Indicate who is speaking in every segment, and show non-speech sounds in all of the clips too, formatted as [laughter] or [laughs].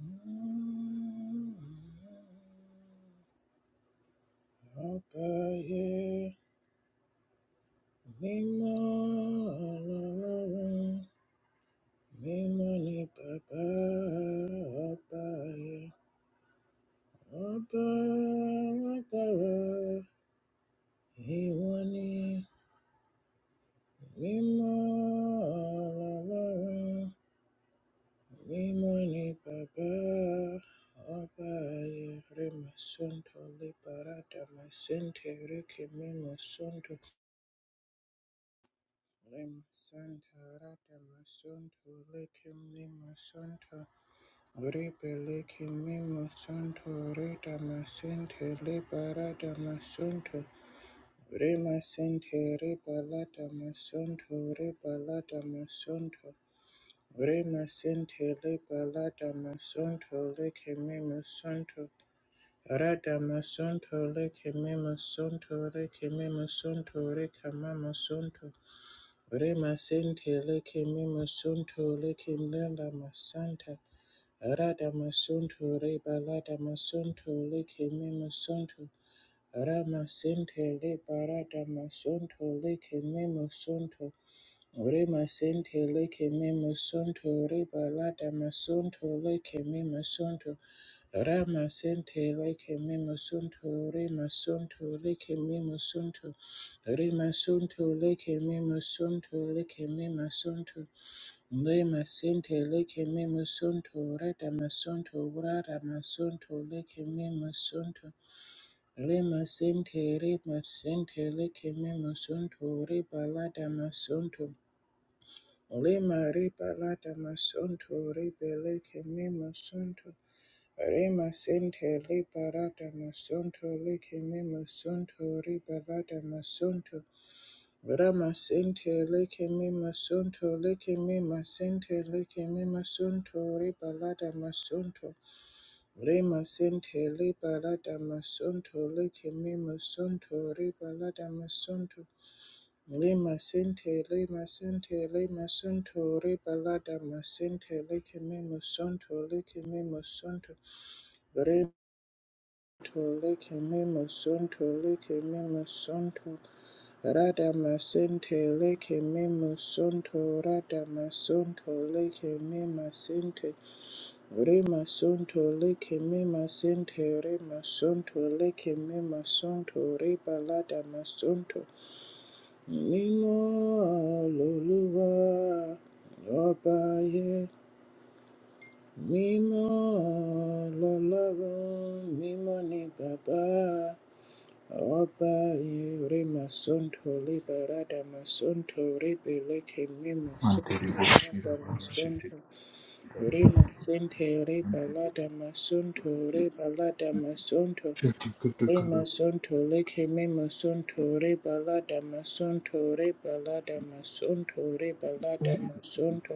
Speaker 1: Mima Mima Mima mima la la la. mima ni papa, papaye, papa, papa, iwani, mima la la la. ni ni papa, papaye, rema Sonto liberata, my sente reke mima sonto Lima Santa Rata Masunto Likim Lima Santa Gripe Likim Lima Santo Rita Masente Lipa Rata Masunto Rima Sente Ripa Lata Masunto Ripa Lata Masunto Rima Sente Lipa Lata Masunto Likim Lima Santo Rata Masunto Likim Lima Santo Likim Lima Santo Rika Mama Santo Rema sente leke mema sunto leke lala masanta. Rada masunto reba lada masunto leke mema sunto. Rama sente le barada masunto leke mema sunto. Rema sente leke me masunto, reba lada masunto leke me masunto, rama sente leke me masunto, rema sunto leke me masunto, rema sunto leke me masunto leke me masunto, lema sente leke me masunto, rada masunto, rada masunto leke me masunto. Rema sente, rema sente leke me masunto, reba lada masunto. Lima ripa lata masunto ripe leke me masunto rima sente ripa lata masunto leke me masunto ripa lata masunto rama sente leke me masunto leke me masente leke me masunto ripa lata masunto rima sente ripa lata masunto leke me masunto ripa lata masunto Lima sente, lima sente, lima sunto, ribalada masente, leke mimo sunto, leke mimo sunto, remto, leke mimo sunto, leke mimo sunto, rada masente, leke mimo sunto, rada masunto, leke mima sente, rima sunto, leke mima sente, rima sunto, leke mima sunto, ribalada masunto, Mímọ́ lolúwa ọba ayé, mímọ́ lọ́lọ́run, mímọ́ ni bàbá ọba ayé. Rí màá sọ́ńtò rí bàrádà màá sọ́ńtò rí bèlẹ́kẹ̀ mí màá rádà màá Rí màá rí bàládà màá sọ́ńtò rí bàládà màá Le masonto le keme masonto re balada masonto re balada masonto re balada masonto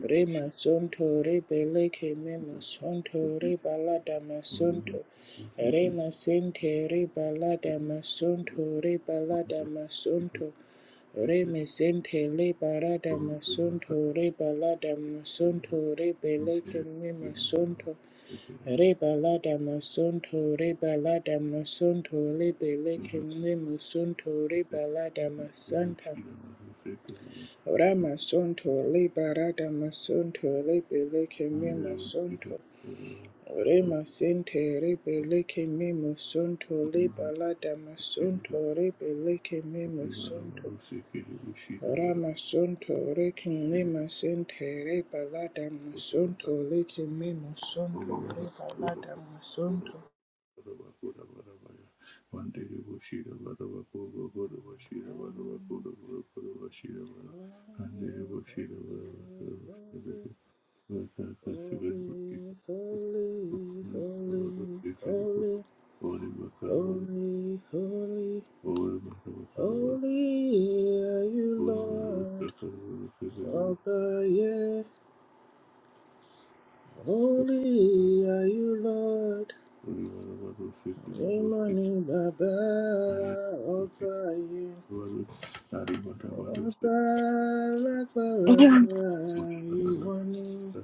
Speaker 1: re masonto re bele keme masonto re balada masonto re masente re balada masonto re balada masonto re masente le barada masonto re balada masonto re bele keme masonto Ribala damasunto, ribala damasunto, libele kimli musunto, ribala damasanta. Ramasunto, libara damasunto, libele kimli musunto. Remasente, ribele kimli musunto, libala damasunto, ribele kimli musunto. Ramasunto, rekimli masente, ribala damasunto, likimli musunto, ribala damasunto. Holy, holy, holy, holy, holy, holy, holy, holy, holy, holy, holy are you, Lord. Abba, yeah. Holy are you, Lord. Imani Baba, Abba, yeah. Abba, Abba, Imani.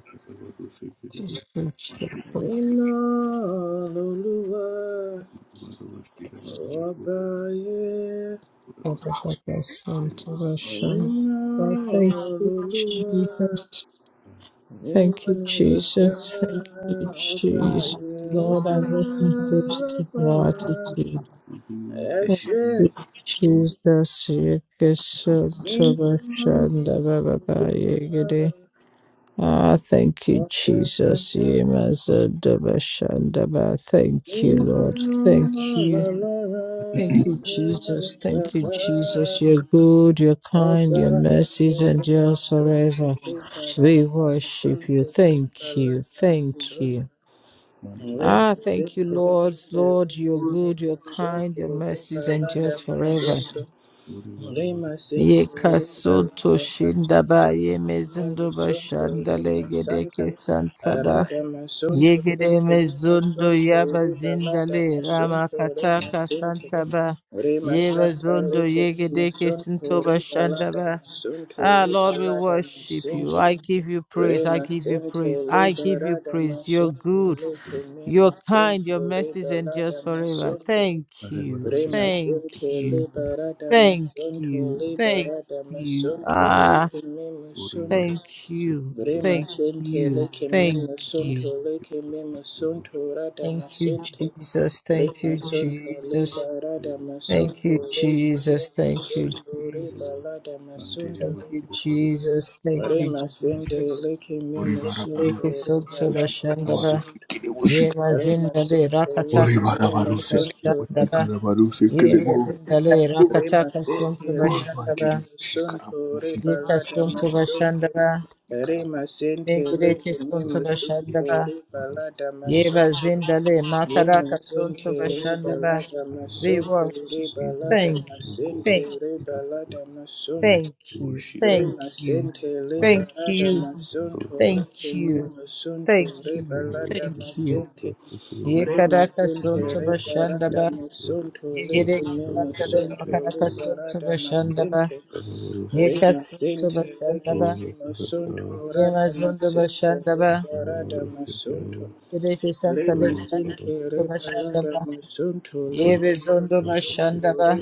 Speaker 2: thank you,
Speaker 1: Rinaloluwa ọbaye. Rinaloluwa
Speaker 2: Jesus. Thank
Speaker 1: mímọ́
Speaker 2: you,
Speaker 1: ni bàbá
Speaker 2: Jesus. Thank you, Jesus.
Speaker 1: ọbaye
Speaker 2: Lord, I
Speaker 1: ọba
Speaker 2: lift my voice to
Speaker 1: lọ́ba.
Speaker 2: gratitude.
Speaker 1: Ẹ
Speaker 2: Thank
Speaker 1: ṣé
Speaker 2: you, Jesus.
Speaker 1: mímọ́ olúwa
Speaker 2: Yekesotobashandabababa. Ah, thank you, Jesus.
Speaker 1: ọbaye.
Speaker 2: Yemazadabashandaba. Thank you,
Speaker 1: Mímọ́
Speaker 2: Lord. Thank you.
Speaker 1: lọ́lọ́run
Speaker 2: Thank you,
Speaker 1: mímọ́ ni
Speaker 2: Jesus. Thank you,
Speaker 1: bàbá.
Speaker 2: Jesus. You're good, you're
Speaker 1: Thank
Speaker 2: kind, your mercies endures forever. We worship you. Thank you. Thank you. Ah, thank you, Lord. Lord, you're good, you're kind, your mercies endures forever.
Speaker 1: you. Lima Centro, Riba
Speaker 2: Yekasoto
Speaker 1: Lima Centro,
Speaker 2: shindaba
Speaker 1: Lima
Speaker 2: yemezindoba
Speaker 1: Centro, Lima
Speaker 2: shandale
Speaker 1: Santa,
Speaker 2: gedeke santaba.
Speaker 1: Arada Masonto,
Speaker 2: Yegede
Speaker 1: Lima
Speaker 2: mezondo
Speaker 1: Centro,
Speaker 2: yaba
Speaker 1: Riba Lada
Speaker 2: zindale rama
Speaker 1: Masonto, Lima
Speaker 2: kataka
Speaker 1: Centro,
Speaker 2: santaba.
Speaker 1: Lima
Speaker 2: Yeba
Speaker 1: Santa,
Speaker 2: zondo
Speaker 1: Lima
Speaker 2: yegede
Speaker 1: Centro,
Speaker 2: kesintoba
Speaker 1: Riba Lada
Speaker 2: shandaba.
Speaker 1: Masonto,
Speaker 2: Ah, Lord,
Speaker 1: Riba
Speaker 2: we
Speaker 1: Lada
Speaker 2: worship you.
Speaker 1: Masonto,
Speaker 2: I give you praise. I
Speaker 1: Lima
Speaker 2: give you
Speaker 1: Centro,
Speaker 2: praise. I
Speaker 1: Riba
Speaker 2: give you
Speaker 1: Lada
Speaker 2: praise. You're
Speaker 1: Masonto,
Speaker 2: good. You're
Speaker 1: Lima
Speaker 2: kind. Your
Speaker 1: Centro,
Speaker 2: mercies
Speaker 1: Riba
Speaker 2: endures
Speaker 1: Lada
Speaker 2: forever.
Speaker 1: Masonto,
Speaker 2: Thank you. Thank
Speaker 1: Remasente
Speaker 2: you.
Speaker 1: liberata
Speaker 2: Thank
Speaker 1: masonto
Speaker 2: you. Thank
Speaker 1: liberata
Speaker 2: you.
Speaker 1: masonto
Speaker 2: Ah,
Speaker 1: lekeme masonto
Speaker 2: thank you. Thank
Speaker 1: Remasente
Speaker 2: you.
Speaker 1: lekeme
Speaker 2: Thank you.
Speaker 1: masonto lekeme masonto rata
Speaker 2: Thank you,
Speaker 1: masente
Speaker 2: Jesus. Thank you,
Speaker 1: Remasonto
Speaker 2: Jesus.
Speaker 1: liberata
Speaker 2: Thank
Speaker 1: masonto
Speaker 2: you,
Speaker 1: lekeme
Speaker 2: Jesus. Thank you,
Speaker 1: masonto
Speaker 2: Jesus.
Speaker 1: rebalata masonto
Speaker 2: Thank you, Jesus. Thank you,
Speaker 1: Remasente
Speaker 2: Jesus.
Speaker 1: lekeme masonto
Speaker 2: Yekereke soto
Speaker 1: rebalata
Speaker 2: bashandaba.
Speaker 1: masonto
Speaker 2: Yema zindale
Speaker 1: Remasente
Speaker 2: rakataka
Speaker 1: lekeme
Speaker 2: soto
Speaker 1: masonto
Speaker 2: bashandaba.
Speaker 1: rebalata masonto
Speaker 2: Yema zindale
Speaker 1: Rima
Speaker 2: rakataka
Speaker 1: seke
Speaker 2: soto
Speaker 1: leke
Speaker 2: bashandaba.
Speaker 1: mimo sunto reba
Speaker 2: Yeka
Speaker 1: lada
Speaker 2: soto
Speaker 1: masonto.
Speaker 2: bashandaba.
Speaker 1: Rima sente leke
Speaker 2: Yekereke
Speaker 1: mimo
Speaker 2: soto
Speaker 1: sunto
Speaker 2: bashandaba.
Speaker 1: reba lada
Speaker 2: Yema
Speaker 1: masonto.
Speaker 2: zindale
Speaker 1: Rima
Speaker 2: makaraka
Speaker 1: sente
Speaker 2: soto
Speaker 1: reba
Speaker 2: bashandaba.
Speaker 1: lada
Speaker 2: We
Speaker 1: masonto
Speaker 2: worship
Speaker 1: reba
Speaker 2: you.
Speaker 1: lada
Speaker 2: Thank you.
Speaker 1: masente
Speaker 2: Thank,
Speaker 1: reba masonto.
Speaker 2: thank you.
Speaker 1: Rima
Speaker 2: Thank you.
Speaker 1: sente liba
Speaker 2: Thank
Speaker 1: lada
Speaker 2: you.
Speaker 1: masunto leke
Speaker 2: Thank you.
Speaker 1: nyuma sunto
Speaker 2: Thank
Speaker 1: liba
Speaker 2: you.
Speaker 1: lada
Speaker 2: Thank you.
Speaker 1: masente Rima
Speaker 2: Yekadaka
Speaker 1: sente
Speaker 2: Sunta
Speaker 1: liba lada
Speaker 2: Bashandaba.
Speaker 1: masunto leke
Speaker 2: Yegereki
Speaker 1: nyuma
Speaker 2: Santa de
Speaker 1: sunto
Speaker 2: Wakadaka
Speaker 1: liba
Speaker 2: Sunta
Speaker 1: lada
Speaker 2: Bashandaba.
Speaker 1: masente
Speaker 2: Yeka
Speaker 1: Rima
Speaker 2: Sunta
Speaker 1: sente leke
Speaker 2: Bashandaba.
Speaker 1: masunto sunto
Speaker 2: Yema
Speaker 1: lada
Speaker 2: Zunda
Speaker 1: masente
Speaker 2: Bashandaba.
Speaker 1: liba lada masunto
Speaker 2: Yereki Santa de
Speaker 1: Rima sente
Speaker 2: Sunta
Speaker 1: liba lada
Speaker 2: Bashandaba.
Speaker 1: masunto leke
Speaker 2: Yebe
Speaker 1: nyuma
Speaker 2: Zunda
Speaker 1: sunto
Speaker 2: Bashandaba.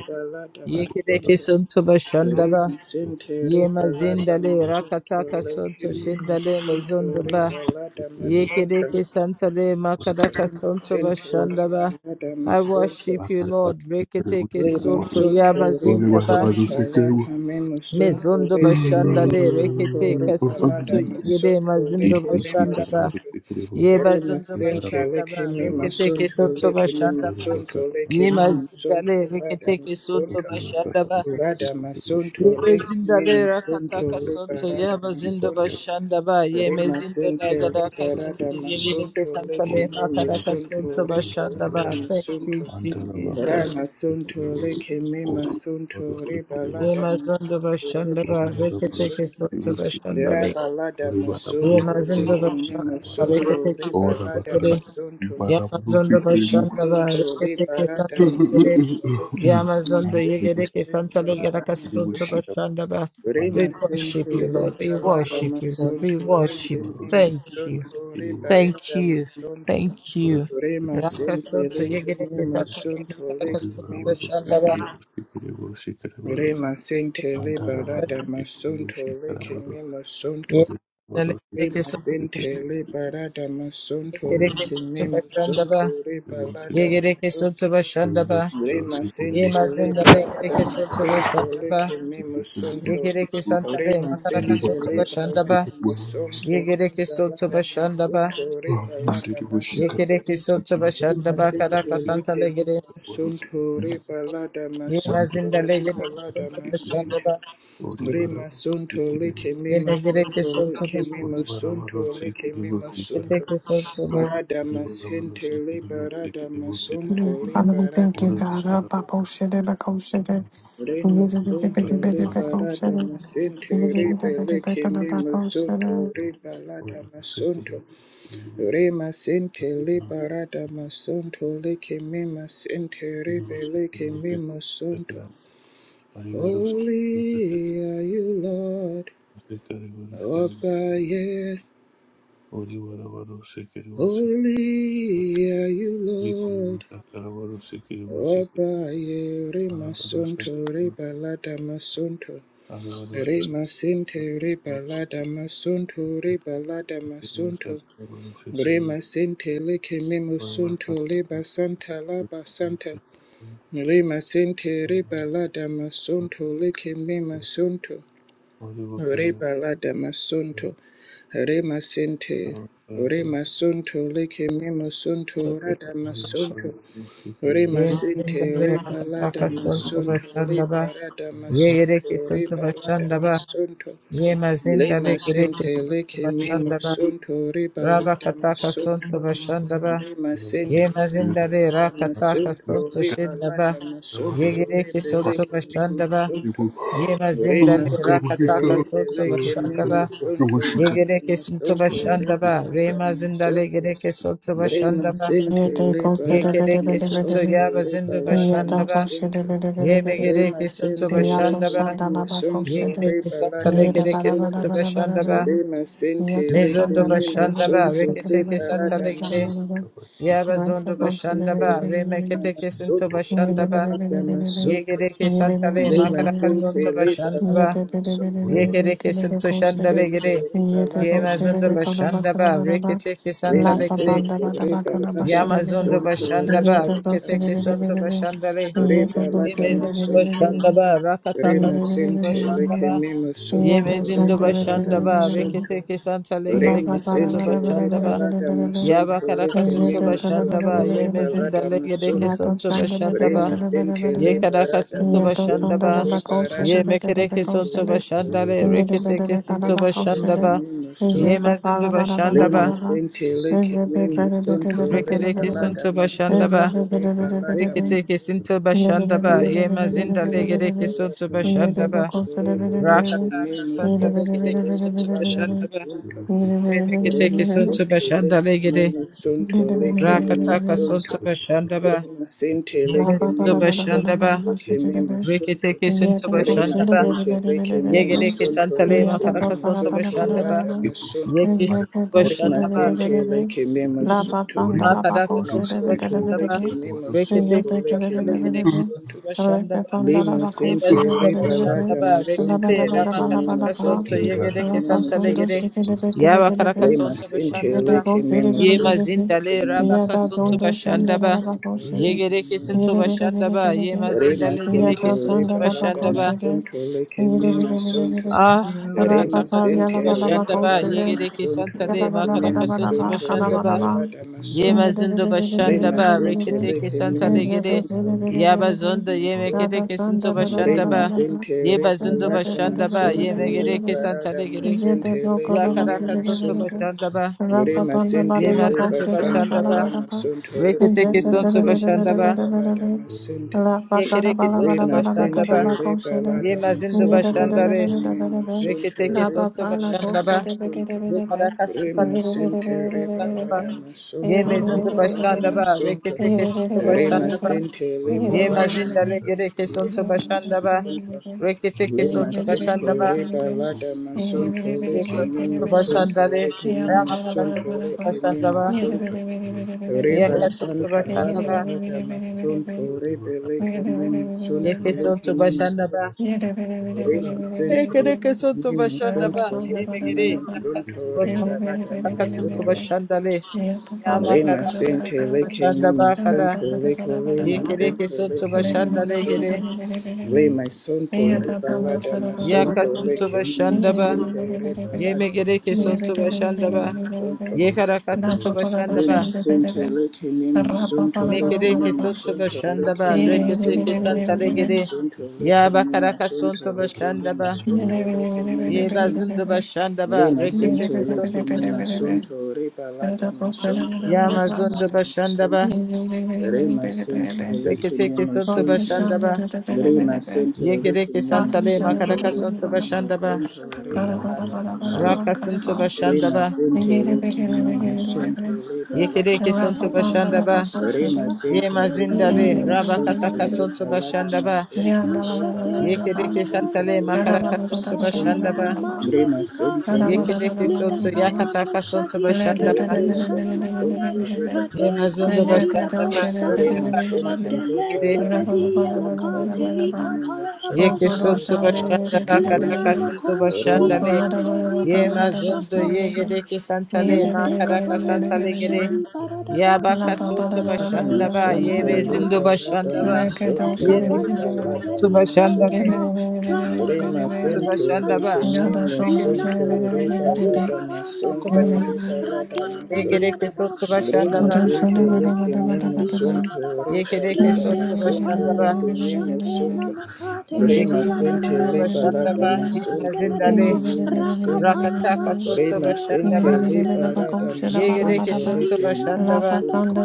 Speaker 2: Yekedeki
Speaker 1: masente
Speaker 2: Sunta Bashandaba.
Speaker 1: Century
Speaker 2: Yema
Speaker 1: Balada
Speaker 2: zindale
Speaker 1: Masunto
Speaker 2: rakataka sonto
Speaker 1: Legumin
Speaker 2: shindale mezondo
Speaker 1: Century
Speaker 2: ba
Speaker 1: Balada
Speaker 2: ye
Speaker 1: Masunto
Speaker 2: kereke santale makadaka sonto
Speaker 1: Century
Speaker 2: bashanda ba.
Speaker 1: Balada
Speaker 2: I
Speaker 1: Masunto
Speaker 2: worship you, Lord. Reketeke
Speaker 1: Lima
Speaker 2: sonto
Speaker 1: sunto
Speaker 2: yaba
Speaker 1: riba
Speaker 2: zinda ba
Speaker 1: santa la kame musunto
Speaker 2: mezondo
Speaker 1: leke limo
Speaker 2: bashandale
Speaker 1: sunto
Speaker 2: reketeke
Speaker 1: riba
Speaker 2: sonto
Speaker 1: lada
Speaker 2: yegere
Speaker 1: musunto
Speaker 2: mazindo
Speaker 1: leke limo
Speaker 2: bashanda ba.
Speaker 1: sunto
Speaker 2: Yeba
Speaker 1: Rima
Speaker 2: zondo
Speaker 1: sente
Speaker 2: bashanda ba
Speaker 1: leke limo
Speaker 2: reketeke
Speaker 1: sunto
Speaker 2: sonto
Speaker 1: leke limo
Speaker 2: bashanda ba.
Speaker 1: sunto leke
Speaker 2: Yema
Speaker 1: limo sunto
Speaker 2: zindale
Speaker 1: lada
Speaker 2: reketeke sonto
Speaker 1: musunto
Speaker 2: bashanda ba.
Speaker 1: Rada masunto leke
Speaker 2: Yemezinda
Speaker 1: limo
Speaker 2: lera
Speaker 1: sunto
Speaker 2: kataka
Speaker 1: riba
Speaker 2: santo
Speaker 1: rada
Speaker 2: yabazinda
Speaker 1: masunto
Speaker 2: bashanda ba
Speaker 1: Rima
Speaker 2: yemezinda
Speaker 1: sente
Speaker 2: lagada
Speaker 1: riba rada
Speaker 2: kasanto yemine
Speaker 1: masunto
Speaker 2: kesanta
Speaker 1: leke
Speaker 2: le
Speaker 1: limo
Speaker 2: makada
Speaker 1: sunto
Speaker 2: kasanto
Speaker 1: riba
Speaker 2: bashanda ba.
Speaker 1: lada
Speaker 2: Thank you,
Speaker 1: masunto
Speaker 2: Jesus.
Speaker 1: Dama sunto leke me masunto re balada masunto
Speaker 2: Yemazinda bashanda
Speaker 1: leke
Speaker 2: ba
Speaker 1: me
Speaker 2: rekete
Speaker 1: masunto
Speaker 2: kesanto
Speaker 1: re
Speaker 2: bashanda le.
Speaker 1: balada masunto
Speaker 2: Yemazinda
Speaker 1: leke me
Speaker 2: bashanda ba
Speaker 1: masunto
Speaker 2: rekete
Speaker 1: re balada
Speaker 2: kesanto le.
Speaker 1: masunto
Speaker 2: Yemazinda
Speaker 1: re
Speaker 2: bashanda ba
Speaker 1: masunto re
Speaker 2: rekete
Speaker 1: balada
Speaker 2: kesanto le.
Speaker 1: masunto leke me
Speaker 2: Yamazondo
Speaker 1: masunto
Speaker 2: Yegereke
Speaker 1: re
Speaker 2: Santa
Speaker 1: balada
Speaker 2: Legeraka
Speaker 1: masunto
Speaker 2: Sunto Bashandaba. We
Speaker 1: Rima Sinti
Speaker 2: worship you, Lord.
Speaker 1: Lika
Speaker 2: We
Speaker 1: Laka
Speaker 2: worship you, Lord. We
Speaker 1: Masonto
Speaker 2: worship you.
Speaker 1: Rikimi
Speaker 2: Thank you.
Speaker 1: Masonto Riba
Speaker 2: Thank
Speaker 1: Laka
Speaker 2: you.
Speaker 1: Masonto
Speaker 2: Thank you.
Speaker 1: Rima
Speaker 2: Raka
Speaker 1: Sinti
Speaker 2: Sunto
Speaker 1: Rikimi
Speaker 2: Yegereke Santa
Speaker 1: Masonto
Speaker 2: Legeraka Sunto
Speaker 1: Rikimi
Speaker 2: Bashandaba.
Speaker 1: Masonto Rima Sinti Liba Lada Masonto Rikimi Masonto
Speaker 2: Yegereke
Speaker 1: Rima
Speaker 2: Sunto bashanda-
Speaker 1: Sinti Liba Lada Masonto
Speaker 2: Yegereke Sunto
Speaker 1: Rikimi
Speaker 2: Bashandaba.
Speaker 1: Masonto Riba Lada
Speaker 2: Yegereke
Speaker 1: Masonto
Speaker 2: Sunto Bashandaba.
Speaker 1: Lima Sinti
Speaker 2: Yemazinda
Speaker 1: Liba
Speaker 2: Legereke
Speaker 1: Adama
Speaker 2: Sunto
Speaker 1: Sunto
Speaker 2: Bashandaba.
Speaker 1: Liki Mimu Sunto
Speaker 2: Yegereke Santa
Speaker 1: Lima
Speaker 2: Legeraka
Speaker 1: Sinti
Speaker 2: Sunto
Speaker 1: Liba Lada
Speaker 2: Bashandaba.
Speaker 1: Masunto
Speaker 2: Yegereke
Speaker 1: Liba
Speaker 2: soto
Speaker 1: Lada
Speaker 2: bashanda ba.
Speaker 1: Masunto Liba Lada Masunto
Speaker 2: Yegereke soto bashanda ba.
Speaker 1: Maseke
Speaker 2: Karaka santa
Speaker 1: leke
Speaker 2: legere.
Speaker 1: lima sunto re balada masunto
Speaker 2: Yemazinda
Speaker 1: re
Speaker 2: legereke
Speaker 1: balada
Speaker 2: soto bashanda
Speaker 1: masente
Speaker 2: ba.
Speaker 1: re masunto leke lima
Speaker 2: Yelegereke
Speaker 1: sunto
Speaker 2: soto
Speaker 1: leke lima
Speaker 2: bashanda ba.
Speaker 1: sunto leke lima sunto
Speaker 2: Yeketeke soto ba-
Speaker 1: barada masente re barada masunto re barada masunto re masunto re barada masente re beleke lima sunto re balada masunto Rema sente liberata masonto leke mema sente rebe leke mema sonto. Holy are you, Lord, Obaye. Holy are you, Lord, Obaye. Rema sonto rebalata masonto. Rema sente re balada, masonto rebalata masonto. Rema sente leke mema sonto leba santa laba santa. Lima Sinti Riba Lada Masunto Likimi Masunto Riba Lada Masunto Rima Sinti Rima Sunto Likimi Masunto Rada
Speaker 2: Yegereke soto bashanda.
Speaker 1: Masunto Rima
Speaker 2: Yemazinda
Speaker 1: Sinti
Speaker 2: lera
Speaker 1: Riba Lada
Speaker 2: karaka soto
Speaker 1: Masunto
Speaker 2: bashanda ba.
Speaker 1: Riba Rada
Speaker 2: Yegereke
Speaker 1: Masunto
Speaker 2: soto
Speaker 1: Riba Lada
Speaker 2: bashanda ba.
Speaker 1: Masunto Le
Speaker 2: Yemazinda legereke
Speaker 1: masente le
Speaker 2: soto
Speaker 1: ke me
Speaker 2: bashanda ba.
Speaker 1: masunto re
Speaker 2: Raba
Speaker 1: balada
Speaker 2: kataka
Speaker 1: masunto.
Speaker 2: soto bashanda ba.
Speaker 1: Re masente riba
Speaker 2: Yemazinda
Speaker 1: lada
Speaker 2: lera kataka
Speaker 1: masunto
Speaker 2: soto
Speaker 1: riba
Speaker 2: shenda ba.
Speaker 1: balada masunto
Speaker 2: Yegere
Speaker 1: re
Speaker 2: ke
Speaker 1: bele
Speaker 2: soto
Speaker 1: ke me
Speaker 2: bashandaba,
Speaker 1: masunto.
Speaker 2: yema
Speaker 1: Re
Speaker 2: zindale
Speaker 1: masente
Speaker 2: rakataka
Speaker 1: re
Speaker 2: soto
Speaker 1: bele ke me
Speaker 2: bashandaba,
Speaker 1: masunto rada
Speaker 2: yegere ke soto
Speaker 1: masunto re
Speaker 2: bashandaba,
Speaker 1: balada
Speaker 2: rema zindale
Speaker 1: masunto.
Speaker 2: gere ke soto
Speaker 1: Re
Speaker 2: bashandaba,
Speaker 1: masente le balada
Speaker 2: yekere ke soto
Speaker 1: masunto
Speaker 2: yaba
Speaker 1: re
Speaker 2: zindu
Speaker 1: balada
Speaker 2: bashandaba,
Speaker 1: masunto.
Speaker 2: yeme gere
Speaker 1: Rima
Speaker 2: ke soto
Speaker 1: sente leke
Speaker 2: bashandaba,
Speaker 1: mimo sunto
Speaker 2: yegere ke
Speaker 1: riba lada
Speaker 2: satale gere ke
Speaker 1: masunto.
Speaker 2: soto bashandaba,
Speaker 1: Rima sente leke
Speaker 2: mezondo
Speaker 1: mimo
Speaker 2: bashandaba,
Speaker 1: sunto
Speaker 2: rekete ke
Speaker 1: riba lada
Speaker 2: satale gere,
Speaker 1: masunto.
Speaker 2: yaba zondo
Speaker 1: Rima sente
Speaker 2: bashandaba,
Speaker 1: leke
Speaker 2: reme kete
Speaker 1: mama
Speaker 2: ke soto
Speaker 1: sunto riba
Speaker 2: bashandaba,
Speaker 1: lada
Speaker 3: Yet,
Speaker 1: masunto.
Speaker 2: yegere ke santale
Speaker 1: Rima
Speaker 2: makaraka
Speaker 1: sente
Speaker 2: soto
Speaker 1: riba
Speaker 2: bashandaba,
Speaker 1: lada masunto riba
Speaker 2: Yekereke santo
Speaker 1: lada masunto
Speaker 2: shandalegere.
Speaker 1: riba lada
Speaker 2: Yemazondo
Speaker 1: masunto.
Speaker 2: bashanda ba, Reketeke
Speaker 1: Rema
Speaker 2: santalegere.
Speaker 1: Sunto Reba Lada
Speaker 2: Yamazondo
Speaker 1: Masunto
Speaker 2: bashandaba. Reketeke santo bashandale.
Speaker 1: Reba Lada Masunto Reba Lada
Speaker 2: Yemezindo
Speaker 1: Masunto
Speaker 2: bashandaba. Rakataka
Speaker 1: Rema
Speaker 2: santo
Speaker 1: Sente Leke
Speaker 2: bashandaba.
Speaker 1: Memo Sunto
Speaker 2: Yemezindo
Speaker 1: Reba Lada
Speaker 2: bashandaba.
Speaker 1: Masunto
Speaker 2: Reketeke santalegere
Speaker 1: Rema
Speaker 2: ke santo
Speaker 1: Sente
Speaker 2: bashanda
Speaker 1: Reba
Speaker 2: ba.
Speaker 1: Lada Masunto
Speaker 2: Yabakaraka
Speaker 1: Leke
Speaker 2: santo
Speaker 1: Memo Sunto
Speaker 2: bashandaba.
Speaker 1: Reba Lada
Speaker 2: Yemezindalegere ke
Speaker 1: Masunto
Speaker 3: Nato
Speaker 2: santo
Speaker 3: Sanda Beta
Speaker 2: bashanda ba.
Speaker 1: Rema
Speaker 3: Beta Beta
Speaker 1: Sente
Speaker 3: Beta
Speaker 2: Ye
Speaker 3: Beta
Speaker 1: Leba
Speaker 2: karaka
Speaker 1: Lada
Speaker 2: sinto
Speaker 3: Yato
Speaker 1: Masunto
Speaker 3: Sanda
Speaker 2: bashandaba.
Speaker 1: Reba
Speaker 3: Labacosha de
Speaker 2: Ye
Speaker 1: Lada
Speaker 3: Beta de
Speaker 2: mekereke
Speaker 1: Masunto
Speaker 3: Bacosha
Speaker 2: sonto
Speaker 3: de
Speaker 1: Reba Lada
Speaker 2: bashandale.
Speaker 3: Yede Beta
Speaker 2: Reketeke
Speaker 1: Masunto
Speaker 3: Beta
Speaker 2: sinto
Speaker 1: Reba
Speaker 3: Labacosha
Speaker 1: Leke
Speaker 3: de
Speaker 2: bashandaba.
Speaker 1: Memo
Speaker 3: Ije
Speaker 2: Ye
Speaker 1: Sunto
Speaker 3: Papa
Speaker 2: mazundu
Speaker 3: Bada Bada Bada
Speaker 1: Lima
Speaker 2: bashandaba.
Speaker 3: Bada
Speaker 1: sente leke
Speaker 3: Ije
Speaker 1: mimo
Speaker 3: Beta Beta
Speaker 1: sunto re
Speaker 3: Beta Beta
Speaker 2: Rekereke
Speaker 3: Beta
Speaker 1: balada
Speaker 2: sonto
Speaker 3: Ije
Speaker 2: bashandaba.
Speaker 1: masunto re
Speaker 3: Beta Beta Beta
Speaker 1: balada
Speaker 3: Beta
Speaker 2: Reketeke
Speaker 1: masunto
Speaker 2: sinto
Speaker 3: Yede Beta the
Speaker 2: bashandaba.
Speaker 1: lima
Speaker 3: Beta
Speaker 2: Ye
Speaker 3: Beta Beta
Speaker 2: mazinda
Speaker 1: sente
Speaker 3: Beta
Speaker 1: re
Speaker 3: Beta
Speaker 2: legereke
Speaker 3: Beta
Speaker 2: sonto
Speaker 1: balada
Speaker 3: Yede
Speaker 2: bashandaba.
Speaker 1: masunto
Speaker 3: Bacosha
Speaker 1: re
Speaker 3: de Beta
Speaker 1: bele
Speaker 3: Beta Beta
Speaker 2: Rakataka
Speaker 1: mimo
Speaker 3: Yede
Speaker 2: santa
Speaker 1: sunto
Speaker 3: Beta Beta
Speaker 2: legereke
Speaker 1: re
Speaker 3: Beta
Speaker 2: sonto
Speaker 3: Beta
Speaker 1: balada
Speaker 2: bashandaba.
Speaker 1: masunto
Speaker 3: Beta Beta Yede
Speaker 2: Ye
Speaker 3: Beta Beta
Speaker 2: meketeke
Speaker 3: Beta Beta Beta
Speaker 2: sonto
Speaker 1: Remasente
Speaker 2: bashanda
Speaker 1: leke
Speaker 2: legere.
Speaker 1: mimi sunto leke
Speaker 3: Beta Beta
Speaker 1: mimi
Speaker 3: Beta
Speaker 2: Rakataka
Speaker 3: Beta
Speaker 1: sunto.
Speaker 2: sonto bashandaba.
Speaker 1: Remasente
Speaker 2: Ye
Speaker 3: La
Speaker 1: leke
Speaker 3: Bada
Speaker 2: mazindo
Speaker 3: Bada
Speaker 1: mimi
Speaker 3: Bada Bada
Speaker 1: sunto
Speaker 3: Bada
Speaker 2: bashandaba.
Speaker 1: leke mimi
Speaker 3: Bada
Speaker 1: sunto.
Speaker 2: Reketeke
Speaker 3: Yada
Speaker 2: sinto
Speaker 3: bo shiri
Speaker 2: bashandaba.
Speaker 3: biri
Speaker 1: Remasente
Speaker 3: biri
Speaker 1: leke
Speaker 3: biri biri
Speaker 1: mimi
Speaker 3: biri.
Speaker 2: Yegede
Speaker 1: sunto
Speaker 2: kesantale
Speaker 1: leke
Speaker 3: Yada bo
Speaker 2: makaraka
Speaker 1: mimi
Speaker 3: sara
Speaker 2: sonto
Speaker 3: bada bada
Speaker 2: bashanda
Speaker 3: bada
Speaker 2: ba.
Speaker 1: rada
Speaker 3: bada.
Speaker 1: masunto.
Speaker 2: Yeki
Speaker 3: Yada
Speaker 2: sonto
Speaker 3: bo shiri
Speaker 2: bashanda
Speaker 3: biri
Speaker 2: ba.
Speaker 1: Remasente
Speaker 3: biri
Speaker 2: Rekete
Speaker 3: biri.
Speaker 1: leke mimi
Speaker 3: La
Speaker 2: kesantale
Speaker 1: sunto.
Speaker 3: basanda la bajo
Speaker 2: makaraka
Speaker 3: shede
Speaker 2: sonto
Speaker 3: beke
Speaker 1: Remasente
Speaker 3: de
Speaker 2: bashanda
Speaker 3: bede be.
Speaker 2: ba.
Speaker 1: leke mimi
Speaker 3: Yede
Speaker 2: Rekete
Speaker 1: sunto
Speaker 3: Yada bada
Speaker 1: leke
Speaker 2: kesantale
Speaker 3: bada
Speaker 2: yede
Speaker 1: mimi
Speaker 3: bada bada
Speaker 2: kesonto
Speaker 1: sunto.
Speaker 3: bada
Speaker 2: bashanda ba.
Speaker 3: bada
Speaker 1: Lima
Speaker 3: bada.
Speaker 1: sente
Speaker 2: Ebazinda
Speaker 1: riba
Speaker 2: bashanda
Speaker 1: lada
Speaker 2: ba.
Speaker 3: Yada
Speaker 1: masunto
Speaker 2: Rekete
Speaker 3: bada
Speaker 1: leke mimi
Speaker 2: ramakataka sonto
Speaker 1: sunto
Speaker 2: yegede
Speaker 1: leke mimi
Speaker 2: kesantale yede. Yaba karaka
Speaker 1: Lema
Speaker 2: sonto
Speaker 1: sente
Speaker 2: bashanda ba.
Speaker 1: leke meme
Speaker 2: Ye
Speaker 1: sente
Speaker 2: mazinda
Speaker 1: leke
Speaker 2: le
Speaker 1: meme
Speaker 2: rabaka
Speaker 1: sente
Speaker 2: sonto
Speaker 1: leke
Speaker 2: bashanda
Speaker 1: meme
Speaker 2: ba.
Speaker 1: sente leke
Speaker 2: Yegede
Speaker 1: meme
Speaker 2: kesinto
Speaker 1: sente.
Speaker 2: bashanda ba. Ye mazinda
Speaker 1: Rema
Speaker 2: le yede
Speaker 1: sente reba laka
Speaker 2: bashanda ba.
Speaker 1: masunto leke meme sente.
Speaker 2: Ah, makataka
Speaker 1: Rema
Speaker 2: makatakasun
Speaker 1: sente reba
Speaker 2: tubashandaba,
Speaker 1: laka
Speaker 2: yegereke
Speaker 1: masunto
Speaker 2: santale,
Speaker 1: leke meme
Speaker 2: makatakasun
Speaker 1: sente
Speaker 2: tubashandaba, bashanda
Speaker 1: reba
Speaker 2: ba
Speaker 1: laka
Speaker 2: yema
Speaker 1: masunto.
Speaker 3: bada bada
Speaker 2: zindu bashanda
Speaker 1: Lema
Speaker 3: bada
Speaker 2: ba,
Speaker 3: bada
Speaker 1: sente
Speaker 3: bada.
Speaker 2: reketeke
Speaker 1: leke
Speaker 3: Rabba
Speaker 2: santale
Speaker 1: meme
Speaker 2: gede,
Speaker 1: sente reba laka
Speaker 2: yabazondo
Speaker 1: masunto.
Speaker 2: yemeketeke
Speaker 1: Rema
Speaker 2: santubashandaba,
Speaker 1: sente reba
Speaker 2: yebazindo
Speaker 1: laka
Speaker 2: bashandaba,
Speaker 1: masunto
Speaker 2: yemegereke
Speaker 1: reba laka
Speaker 2: santale gede,
Speaker 1: masente leke meme
Speaker 2: yakarakasun
Speaker 1: sente.
Speaker 2: tubashandaba,
Speaker 1: Rima sente reba
Speaker 2: yemazindo bashandaba,
Speaker 1: balada la masunto
Speaker 2: reketeke
Speaker 1: lukini masunto
Speaker 2: santubashandaba,
Speaker 1: reba lada masente.
Speaker 2: yekereke
Speaker 1: Rima sente
Speaker 2: santubashandaba,
Speaker 1: reba lada
Speaker 2: yemazindo
Speaker 1: masunto
Speaker 2: bashandare,
Speaker 1: lukini masunto
Speaker 2: reketeke suntu
Speaker 1: reba lada
Speaker 2: bashanda ba.
Speaker 1: masunto.
Speaker 2: Ye karaka santale
Speaker 1: Rima sente
Speaker 2: yekesinto
Speaker 1: reba
Speaker 2: başlandaba.
Speaker 1: lada
Speaker 2: Ye
Speaker 1: masunto
Speaker 2: mezindu
Speaker 1: reba lada
Speaker 2: başlandaba.
Speaker 1: masunto.
Speaker 2: Rekete kesinto
Speaker 1: Rima
Speaker 2: başanda ba,
Speaker 1: sente reba
Speaker 2: Ye
Speaker 1: lada
Speaker 2: mazindale
Speaker 1: masunto
Speaker 2: yekesinto
Speaker 1: lukini
Speaker 2: başlandaba.
Speaker 1: masunto.
Speaker 2: Rekete
Speaker 1: Lima
Speaker 2: kesinto
Speaker 1: Sinti
Speaker 2: başlandaba.
Speaker 1: Riba Lada Masunto
Speaker 2: Ye
Speaker 1: Liki Mimu
Speaker 2: basanda
Speaker 1: Sunto
Speaker 2: le,
Speaker 1: Liki
Speaker 2: Rama
Speaker 1: Mimu
Speaker 2: karaka
Speaker 1: Sunto Liki
Speaker 2: basanda
Speaker 1: Mimu
Speaker 2: ba,
Speaker 1: Sunto
Speaker 2: Ye
Speaker 1: Riba
Speaker 2: kasinto
Speaker 1: Santa Laba
Speaker 2: başlandaba.
Speaker 1: Lada Masunto
Speaker 3: yeah,
Speaker 1: Riba Liki Mimu
Speaker 2: Ye
Speaker 1: Sunto Liki
Speaker 2: kesinto
Speaker 1: Mimu Sunto
Speaker 2: başlandaba.
Speaker 1: Rima
Speaker 2: Ye
Speaker 1: Sinti
Speaker 2: karaka
Speaker 1: Liki
Speaker 2: sinto
Speaker 1: Mimu
Speaker 2: başlandaba.
Speaker 1: Sunto
Speaker 2: Ye
Speaker 1: Liki
Speaker 2: megere
Speaker 1: Mimu
Speaker 2: kasinto
Speaker 1: Sunto Riba Lada
Speaker 2: başlandaba.
Speaker 1: Masunto
Speaker 2: basanda le,
Speaker 3: Thank you.
Speaker 2: Yama
Speaker 1: Lema
Speaker 2: karaka ba,
Speaker 1: sente leke mimo
Speaker 2: başlandaba.
Speaker 1: sunto leke lema
Speaker 2: Yekereke
Speaker 1: sente
Speaker 2: sonto
Speaker 1: leke
Speaker 2: başanda
Speaker 1: mimo sunto
Speaker 2: legere.
Speaker 1: lema sunto riba lada masunto
Speaker 2: Yakasınto
Speaker 1: leke mimo
Speaker 2: başanda ba.
Speaker 1: sente riba lada
Speaker 2: Yemegereke sonto
Speaker 1: masunto leke
Speaker 2: başanda
Speaker 1: mimo
Speaker 2: ba.
Speaker 1: sunto
Speaker 2: Yekarakasınto başanda
Speaker 1: lema
Speaker 2: ba.
Speaker 1: sente leke mimo sunto leke
Speaker 2: Mekereke
Speaker 1: mimo
Speaker 2: sonto
Speaker 1: sunto
Speaker 2: başanda
Speaker 1: leke
Speaker 2: ba.
Speaker 1: mimo
Speaker 2: Reketeke
Speaker 1: sente
Speaker 2: santa
Speaker 1: leke mimo
Speaker 2: legere.
Speaker 1: sunto leke
Speaker 2: Ya
Speaker 1: mimo
Speaker 2: bakaraka
Speaker 1: sunto
Speaker 2: sonto
Speaker 1: leke
Speaker 2: başanda
Speaker 1: mimo
Speaker 2: ba.
Speaker 1: sunto leke mimo
Speaker 2: Ye
Speaker 1: sunto
Speaker 2: bazındı başanda ba.
Speaker 1: Rima sente
Speaker 2: Reketeke sonto
Speaker 1: lekini
Speaker 2: başanda le.
Speaker 1: masunto riba lada masunto
Speaker 2: Ya
Speaker 1: riba
Speaker 2: mazundu
Speaker 1: lada
Speaker 2: başanda
Speaker 1: masunto
Speaker 2: ba.
Speaker 1: rima sente lekini
Speaker 2: Reketeke sonto
Speaker 3: Batu
Speaker 1: masunto
Speaker 2: başanda
Speaker 3: shanda
Speaker 2: ba.
Speaker 3: da da da da da da
Speaker 1: rima
Speaker 3: da.
Speaker 1: sente
Speaker 2: Yekereke
Speaker 1: lekini
Speaker 2: santa
Speaker 3: Batu
Speaker 2: le
Speaker 3: shanda
Speaker 1: masunto
Speaker 3: ba da
Speaker 2: makaraka
Speaker 3: ba da ba
Speaker 2: sonto
Speaker 1: lekini
Speaker 3: da ba.
Speaker 2: başanda ba.
Speaker 1: masunto
Speaker 4: Lagoshadaya,
Speaker 1: riba
Speaker 3: Kada ba da ba da ba da
Speaker 1: lada
Speaker 3: ba kada
Speaker 4: Kalokus
Speaker 2: Rakasınto
Speaker 3: ba.
Speaker 2: başanda
Speaker 4: Padisha
Speaker 1: Rima
Speaker 2: ba.
Speaker 1: sente
Speaker 3: Bege de
Speaker 4: Namande
Speaker 3: bege de
Speaker 1: lekene
Speaker 3: bege de bege
Speaker 4: Nikamayada,
Speaker 1: musonto
Speaker 3: de.
Speaker 1: reba lada
Speaker 4: Laka
Speaker 2: Yekereke
Speaker 3: Ra
Speaker 2: sonto
Speaker 3: pa pa
Speaker 1: musonto.
Speaker 4: Parando
Speaker 3: da la
Speaker 2: bashandaba.
Speaker 3: pa po
Speaker 4: Vadisha
Speaker 3: she de.
Speaker 1: Rima
Speaker 2: Ye
Speaker 1: sente
Speaker 4: Lipakate,
Speaker 2: mazindale
Speaker 3: Bege
Speaker 1: lekene
Speaker 3: de
Speaker 4: Lanandos
Speaker 3: bege de bege
Speaker 1: musonto
Speaker 2: rabakataka
Speaker 4: Pahande
Speaker 3: de.
Speaker 2: sonto
Speaker 1: reba lada
Speaker 2: bashandaba.
Speaker 4: Nikakashka,
Speaker 3: Nya
Speaker 1: musonto
Speaker 3: da ba da
Speaker 4: Nisha
Speaker 1: reba
Speaker 3: ba da
Speaker 4: Dei
Speaker 3: ba
Speaker 1: lada
Speaker 3: da ba.
Speaker 2: Yekereke
Speaker 1: musonto
Speaker 2: santale
Speaker 4: Kapanamande
Speaker 1: reba
Speaker 4: Lida
Speaker 3: Kada ba
Speaker 2: makaraka
Speaker 3: da
Speaker 1: lada
Speaker 3: ba
Speaker 2: sonto
Speaker 3: da ba
Speaker 4: Bosata,
Speaker 3: da ba
Speaker 1: musonto.
Speaker 3: da ba
Speaker 2: bashandaba.
Speaker 3: da ba.
Speaker 4: Lenamande
Speaker 1: Rima sente
Speaker 3: Kada
Speaker 4: Nikate,
Speaker 3: ba da
Speaker 1: reba
Speaker 3: ba
Speaker 2: Yekereke
Speaker 3: da ba da
Speaker 4: Lida
Speaker 3: ba
Speaker 2: sonto
Speaker 3: da ba.
Speaker 4: parano
Speaker 2: yakataka sonto
Speaker 4: shadis
Speaker 2: bashandaba.
Speaker 4: keladisha
Speaker 1: lada
Speaker 4: namane
Speaker 1: musonto reba
Speaker 2: Ye
Speaker 1: lada
Speaker 4: radeko
Speaker 2: mazondo
Speaker 1: musonto.
Speaker 4: pariga
Speaker 2: bashandaba
Speaker 4: dosata
Speaker 1: Rima
Speaker 2: rakataka
Speaker 1: sente
Speaker 2: santale
Speaker 1: reba
Speaker 2: gide.
Speaker 4: edelendo
Speaker 1: lada
Speaker 4: bedia
Speaker 1: musonto
Speaker 4: nakate ika
Speaker 1: lekene
Speaker 4: payara
Speaker 2: Yeke
Speaker 1: musonto
Speaker 2: sonto
Speaker 1: reba
Speaker 4: bashataya
Speaker 1: lada
Speaker 2: bashandaba
Speaker 1: musonto.
Speaker 2: karaka
Speaker 4: lenando
Speaker 2: sonto
Speaker 4: koskia
Speaker 2: bashandale.
Speaker 4: dande
Speaker 2: Ye
Speaker 4: libana
Speaker 2: mazondo
Speaker 4: shata
Speaker 2: yegedeke santale makaraka
Speaker 4: Letekapanama
Speaker 2: santale gide.
Speaker 4: shehi
Speaker 2: Ya
Speaker 4: baradaba
Speaker 2: Yabaka sotu
Speaker 4: sonane
Speaker 2: başandaba,
Speaker 1: Radhamasunto
Speaker 2: yebe
Speaker 4: ikapayadama
Speaker 2: zindo
Speaker 1: Ripa
Speaker 4: shate
Speaker 2: bashanda ba
Speaker 1: Radhamasunto
Speaker 2: yebe
Speaker 1: Ripa
Speaker 2: kiriki
Speaker 4: ekapanando
Speaker 2: sotu
Speaker 4: velita
Speaker 1: Radhamasunto
Speaker 2: başandabe,
Speaker 4: yadaba trata
Speaker 1: Rima
Speaker 2: sotu
Speaker 4: kapane
Speaker 1: Sinto Lake
Speaker 2: başandaba,
Speaker 4: likadeska
Speaker 3: Gada
Speaker 1: Mimo
Speaker 3: sondo
Speaker 2: reketeki
Speaker 3: shiri
Speaker 4: lenando
Speaker 1: Sunto
Speaker 3: biri
Speaker 2: sotu
Speaker 3: biri
Speaker 1: Ripa
Speaker 4: veleti
Speaker 3: biri
Speaker 4: la barando
Speaker 1: Radhamasunto
Speaker 4: cobra
Speaker 1: Ripa
Speaker 2: başandabe,
Speaker 4: rade
Speaker 3: biri.
Speaker 1: Radhamasunto
Speaker 2: gereke
Speaker 4: pradiadaba
Speaker 2: sotu
Speaker 4: shate
Speaker 3: La
Speaker 1: Rima
Speaker 2: ba
Speaker 4: galada
Speaker 1: Sinto
Speaker 3: basada bada
Speaker 1: Lake
Speaker 3: bada
Speaker 4: barando
Speaker 3: bada
Speaker 1: Mimo
Speaker 4: pradisa
Speaker 3: bada.
Speaker 1: Sunto
Speaker 4: ladaba
Speaker 2: ye
Speaker 1: Ripa
Speaker 2: gereke
Speaker 3: Yeah,
Speaker 2: sotu
Speaker 4: rede
Speaker 2: ba ye gereke sotu
Speaker 1: Radhamasunto
Speaker 2: ba
Speaker 1: Lake
Speaker 4: kapayadama
Speaker 1: Mimo Sunto
Speaker 4: nanaka kate
Speaker 2: ye
Speaker 1: Rima
Speaker 4: ila
Speaker 2: gereke
Speaker 4: da
Speaker 1: Sinto
Speaker 4: maro
Speaker 1: Ripa
Speaker 2: sotu ba
Speaker 4: supelira
Speaker 2: ye
Speaker 4: bande
Speaker 1: Radhamasunto
Speaker 4: la da ma
Speaker 1: Lake
Speaker 2: mazindale,
Speaker 1: Mimo
Speaker 4: raka
Speaker 1: Sunto
Speaker 4: para ba
Speaker 2: rakataka sotu
Speaker 1: Rema
Speaker 4: shate
Speaker 1: sente
Speaker 2: başandaba,
Speaker 4: kapande ya
Speaker 1: leba
Speaker 4: da ba
Speaker 1: rada
Speaker 2: ye
Speaker 4: shata
Speaker 2: gereke
Speaker 1: masonto
Speaker 2: sotu
Speaker 1: leke
Speaker 2: ba
Speaker 4: ila da
Speaker 1: nema
Speaker 4: barando
Speaker 1: sonto.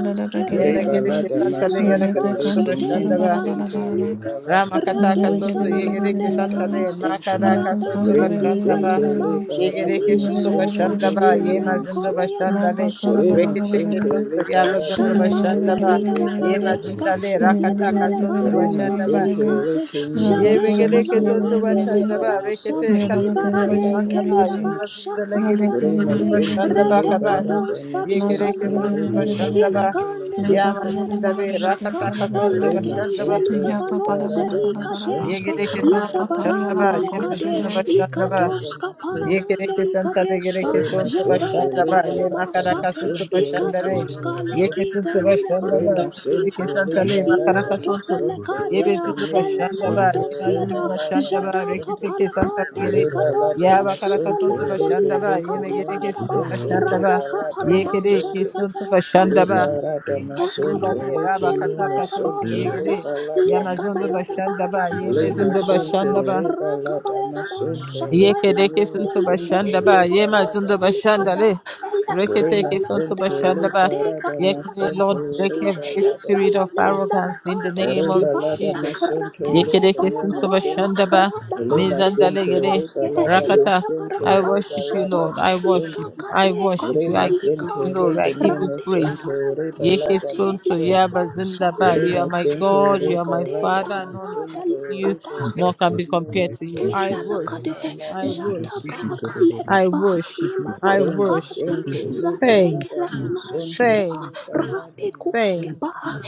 Speaker 2: ye
Speaker 1: Reba
Speaker 2: mekereke
Speaker 1: lada
Speaker 4: le
Speaker 2: santale
Speaker 4: bara da
Speaker 2: gereke
Speaker 4: ba
Speaker 1: masonto leke
Speaker 4: shate
Speaker 2: bashanda
Speaker 1: nema
Speaker 2: ba
Speaker 1: sente
Speaker 4: kapananda lika
Speaker 1: reba lada
Speaker 4: rate
Speaker 2: Ramakataka
Speaker 1: masonto
Speaker 2: Soto
Speaker 4: sana
Speaker 1: reba
Speaker 2: Yegereke
Speaker 4: mande le
Speaker 1: lada
Speaker 2: Santale
Speaker 4: kapate
Speaker 1: masente.
Speaker 2: Makaraka
Speaker 4: rata
Speaker 2: Soto
Speaker 1: Rema
Speaker 4: katika le
Speaker 1: sente
Speaker 2: Bashandaba
Speaker 4: da ba
Speaker 1: leba rada
Speaker 2: Yegereke
Speaker 4: zupelija
Speaker 2: Santo
Speaker 1: masonto
Speaker 4: leta
Speaker 1: leke
Speaker 2: Bashandaba
Speaker 4: Ilana na
Speaker 2: Yema
Speaker 1: nema
Speaker 2: Zindo
Speaker 4: kobe ya
Speaker 1: sonto.
Speaker 2: Bashandale
Speaker 4: shata
Speaker 1: Rema
Speaker 2: Reketeke
Speaker 1: sente
Speaker 2: Soto
Speaker 1: leba rada
Speaker 2: Yabazondo
Speaker 4: Ashana
Speaker 3: bada
Speaker 4: manda
Speaker 3: bada
Speaker 2: Bashandaba
Speaker 1: masonto
Speaker 4: lida
Speaker 3: bada bada
Speaker 1: reba
Speaker 2: Yema
Speaker 3: bada.
Speaker 1: lada
Speaker 4: baranesca,
Speaker 3: Rabba
Speaker 2: Zindale
Speaker 1: masonto.
Speaker 4: zedele
Speaker 2: Rakataka
Speaker 4: de
Speaker 2: Soto
Speaker 1: Rema
Speaker 4: barondo
Speaker 2: Bashandaba
Speaker 1: sente
Speaker 4: pelicate,
Speaker 1: leke nema
Speaker 4: jate
Speaker 2: Yemegereke
Speaker 4: cavana
Speaker 1: sonto
Speaker 2: Soto
Speaker 1: reba
Speaker 4: manda
Speaker 1: lada
Speaker 2: Bashandaba
Speaker 4: libadosa,
Speaker 2: Rekete
Speaker 1: masonto
Speaker 2: Kasoto
Speaker 1: reba
Speaker 4: ibarade
Speaker 1: lada
Speaker 2: Bashandaba
Speaker 4: kelida
Speaker 2: Yema
Speaker 1: masonto.
Speaker 2: Zindale
Speaker 4: bashata
Speaker 2: Gereke
Speaker 1: Rima
Speaker 2: Soto
Speaker 4: nalakade,
Speaker 1: Sente
Speaker 2: Bashandaba
Speaker 4: rede
Speaker 2: Kada
Speaker 1: Liberata
Speaker 4: catos
Speaker 2: Yegereke
Speaker 4: parisana
Speaker 1: Masonto
Speaker 2: Soto
Speaker 4: mande,
Speaker 1: Rebele
Speaker 2: Bashandaba
Speaker 1: Kimula
Speaker 4: ilagande diga
Speaker 2: Yama
Speaker 1: Sente
Speaker 4: bayada
Speaker 2: Zindale
Speaker 4: bashata,
Speaker 2: Rakataka Soto
Speaker 4: ella
Speaker 1: Rima
Speaker 4: de
Speaker 2: Bashandaba
Speaker 1: Sente
Speaker 4: zeliga banon
Speaker 1: Liberata
Speaker 4: zelika
Speaker 1: Masonto
Speaker 4: tesca,
Speaker 2: Yegere kesonto
Speaker 4: lada
Speaker 1: Rebalata
Speaker 2: şandaba,
Speaker 4: barande Mandele Kade,
Speaker 2: yemazında
Speaker 1: Masonto
Speaker 2: başlandaba,
Speaker 1: Rebalata
Speaker 4: Ikatoska
Speaker 1: Masonto
Speaker 2: Yekereke
Speaker 4: Paramandali
Speaker 2: santale
Speaker 4: Kadeska,
Speaker 2: gereke
Speaker 1: Rima
Speaker 2: sonto
Speaker 1: Sente
Speaker 4: Jataya da
Speaker 2: başanda ba ye
Speaker 4: Baranama
Speaker 1: Liberata
Speaker 2: makara
Speaker 4: Sate,
Speaker 2: kasınto
Speaker 1: Masonto
Speaker 2: başanda re
Speaker 4: Ikatoska
Speaker 1: Lekimula
Speaker 2: yeke
Speaker 4: Lakita
Speaker 2: sunto
Speaker 4: Lida
Speaker 2: başanda
Speaker 1: Rima
Speaker 2: ba
Speaker 4: Bando
Speaker 1: sente
Speaker 2: gereke
Speaker 4: Skipate,
Speaker 2: santale makara
Speaker 1: liberada
Speaker 4: Ilato
Speaker 2: kasonto
Speaker 1: masonto
Speaker 2: ye
Speaker 1: leke
Speaker 4: Felekatea,
Speaker 2: bezundu
Speaker 1: mimi
Speaker 2: başanda ba
Speaker 1: sonto
Speaker 4: Elenado
Speaker 2: ye mazundu
Speaker 4: Siada,
Speaker 1: rebalada
Speaker 2: başanda ba
Speaker 4: Jataka
Speaker 1: masente
Speaker 2: rekete ke santale
Speaker 4: Palakade
Speaker 2: gere
Speaker 1: rebalada
Speaker 2: ya
Speaker 4: Likadose,
Speaker 2: bakara
Speaker 1: masonto
Speaker 2: kasonto
Speaker 4: Isalande
Speaker 1: rebe
Speaker 2: başanda
Speaker 4: Lida
Speaker 2: ba ye
Speaker 1: leke
Speaker 2: me
Speaker 4: Nakate
Speaker 1: mimi
Speaker 2: gereke sunto
Speaker 4: Baranaba,
Speaker 1: sonto
Speaker 2: başanda ba
Speaker 4: Radeka
Speaker 1: rebalada
Speaker 4: Panama
Speaker 2: yekere ke
Speaker 1: masente
Speaker 2: sunto
Speaker 4: Shadikadoska,
Speaker 2: başanda ba
Speaker 1: liberada
Speaker 2: ye
Speaker 4: da
Speaker 2: mazinda
Speaker 1: masonto
Speaker 2: le ra
Speaker 1: leke
Speaker 2: bakata
Speaker 1: mimi
Speaker 4: da
Speaker 2: kasonto
Speaker 1: sonto
Speaker 2: ye
Speaker 4: boshata,
Speaker 2: gere ya
Speaker 1: rebalada
Speaker 2: mazundu
Speaker 1: masente
Speaker 4: lekabarada
Speaker 2: başanda
Speaker 4: barada
Speaker 2: ba ye
Speaker 1: lima
Speaker 4: mausala
Speaker 2: mezundu
Speaker 4: barada
Speaker 1: sente
Speaker 2: başanda
Speaker 4: ma,
Speaker 2: ba
Speaker 1: rebalada
Speaker 4: rakabaya da
Speaker 1: masonto
Speaker 4: boshata
Speaker 1: leke
Speaker 4: era
Speaker 2: Yekedeke
Speaker 1: mimi
Speaker 4: bande
Speaker 2: suntu
Speaker 4: leke,
Speaker 1: sonto
Speaker 2: bashanda ba yema
Speaker 1: rebalada
Speaker 2: zundu
Speaker 4: ikapasa
Speaker 2: bashanda
Speaker 4: likada,
Speaker 1: masente
Speaker 2: le
Speaker 4: elekata
Speaker 1: Rema
Speaker 2: reketeke suntu
Speaker 1: sente
Speaker 4: lakada
Speaker 2: bashanda
Speaker 1: reba
Speaker 2: ba
Speaker 4: rakade
Speaker 1: lada
Speaker 4: karada
Speaker 2: yekede
Speaker 4: Rakata
Speaker 1: masonto
Speaker 2: Lord break
Speaker 1: reba
Speaker 4: baske,
Speaker 2: every
Speaker 1: lada
Speaker 2: spirit
Speaker 4: isala
Speaker 2: of
Speaker 4: nenda
Speaker 1: masente
Speaker 2: arrogance in the
Speaker 4: rakata
Speaker 2: name of
Speaker 4: Roski
Speaker 1: reba lada
Speaker 4: Bande,
Speaker 2: Jesus
Speaker 1: masonto
Speaker 4: Raketo
Speaker 1: leke
Speaker 2: yekedeke suntu
Speaker 1: meme
Speaker 4: Falakaboya,
Speaker 2: bashanda
Speaker 1: sente
Speaker 2: ba
Speaker 1: rema
Speaker 4: Radakande
Speaker 2: mizanda le
Speaker 1: sente
Speaker 2: yede
Speaker 1: reba
Speaker 4: Lekadoske,
Speaker 1: lada
Speaker 2: rakata
Speaker 4: Ilada
Speaker 2: I
Speaker 1: masente
Speaker 4: Baradaba
Speaker 1: reba
Speaker 2: worship you
Speaker 4: Shata,
Speaker 1: lada
Speaker 2: Lord I worship
Speaker 1: masonto
Speaker 2: you I
Speaker 4: Ikakade
Speaker 2: worship you I
Speaker 1: rema
Speaker 2: give you
Speaker 1: sente
Speaker 4: Koselikade,
Speaker 2: glory I
Speaker 1: leke
Speaker 2: give you
Speaker 1: meme
Speaker 4: Radeka
Speaker 2: praise
Speaker 1: sonto
Speaker 4: Parama
Speaker 1: reba
Speaker 2: yeke
Speaker 1: lada
Speaker 4: Shate,
Speaker 2: suntu
Speaker 1: masonto
Speaker 2: yaba
Speaker 4: Ledekoska,
Speaker 2: zinda ba you are
Speaker 1: rema
Speaker 2: my
Speaker 4: Ikade
Speaker 1: sente
Speaker 2: God you are
Speaker 1: reba
Speaker 2: my
Speaker 4: Galakade
Speaker 1: lada
Speaker 2: Father none is
Speaker 4: Paranada
Speaker 2: like
Speaker 1: masonto
Speaker 2: you
Speaker 1: reba
Speaker 4: Lakata,
Speaker 2: nor can
Speaker 1: leke
Speaker 2: be
Speaker 1: meme
Speaker 2: compared to you. I worship
Speaker 4: Indalakade,
Speaker 2: you. I worship
Speaker 4: Jataka
Speaker 2: you.
Speaker 1: masonto
Speaker 2: I
Speaker 4: Lekeba,
Speaker 2: worship you.
Speaker 4: Imana
Speaker 2: I
Speaker 1: Rema
Speaker 4: Imananakade,
Speaker 2: worship
Speaker 1: sente
Speaker 2: you.
Speaker 1: leba
Speaker 2: Thank
Speaker 4: Zadeke
Speaker 1: lada
Speaker 2: you.
Speaker 4: Lakana
Speaker 1: masonto
Speaker 4: Shekeba,
Speaker 2: Thank
Speaker 1: leba
Speaker 2: you.
Speaker 1: lada
Speaker 2: Thank
Speaker 1: masonto.
Speaker 4: Radikuskeba,
Speaker 2: you.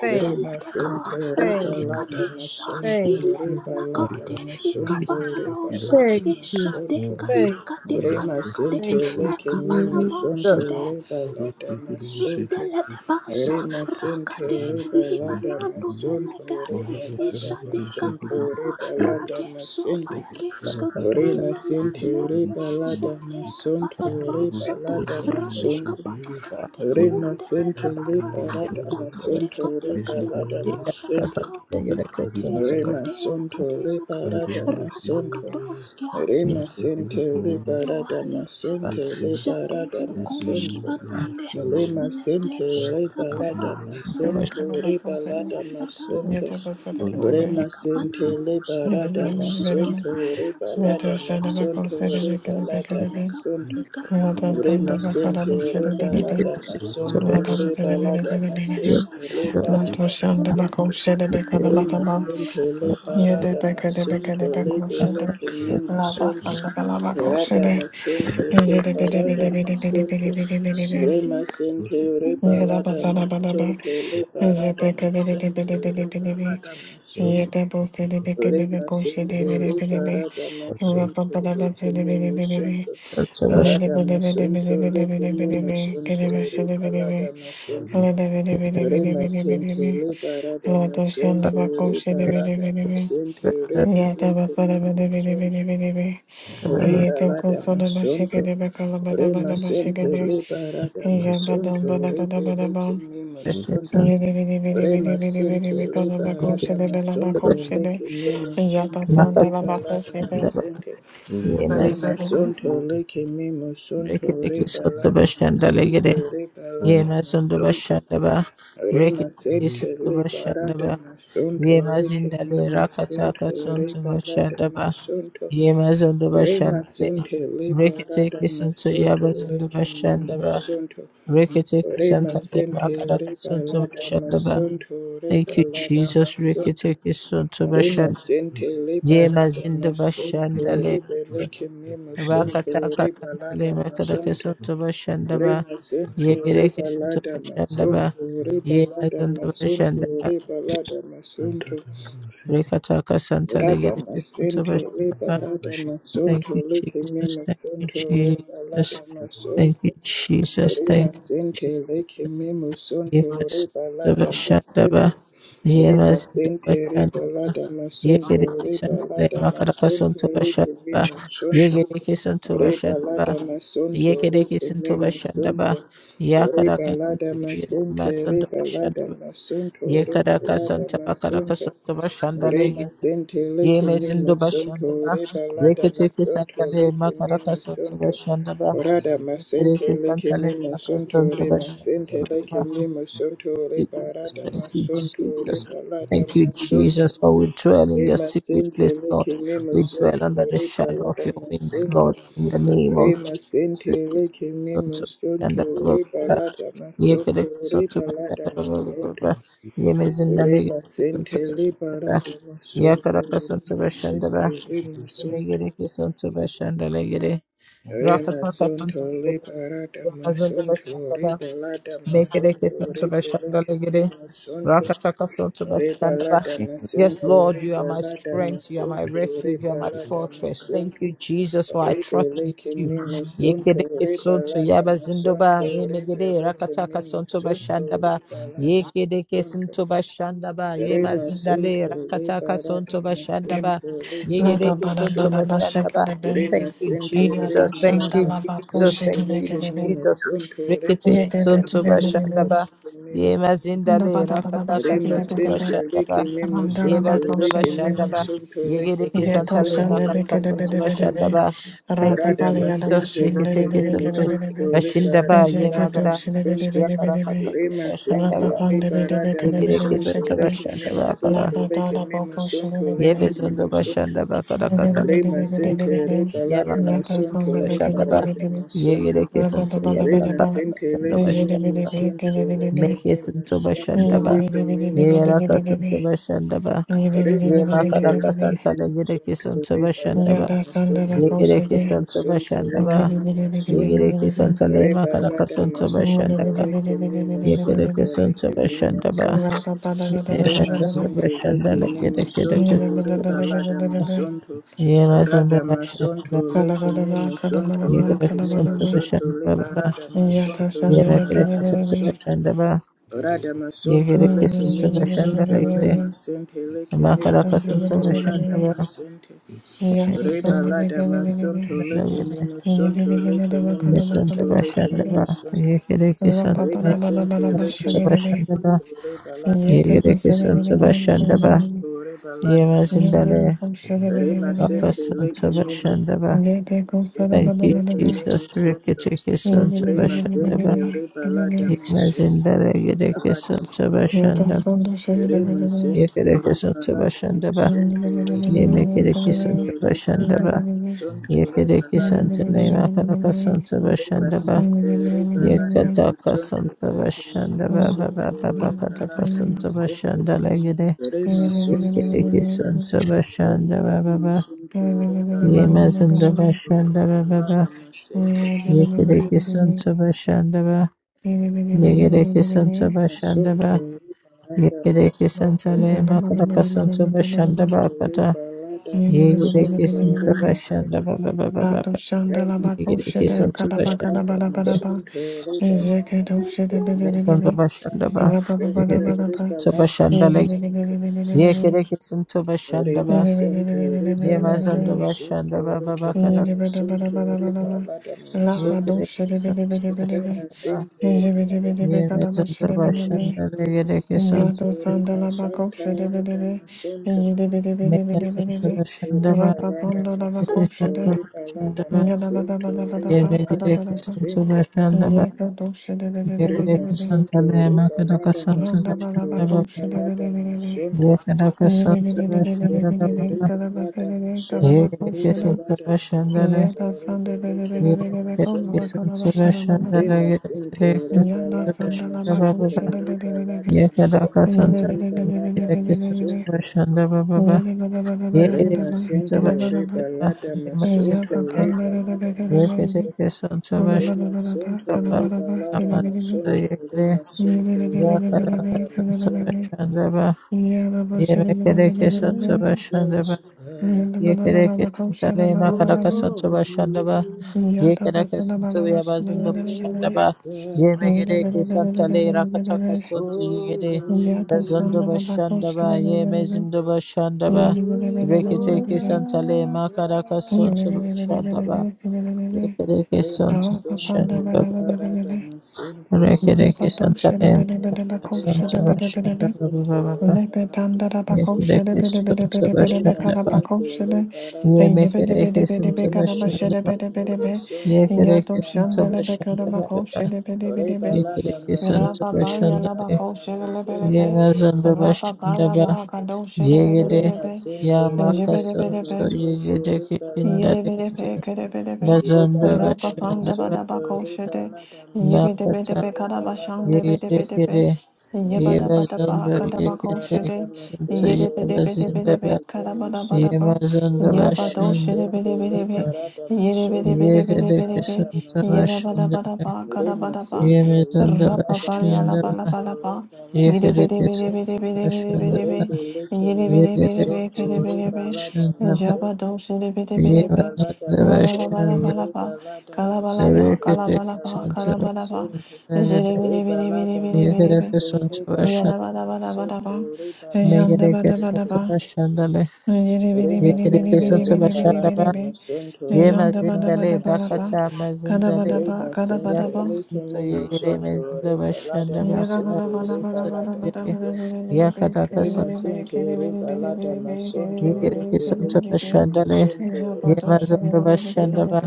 Speaker 2: Thank
Speaker 1: Rema sente reba
Speaker 2: thank you.
Speaker 1: lada
Speaker 4: Radikadesha,
Speaker 1: masonto
Speaker 2: Thank you.
Speaker 1: reba lada
Speaker 4: Ilenanakade,
Speaker 1: masonto reba
Speaker 4: Ikabaradosa,
Speaker 1: lada
Speaker 2: Thank you.
Speaker 1: masonto.
Speaker 4: Ishadeka
Speaker 2: Thank
Speaker 4: Lekade
Speaker 2: you.
Speaker 1: Rema
Speaker 4: Kadekade,
Speaker 1: sente
Speaker 2: Thank you,
Speaker 1: leke me masonto
Speaker 4: Ekabanamashete,
Speaker 1: reba lada masonto.
Speaker 4: Indeletebasa
Speaker 1: Rema sente
Speaker 4: rakate
Speaker 1: reba lada
Speaker 4: libanando
Speaker 1: masonto
Speaker 4: velegate
Speaker 1: reba lada
Speaker 4: ishate
Speaker 1: masonto
Speaker 4: kapayada
Speaker 1: reba lada
Speaker 4: rate
Speaker 1: masente.
Speaker 4: sopayadeska
Speaker 1: Rima sente
Speaker 4: indelelemunde
Speaker 1: riba lada
Speaker 4: jate
Speaker 1: masonto
Speaker 4: kapayada
Speaker 1: riba
Speaker 4: basata
Speaker 1: lada
Speaker 4: rate
Speaker 1: masonto
Speaker 4: kapalakate
Speaker 1: Rima sente
Speaker 4: indeletebara
Speaker 1: riba lada
Speaker 4: adakate
Speaker 1: masonto
Speaker 4: katika
Speaker 1: riba lada
Speaker 4: lakata
Speaker 1: masente
Speaker 4: shatakate lakate
Speaker 1: Rema
Speaker 4: lakate lakate
Speaker 1: Sonto
Speaker 4: lakate
Speaker 1: Liberata Masonto
Speaker 4: ratakatoskia
Speaker 1: Rema Sente
Speaker 4: Oh,
Speaker 1: Liberata
Speaker 4: hallelujah.
Speaker 1: Masente
Speaker 4: Jate
Speaker 1: Liberata
Speaker 4: Lokonski
Speaker 1: Masonto
Speaker 4: Banande.
Speaker 1: Lema Sente
Speaker 4: Lede
Speaker 1: Liberata
Speaker 4: Shatakaba.
Speaker 1: Masonto
Speaker 4: Rakate Konde
Speaker 1: Liberata
Speaker 4: Dadate.
Speaker 1: Masonto
Speaker 4: Indalade
Speaker 1: Rema Sente
Speaker 4: Kabana Mosha.
Speaker 1: Liberata
Speaker 4: Eshe
Speaker 1: Masonto
Speaker 4: Kepana.
Speaker 1: Liberata
Speaker 4: Eka
Speaker 1: Masonto
Speaker 4: Pada Shata.
Speaker 1: Liberata
Speaker 4: Eka
Speaker 1: Masonto
Speaker 4: Malika
Speaker 3: Yede
Speaker 1: Rima
Speaker 4: Banamone.
Speaker 1: sente
Speaker 4: Linde
Speaker 1: reba lada
Speaker 4: Lekoske
Speaker 2: Jesus.
Speaker 1: masonto
Speaker 4: Patisha
Speaker 1: reba
Speaker 4: Teka.
Speaker 1: lada
Speaker 2: Yemazin the Bashandale, Rekete
Speaker 1: masente
Speaker 2: Kisun
Speaker 4: Eshata
Speaker 1: reba
Speaker 4: Yadaba.
Speaker 1: lada
Speaker 4: Rade
Speaker 1: masonto
Speaker 4: Kapana
Speaker 1: Rima
Speaker 4: Maharawa.
Speaker 1: sente reba lada masonto lebe leke me masonto
Speaker 4: Shabanande.
Speaker 1: Rada masente
Speaker 4: Oh,
Speaker 1: reba
Speaker 4: Spirit
Speaker 1: lada
Speaker 4: of God.
Speaker 1: masonto
Speaker 4: Shate.
Speaker 1: Rima sente reba lada masonto reba lada masente reba lada masonto Rima sindele parada masunto leke mimi sunto parada masunto leke mimi sunto ripalada masunto
Speaker 3: Yada bada bada
Speaker 1: Rima sindele parada masunto ripalada masinte ripi leke mimi sunto ripalada
Speaker 3: bashik
Speaker 1: masunto Rima sindele
Speaker 3: the
Speaker 1: parada
Speaker 3: Jabadam
Speaker 1: masunto
Speaker 3: Bada Bada
Speaker 1: ripi
Speaker 3: Bada
Speaker 1: leke
Speaker 3: Bam.
Speaker 1: mimi sunto
Speaker 3: You the
Speaker 1: Rema sente riba lada masonto leke mimo sonto riba
Speaker 2: to
Speaker 1: lada
Speaker 2: Yabazin the
Speaker 1: masente.
Speaker 2: Yemes,
Speaker 1: Rema sonto leke mimo sonto
Speaker 2: Rikikis
Speaker 1: riba
Speaker 2: of the
Speaker 1: lada
Speaker 2: Bashan
Speaker 1: masente
Speaker 2: Delegate,
Speaker 1: riba lada
Speaker 2: Yemes on the
Speaker 1: masonto.
Speaker 2: Bashandaba,
Speaker 1: Rema
Speaker 2: Rikikis of
Speaker 1: sente
Speaker 2: the
Speaker 1: riba lada
Speaker 2: Bashandaba,
Speaker 1: masonto
Speaker 2: Yemes in
Speaker 1: leke
Speaker 2: the
Speaker 1: mimo
Speaker 2: Rakataka
Speaker 1: sonto
Speaker 2: son to
Speaker 1: riba lada
Speaker 2: Bashandaba,
Speaker 1: masonto.
Speaker 2: Yemes on the
Speaker 1: Rema
Speaker 2: Bashandale,
Speaker 1: sente riba lada
Speaker 2: Rikikis into
Speaker 1: masonto
Speaker 2: Yabas on
Speaker 1: leke mimo
Speaker 2: the
Speaker 1: sonto.
Speaker 2: Rikitiki
Speaker 1: Re
Speaker 2: Santa Ema
Speaker 1: masente re
Speaker 2: Kadaka Sunto
Speaker 1: palada
Speaker 2: Shandaba.
Speaker 1: masonto re
Speaker 2: Thank you,
Speaker 1: palada
Speaker 2: Jesus.
Speaker 1: masonto
Speaker 2: Rikitiki Sunto
Speaker 1: re
Speaker 2: Bashan.
Speaker 1: masente re
Speaker 2: Yema
Speaker 1: palada
Speaker 2: Zinda
Speaker 1: masonto re
Speaker 2: Bashandale.
Speaker 1: beleke me masonto
Speaker 2: Rakataka
Speaker 1: re
Speaker 2: Santa
Speaker 1: palada
Speaker 2: Lema Kadaka
Speaker 1: masonto
Speaker 2: Sunto
Speaker 1: re
Speaker 2: Bashandaba.
Speaker 1: masente re
Speaker 2: Yereke Sunto
Speaker 1: palada
Speaker 2: Bashandaba.
Speaker 1: masonto re
Speaker 2: Yema
Speaker 1: palada
Speaker 2: Zinda
Speaker 1: masonto
Speaker 2: Bashandaba.
Speaker 1: re palada masonto
Speaker 2: Rikataka Santa
Speaker 1: Rada
Speaker 2: Legereke Sunto
Speaker 1: masente re
Speaker 2: Bashandaba.
Speaker 1: palada
Speaker 2: Thank
Speaker 1: masonto
Speaker 2: you,
Speaker 1: leke me
Speaker 2: Jesus. Thank you,
Speaker 1: masonto re
Speaker 2: Jesus.
Speaker 1: palada
Speaker 2: Thank you,
Speaker 1: masonto
Speaker 2: Jesus.
Speaker 1: Rima
Speaker 2: Thank
Speaker 1: sente
Speaker 2: you,
Speaker 1: leke
Speaker 2: Jesus.
Speaker 1: memo sonto
Speaker 2: Yekas
Speaker 1: reba
Speaker 2: Sunto
Speaker 1: lada
Speaker 2: Bashandaba.
Speaker 1: masente. Rima
Speaker 2: Yemas
Speaker 1: sente
Speaker 2: Bashanda
Speaker 1: reba lada masonto
Speaker 2: Yekedikation
Speaker 1: reba
Speaker 2: to the
Speaker 1: lada
Speaker 2: Makarakasun
Speaker 1: masonto
Speaker 2: to
Speaker 1: leke
Speaker 2: Bashandaba
Speaker 1: memo sonto.
Speaker 2: Yegedikation to
Speaker 1: Reba lada
Speaker 2: Bashandaba
Speaker 1: masonto leke
Speaker 2: Yekedikation to
Speaker 1: memo
Speaker 2: Bashandaba
Speaker 1: sonto. Reba
Speaker 2: Yakarakasun
Speaker 1: lada
Speaker 2: to
Speaker 1: masente
Speaker 2: Yematun to
Speaker 1: reba lada
Speaker 2: Bashandaba
Speaker 1: masonto reba
Speaker 2: Yekarakasan
Speaker 1: lada
Speaker 2: to
Speaker 1: masonto.
Speaker 2: Bakarakasun to Bashandale
Speaker 1: Rema sente leke meme
Speaker 2: Yemezin to
Speaker 1: masonto
Speaker 2: Bashandaba
Speaker 1: reba lada
Speaker 2: Yekedikation
Speaker 1: masonto
Speaker 2: to the
Speaker 1: leke meme
Speaker 2: Makarakasun to
Speaker 1: masonto
Speaker 2: Bashandaba
Speaker 1: rada masente
Speaker 2: Yekedikation
Speaker 1: leke
Speaker 2: to the
Speaker 1: meme masonto
Speaker 2: Karakasun to
Speaker 1: rema sente leke
Speaker 2: Bashandaba
Speaker 1: meme masonto reba
Speaker 2: Jesus.
Speaker 1: rada
Speaker 2: Thank you,
Speaker 1: masonto
Speaker 2: Jesus.
Speaker 1: reba lada
Speaker 2: Thank you,
Speaker 1: masonto
Speaker 2: Jesus. For we dwell in your
Speaker 1: rema
Speaker 2: secret
Speaker 1: sente
Speaker 2: place, Lord.
Speaker 1: leke meme
Speaker 2: We dwell
Speaker 1: sonto
Speaker 2: under the
Speaker 1: reba
Speaker 2: shadow of
Speaker 1: lada
Speaker 2: your wings,
Speaker 1: masonto
Speaker 2: Lord. In the name of
Speaker 1: rema
Speaker 2: Jesus. we
Speaker 1: sente
Speaker 2: get
Speaker 1: leke meme
Speaker 2: unto and
Speaker 1: sonto
Speaker 2: the Lord.
Speaker 1: reba lada
Speaker 2: Ye
Speaker 1: masonto
Speaker 2: kere kisun to
Speaker 1: reba
Speaker 2: me and
Speaker 1: lada masonto
Speaker 2: Ye me
Speaker 1: Rima
Speaker 2: kisun
Speaker 1: sente
Speaker 2: to me
Speaker 1: libera
Speaker 2: shandala.
Speaker 1: de
Speaker 2: Ye
Speaker 1: masunto,
Speaker 2: kere kisun to me
Speaker 1: rima
Speaker 2: shandala.
Speaker 1: sente lima
Speaker 2: Ye me
Speaker 1: sunto,
Speaker 2: kisun to me shandala gere.
Speaker 1: rima
Speaker 2: Rakataka
Speaker 1: sunto
Speaker 2: santale gere.
Speaker 1: libera de
Speaker 2: Ye mazundu me
Speaker 1: masunto,
Speaker 2: shandala.
Speaker 1: ribela de
Speaker 2: Make it a
Speaker 1: masunto,
Speaker 2: kitten to my
Speaker 1: ribela que
Speaker 2: shandalagede.
Speaker 1: lima sunto,
Speaker 2: Rakataka son to my
Speaker 1: ribela
Speaker 2: shandaba.
Speaker 1: de masunto,
Speaker 2: Yes, Lord, you are my
Speaker 1: ribela de
Speaker 2: strength, you are my
Speaker 1: masunto,
Speaker 2: refuge, you are my
Speaker 1: ribela de
Speaker 2: fortress. Thank
Speaker 1: masunto,
Speaker 2: you, Jesus, for I trust
Speaker 1: ribela
Speaker 2: in
Speaker 1: que
Speaker 2: you.
Speaker 1: lima sunto,
Speaker 2: Yekedeke sonto
Speaker 1: ribela
Speaker 2: yaba
Speaker 1: de masunto,
Speaker 2: zindoba, emegede
Speaker 1: ribela que
Speaker 2: rakataka
Speaker 1: lima
Speaker 2: sonto
Speaker 1: sunto,
Speaker 2: bashandaba,
Speaker 1: ribela de
Speaker 2: yekedeke
Speaker 1: masunto.
Speaker 2: sinto bashandaba, yema
Speaker 1: Rema
Speaker 2: zindale
Speaker 1: sente le
Speaker 2: rakataka
Speaker 1: barata
Speaker 2: sonto bashandaba,
Speaker 1: masente le ke mo
Speaker 2: yegedeke sonto
Speaker 1: masonto.
Speaker 2: bashandaba.
Speaker 3: baby,
Speaker 1: Rema
Speaker 2: Thank you,
Speaker 1: sente
Speaker 3: and
Speaker 1: le
Speaker 3: yada
Speaker 2: Jesus. Thank
Speaker 3: shanda
Speaker 1: malata
Speaker 2: you,
Speaker 3: lava
Speaker 2: Jesus.
Speaker 1: masonto
Speaker 3: pushing
Speaker 2: Thank
Speaker 3: the
Speaker 1: le ke
Speaker 2: you,
Speaker 3: baby.
Speaker 1: mo
Speaker 3: baby.
Speaker 2: Jesus.
Speaker 1: masonto. Re
Speaker 3: Da
Speaker 2: Rekete
Speaker 3: da
Speaker 1: balata
Speaker 3: da
Speaker 2: sonto
Speaker 3: Da
Speaker 1: masente
Speaker 2: bashandaba,
Speaker 1: le ke mo
Speaker 2: yema
Speaker 1: masonto.
Speaker 3: da ba
Speaker 2: zindale
Speaker 3: da ba da ba
Speaker 2: rakataka
Speaker 3: shiki
Speaker 1: Rema
Speaker 3: debe
Speaker 2: sonto
Speaker 1: sente
Speaker 3: debe.
Speaker 1: le
Speaker 2: bashandaba.
Speaker 1: ke mo
Speaker 3: Ram da la
Speaker 1: masonto
Speaker 3: ba ko
Speaker 2: Yebazundo
Speaker 1: le
Speaker 3: shi
Speaker 1: ke
Speaker 3: debe
Speaker 1: mo
Speaker 3: debe.
Speaker 2: bashandaba.
Speaker 1: masonto
Speaker 2: Yegereke
Speaker 3: Ye to
Speaker 2: santale
Speaker 3: shan debe
Speaker 2: emakaka
Speaker 3: ke debe
Speaker 2: sonto
Speaker 3: debe debe.
Speaker 2: bashandaba.
Speaker 3: Ra
Speaker 2: Thank
Speaker 3: pa
Speaker 2: you,
Speaker 1: Brada
Speaker 3: pa li ya da ba.
Speaker 2: Jesus.
Speaker 1: masente
Speaker 3: shan
Speaker 2: Rekete
Speaker 3: debe
Speaker 1: lekende
Speaker 3: debe ke
Speaker 2: kesanto.
Speaker 3: debe
Speaker 1: musuntu
Speaker 3: debe.
Speaker 1: lebara
Speaker 2: Bashindaba
Speaker 3: E je ke
Speaker 1: brada
Speaker 3: to
Speaker 2: yemagada.
Speaker 3: shi debe
Speaker 1: musuntu
Speaker 3: debe debe
Speaker 2: Yakaraka
Speaker 3: debe.
Speaker 2: sonto
Speaker 1: rema
Speaker 3: Ra
Speaker 1: sente
Speaker 3: pa
Speaker 2: bashandaba.
Speaker 3: pa debe debe
Speaker 1: lebarada
Speaker 3: ke debe debe
Speaker 2: Yegereke
Speaker 1: musuntu
Speaker 2: sonto
Speaker 3: shiki de.
Speaker 1: lekende
Speaker 2: bashandaba
Speaker 3: La
Speaker 1: musuntu
Speaker 2: kada.
Speaker 3: ba da da
Speaker 1: lekende
Speaker 3: ba ko shi
Speaker 1: musuntu
Speaker 3: debe debe.
Speaker 1: lekende
Speaker 2: Yebezundo
Speaker 1: musuntu
Speaker 2: bashandaba kada
Speaker 3: Ye debe
Speaker 2: kasanta.
Speaker 3: debe
Speaker 1: rema
Speaker 3: debe
Speaker 1: sente
Speaker 3: debe debe.
Speaker 1: lebarada
Speaker 2: Yamakara
Speaker 3: Ya ta
Speaker 1: musuntu
Speaker 3: shan
Speaker 2: sonto
Speaker 3: debe ke
Speaker 2: bashandaba.
Speaker 3: debe
Speaker 1: lebarada
Speaker 3: debe.
Speaker 1: musuntu
Speaker 2: Yegereke
Speaker 3: Ra ba ba
Speaker 2: sonto
Speaker 3: ba la ba da
Speaker 1: rema
Speaker 2: yakaraka
Speaker 3: ba.
Speaker 1: sente
Speaker 2: bazundo
Speaker 1: lekende
Speaker 2: bashandaba.
Speaker 1: musuntu
Speaker 3: Rabba
Speaker 2: Meke
Speaker 1: lekende
Speaker 2: sonto
Speaker 3: Yeah,
Speaker 1: musuntu
Speaker 2: bashandaba.
Speaker 1: lekende
Speaker 2: Yegeraka
Speaker 1: musuntu
Speaker 2: sonto bashandaba.
Speaker 1: Ore
Speaker 2: Yema
Speaker 1: masente
Speaker 2: karaka
Speaker 1: leke
Speaker 2: santa
Speaker 1: ne
Speaker 2: legere
Speaker 1: masonto
Speaker 2: kisun
Speaker 1: re
Speaker 2: tuba
Speaker 1: balada
Speaker 2: shandaba.
Speaker 1: masonto
Speaker 2: Yegere
Speaker 1: leke ne
Speaker 2: kisun tuba
Speaker 1: masonto leke
Speaker 2: shandaba.
Speaker 1: ne masonto
Speaker 2: Yegere kisun
Speaker 1: re
Speaker 2: talema karaka
Speaker 1: balada
Speaker 2: sun tuba
Speaker 1: masonto
Speaker 2: shandaba.
Speaker 1: leke ne
Speaker 2: Yegere
Speaker 1: masonto
Speaker 2: kisun
Speaker 1: leke
Speaker 2: tuba
Speaker 1: ne
Speaker 2: shandaba.
Speaker 1: masonto re
Speaker 2: Yema zandaba
Speaker 1: masente leke
Speaker 2: shandala
Speaker 1: ne
Speaker 2: yegere kede
Speaker 1: masonto
Speaker 2: kisun
Speaker 1: re
Speaker 2: tuba
Speaker 1: balada
Speaker 2: shandaba.
Speaker 1: masonto
Speaker 2: Yema
Speaker 1: rada
Speaker 2: zandaba
Speaker 1: masonto
Speaker 2: shandaba.
Speaker 1: leke ne masonto
Speaker 2: Yegere
Speaker 1: leke ne
Speaker 2: kisun tuba
Speaker 1: masonto le
Speaker 2: shandaba baba.
Speaker 1: balada masonto le
Speaker 2: Yema kere
Speaker 1: balada
Speaker 2: kisun tuba
Speaker 1: masonto
Speaker 2: shandaba.
Speaker 1: Rada masonto
Speaker 2: Yegere
Speaker 1: leke
Speaker 2: kisun
Speaker 1: me
Speaker 2: tuba
Speaker 1: masonto
Speaker 2: shandala
Speaker 1: le
Speaker 2: yegere.
Speaker 1: masente leke
Speaker 2: Yema
Speaker 1: me
Speaker 2: karaka sun
Speaker 1: masonto
Speaker 2: tuba shandaba.
Speaker 1: masente
Speaker 2: Yegere kisun tuba
Speaker 1: reba lada masonto
Speaker 2: shandala
Speaker 1: leke
Speaker 2: yegere.
Speaker 1: me leke me
Speaker 2: Alexandra
Speaker 1: leke me
Speaker 2: Shandava,
Speaker 1: masonto
Speaker 2: Yegereke
Speaker 3: Yada bada
Speaker 1: re
Speaker 2: Shandava,
Speaker 3: bada bada
Speaker 1: masente leke me
Speaker 3: bada
Speaker 2: Santava Shandava,
Speaker 1: reba lada
Speaker 2: Yegereke
Speaker 1: leke
Speaker 2: Santava
Speaker 1: me
Speaker 2: Shandava,
Speaker 1: reba lada masonto
Speaker 2: Yemazindale,
Speaker 1: re
Speaker 2: Raka
Speaker 1: masente leke
Speaker 2: Santava
Speaker 1: me
Speaker 2: Shandava.
Speaker 1: masonto re masente
Speaker 2: Thank you,
Speaker 1: leke me
Speaker 2: Jesus, Rikiteke Santava
Speaker 1: Rema sente
Speaker 2: Shandava,
Speaker 1: reba lada masonto
Speaker 2: Yemazindale,
Speaker 1: reba
Speaker 2: Yegereke
Speaker 1: lada
Speaker 2: Santava
Speaker 1: masonto
Speaker 2: Shandava,
Speaker 1: rema sente
Speaker 2: Yegereke
Speaker 1: reba
Speaker 2: Santava
Speaker 1: lada
Speaker 2: Shandava,
Speaker 1: masonto leke ne
Speaker 2: Yemegereke
Speaker 1: masonto
Speaker 2: Santava
Speaker 1: reba lada
Speaker 2: Shandava,
Speaker 1: masonto reba
Speaker 2: Yegereke
Speaker 1: lada
Speaker 2: Santane,
Speaker 1: masonto
Speaker 2: Makaraka
Speaker 1: rema
Speaker 2: Santava
Speaker 1: sente reba lada
Speaker 2: Yekataka
Speaker 1: masonto
Speaker 2: Santa
Speaker 1: leke ne
Speaker 2: Vashanda Baba
Speaker 1: masonto
Speaker 2: Baba
Speaker 1: reba
Speaker 2: Bakataka
Speaker 1: lada
Speaker 2: Santa
Speaker 1: masonto
Speaker 2: Vashanda Legede
Speaker 1: rema sonto
Speaker 2: Yekateki
Speaker 1: reba
Speaker 2: Santa
Speaker 1: sente leke
Speaker 2: Vashanda
Speaker 1: ne
Speaker 2: Baba Baba
Speaker 1: masonto reba lada
Speaker 3: bada bada
Speaker 2: Yemazanda
Speaker 3: bada.
Speaker 1: masonto
Speaker 2: Vashanda
Speaker 1: reba
Speaker 2: Baba
Speaker 1: lada
Speaker 2: Baba
Speaker 3: Thank you.
Speaker 1: masonto
Speaker 2: Yekateki
Speaker 1: Rema
Speaker 2: Santa Vashanda Baba Yekateki Santa Vashanda
Speaker 1: Masunto
Speaker 2: Baba
Speaker 1: Ribalada
Speaker 2: Yekateki Santa
Speaker 1: Masunto
Speaker 2: Lema Kataka
Speaker 1: Ribalada
Speaker 2: Santa Vashanda
Speaker 1: Masunto
Speaker 2: Bakata
Speaker 1: Ribalada
Speaker 2: Yekateki
Speaker 1: Masunto
Speaker 2: Santa
Speaker 1: Rimase
Speaker 2: Vashanda Baba Baba Baba
Speaker 1: Remasente
Speaker 2: Yekateki Santa Vashanda
Speaker 1: Ribalada
Speaker 2: Baba
Speaker 1: Masunto Ribalada Masunto
Speaker 2: Yemazanda
Speaker 1: Ribalada
Speaker 2: Vashanda Baba
Speaker 1: Masunto
Speaker 2: Yekateki Santa
Speaker 1: Ribalada
Speaker 2: Vashanda
Speaker 1: Masunto
Speaker 2: Ye kereke sunto bashanda ba.
Speaker 1: Remasente
Speaker 2: Ye
Speaker 1: Ribalada
Speaker 2: mazando bashanda
Speaker 1: Masunto
Speaker 2: ba baba
Speaker 1: Lekine
Speaker 2: kada.
Speaker 1: Masunto Ribalada
Speaker 2: Ye
Speaker 1: Masunto
Speaker 2: kereke sunto
Speaker 1: Rema
Speaker 2: bashanda ba.
Speaker 1: sente rima rada
Speaker 2: Ye mazando
Speaker 1: masonto rima
Speaker 2: bashanda ba. Ye
Speaker 1: rada
Speaker 2: kereke
Speaker 1: masonto
Speaker 2: sunto
Speaker 3: Yado
Speaker 1: rima
Speaker 2: bashanda
Speaker 3: sandala bako
Speaker 1: santa
Speaker 3: shede bede
Speaker 1: rada
Speaker 3: be,
Speaker 1: masonto
Speaker 3: yede bede bede
Speaker 2: Meke
Speaker 3: bede
Speaker 1: rima
Speaker 3: bede
Speaker 2: sunto
Speaker 3: be,
Speaker 1: sonto
Speaker 2: bashanda ba.
Speaker 1: rima
Speaker 3: rapa
Speaker 2: Ye
Speaker 1: rada
Speaker 3: pondo la
Speaker 2: kereke
Speaker 3: bako
Speaker 1: masonto
Speaker 2: sunto
Speaker 3: shede,
Speaker 1: rima
Speaker 2: bashanda
Speaker 1: rada
Speaker 2: ba.
Speaker 3: yada bada
Speaker 1: masonto
Speaker 3: bada bada
Speaker 2: Ye
Speaker 1: rima
Speaker 3: ba, kada
Speaker 1: rada
Speaker 2: kereke
Speaker 3: bada ba,
Speaker 2: sunto
Speaker 1: masente
Speaker 2: bashanda ba.
Speaker 3: ye kato shede bede
Speaker 2: Ye
Speaker 3: bede
Speaker 1: rima
Speaker 2: kereke
Speaker 3: bede be,
Speaker 2: sunto
Speaker 1: sonto
Speaker 2: le
Speaker 1: rima
Speaker 2: makada ka
Speaker 1: rada
Speaker 2: sunto
Speaker 3: randa bala
Speaker 1: masonto
Speaker 2: bashanda ba.
Speaker 3: bako
Speaker 1: rima
Speaker 3: shede
Speaker 1: rada
Speaker 3: bede bede be,
Speaker 1: masonto
Speaker 2: Ye kada ka
Speaker 3: yede
Speaker 2: sunto
Speaker 3: bede
Speaker 1: rima
Speaker 3: bede bede
Speaker 2: bashanda
Speaker 1: sente
Speaker 3: bede be,
Speaker 2: ba.
Speaker 1: rima
Speaker 3: kada
Speaker 1: rada
Speaker 3: bada be, kada
Speaker 2: Ye
Speaker 1: masonto
Speaker 3: bako
Speaker 2: kereke
Speaker 1: rima
Speaker 3: shede,
Speaker 2: sunto
Speaker 1: rada masonto
Speaker 2: bashanda
Speaker 3: yada
Speaker 1: rima
Speaker 3: sande bede
Speaker 1: leke
Speaker 3: bede bede
Speaker 1: rima
Speaker 3: be, kona
Speaker 1: sonto
Speaker 3: bako la bashada bada ba,
Speaker 1: Rima sente reba
Speaker 3: yada
Speaker 1: lada
Speaker 3: sandala bako
Speaker 1: masunto
Speaker 3: shede bede
Speaker 1: reba
Speaker 3: bede
Speaker 1: lada
Speaker 3: be,
Speaker 1: masunto
Speaker 3: yede bede
Speaker 1: reba
Speaker 3: bede bede
Speaker 1: lada
Speaker 3: bede bede be,
Speaker 1: masunto
Speaker 3: Yeah,
Speaker 1: Rima sente reba lada masunto reba lada masunto Rima sunto reba lada masunto Rima sunto reba lada masunto Jesus, uh,
Speaker 2: Ye kereke santale ma
Speaker 1: oh,
Speaker 2: karaka santo
Speaker 1: you,
Speaker 2: Ye kereke suntu ya bazinda bashanda ba ye
Speaker 1: the
Speaker 2: megere ke santale rakata kasuntu
Speaker 1: Lord,
Speaker 2: yigere
Speaker 1: uh,
Speaker 2: bazondo
Speaker 1: oh,
Speaker 2: bashanda ba ye mezindo bashanda ba
Speaker 1: Glory,
Speaker 2: rekete
Speaker 1: glory,
Speaker 2: ke santale makara kasuntu bashanda ba ye kereke
Speaker 3: Rabba
Speaker 2: suntu
Speaker 1: Remason
Speaker 2: bashanda ba
Speaker 1: fully parada, masin heri
Speaker 2: rekete ke
Speaker 1: parada,
Speaker 2: santale makara
Speaker 1: mason fully
Speaker 2: suntu
Speaker 1: parada,
Speaker 2: bashanda ba
Speaker 1: masin
Speaker 2: ba ba ba ba.
Speaker 1: heri parada,
Speaker 2: ye
Speaker 1: mason
Speaker 2: kereke suntu bashanda ba
Speaker 1: Remason fully
Speaker 2: ye
Speaker 1: parada,
Speaker 2: megere
Speaker 1: mason
Speaker 2: ke suntu
Speaker 1: heri
Speaker 2: bashanda
Speaker 1: parada,
Speaker 2: ba
Speaker 1: mason
Speaker 2: ye kereke
Speaker 1: heri
Speaker 2: suntu
Speaker 1: parada,
Speaker 2: bashanda
Speaker 1: mason
Speaker 2: ba
Speaker 1: heri parada,
Speaker 2: Yekereke
Speaker 1: mason
Speaker 2: Santa
Speaker 1: heri
Speaker 2: Bashandabe,
Speaker 1: parada, mason heri
Speaker 2: Yemazanda
Speaker 1: parada,
Speaker 2: Bashandaba,
Speaker 1: mason
Speaker 2: Yegede,
Speaker 1: Rema sente
Speaker 2: Yamaka
Speaker 1: leke mema
Speaker 2: Santo
Speaker 1: sunto
Speaker 2: Yegede
Speaker 1: riba lada
Speaker 2: Kitindade,
Speaker 1: masente
Speaker 3: Yedebedebe,
Speaker 1: riba
Speaker 2: Bazanda
Speaker 3: Rapa
Speaker 1: lada
Speaker 3: Panda
Speaker 2: Bashandaba,
Speaker 1: masonto
Speaker 3: Badabako
Speaker 1: riba
Speaker 3: Shede,
Speaker 1: lada masonto
Speaker 2: Makata,
Speaker 3: Yebedebedebe
Speaker 1: riba lada
Speaker 3: Kadabashan
Speaker 2: Yegede
Speaker 1: masente
Speaker 3: Debedebedebe,
Speaker 2: Kede,
Speaker 1: rema
Speaker 3: Yebadabadaba
Speaker 2: Yemazanda
Speaker 1: sonto riba
Speaker 3: Kadabako
Speaker 2: Yekete
Speaker 1: lada
Speaker 3: Shede,
Speaker 2: Santo
Speaker 1: masente riba
Speaker 2: Yabazindaba,
Speaker 1: leke
Speaker 3: Yedebedebedebe
Speaker 1: mema sunto
Speaker 3: Kadabadabadaba,
Speaker 2: Yemazanda
Speaker 1: rada
Speaker 3: Yabado
Speaker 2: Bashandaba,
Speaker 1: masente riba
Speaker 3: Shedebedebedebe,
Speaker 1: lada masonto
Speaker 2: Yegede
Speaker 1: riba
Speaker 3: Yedebedebedebedebe,
Speaker 1: lada
Speaker 2: Santa
Speaker 1: masente
Speaker 2: Bashandaba,
Speaker 3: Yedabadabadaba
Speaker 1: rema
Speaker 3: Kadabadaba,
Speaker 1: sente
Speaker 2: Yemazanda
Speaker 1: riba
Speaker 3: Rapa
Speaker 1: lada
Speaker 2: Bashandaba,
Speaker 1: masonto
Speaker 3: Balia
Speaker 1: riba lada
Speaker 3: Yiri biri
Speaker 2: Yegereye
Speaker 3: biri biri
Speaker 2: Santa
Speaker 1: masonto
Speaker 3: biri biri biri
Speaker 1: Ore
Speaker 3: bi.
Speaker 2: Bashandaba,
Speaker 1: bele
Speaker 3: Yiri
Speaker 1: kene
Speaker 3: biri biri
Speaker 2: Yegereye
Speaker 3: biri
Speaker 1: masonto,
Speaker 3: biri
Speaker 1: re
Speaker 3: biri
Speaker 2: Santa
Speaker 3: bi.
Speaker 1: balada
Speaker 2: Bashandaba,
Speaker 1: mason
Speaker 3: Jaba dos yiri biri
Speaker 1: re
Speaker 3: biri bi.
Speaker 1: balada
Speaker 2: Yebazanda
Speaker 3: Laba
Speaker 1: mason
Speaker 3: laba laba
Speaker 2: Bashandaba,
Speaker 1: re
Speaker 3: laba.
Speaker 1: balada
Speaker 3: Kalaba
Speaker 1: mason
Speaker 3: laba kalaba
Speaker 1: re
Speaker 2: Yegereye
Speaker 3: laba
Speaker 1: balada
Speaker 2: Santa
Speaker 3: kalaba laba.
Speaker 2: Bashandaba,
Speaker 1: mason
Speaker 3: Jiri biri
Speaker 1: re
Speaker 3: biri biri
Speaker 1: balada
Speaker 3: biri biri
Speaker 1: mason
Speaker 3: bi.
Speaker 2: Yegereye Santa
Speaker 1: re
Speaker 3: Yada
Speaker 2: Bashandaba,
Speaker 1: balada
Speaker 3: bada bada bada
Speaker 1: mason
Speaker 3: ba.
Speaker 1: re balada
Speaker 3: Janda bada
Speaker 2: Megereye
Speaker 1: mason
Speaker 3: bada
Speaker 2: Santa
Speaker 3: ba.
Speaker 2: Bashandaba,
Speaker 3: Yiri
Speaker 1: re
Speaker 3: biri biri biri
Speaker 2: Yegereye
Speaker 1: masente,
Speaker 3: biri
Speaker 2: Santa
Speaker 1: re
Speaker 3: biri biri
Speaker 1: balada
Speaker 3: biri
Speaker 2: Bashandaba,
Speaker 3: bi.
Speaker 1: mason re
Speaker 3: Janda bada
Speaker 1: balada
Speaker 2: Yemazindale,
Speaker 3: bada bada ba.
Speaker 1: mason
Speaker 2: Bakata
Speaker 3: Kada
Speaker 2: Mazindale,
Speaker 3: bada
Speaker 1: Re
Speaker 3: ba kada bada
Speaker 1: masente,
Speaker 3: ba.
Speaker 1: le
Speaker 2: Yakasinta
Speaker 1: kene
Speaker 2: Yegere
Speaker 1: masonto,
Speaker 2: Mazinda
Speaker 1: re balada
Speaker 2: Bashandaba,
Speaker 3: Yedi bidi
Speaker 1: mason
Speaker 3: bidi
Speaker 2: Kadaka
Speaker 3: bidi
Speaker 1: re
Speaker 3: bidi.
Speaker 2: Santa
Speaker 1: balada
Speaker 2: Yegere,
Speaker 1: masente.
Speaker 3: Yedi
Speaker 2: Yakadaka
Speaker 1: Rima
Speaker 2: Santa
Speaker 1: sente riba lada masonto
Speaker 2: Yegereye
Speaker 1: ribe
Speaker 2: Santa
Speaker 1: leki ni
Speaker 2: Bashandale,
Speaker 1: masonto riba
Speaker 2: Yemazanda
Speaker 1: lada
Speaker 2: bashanda
Speaker 1: masente
Speaker 2: ba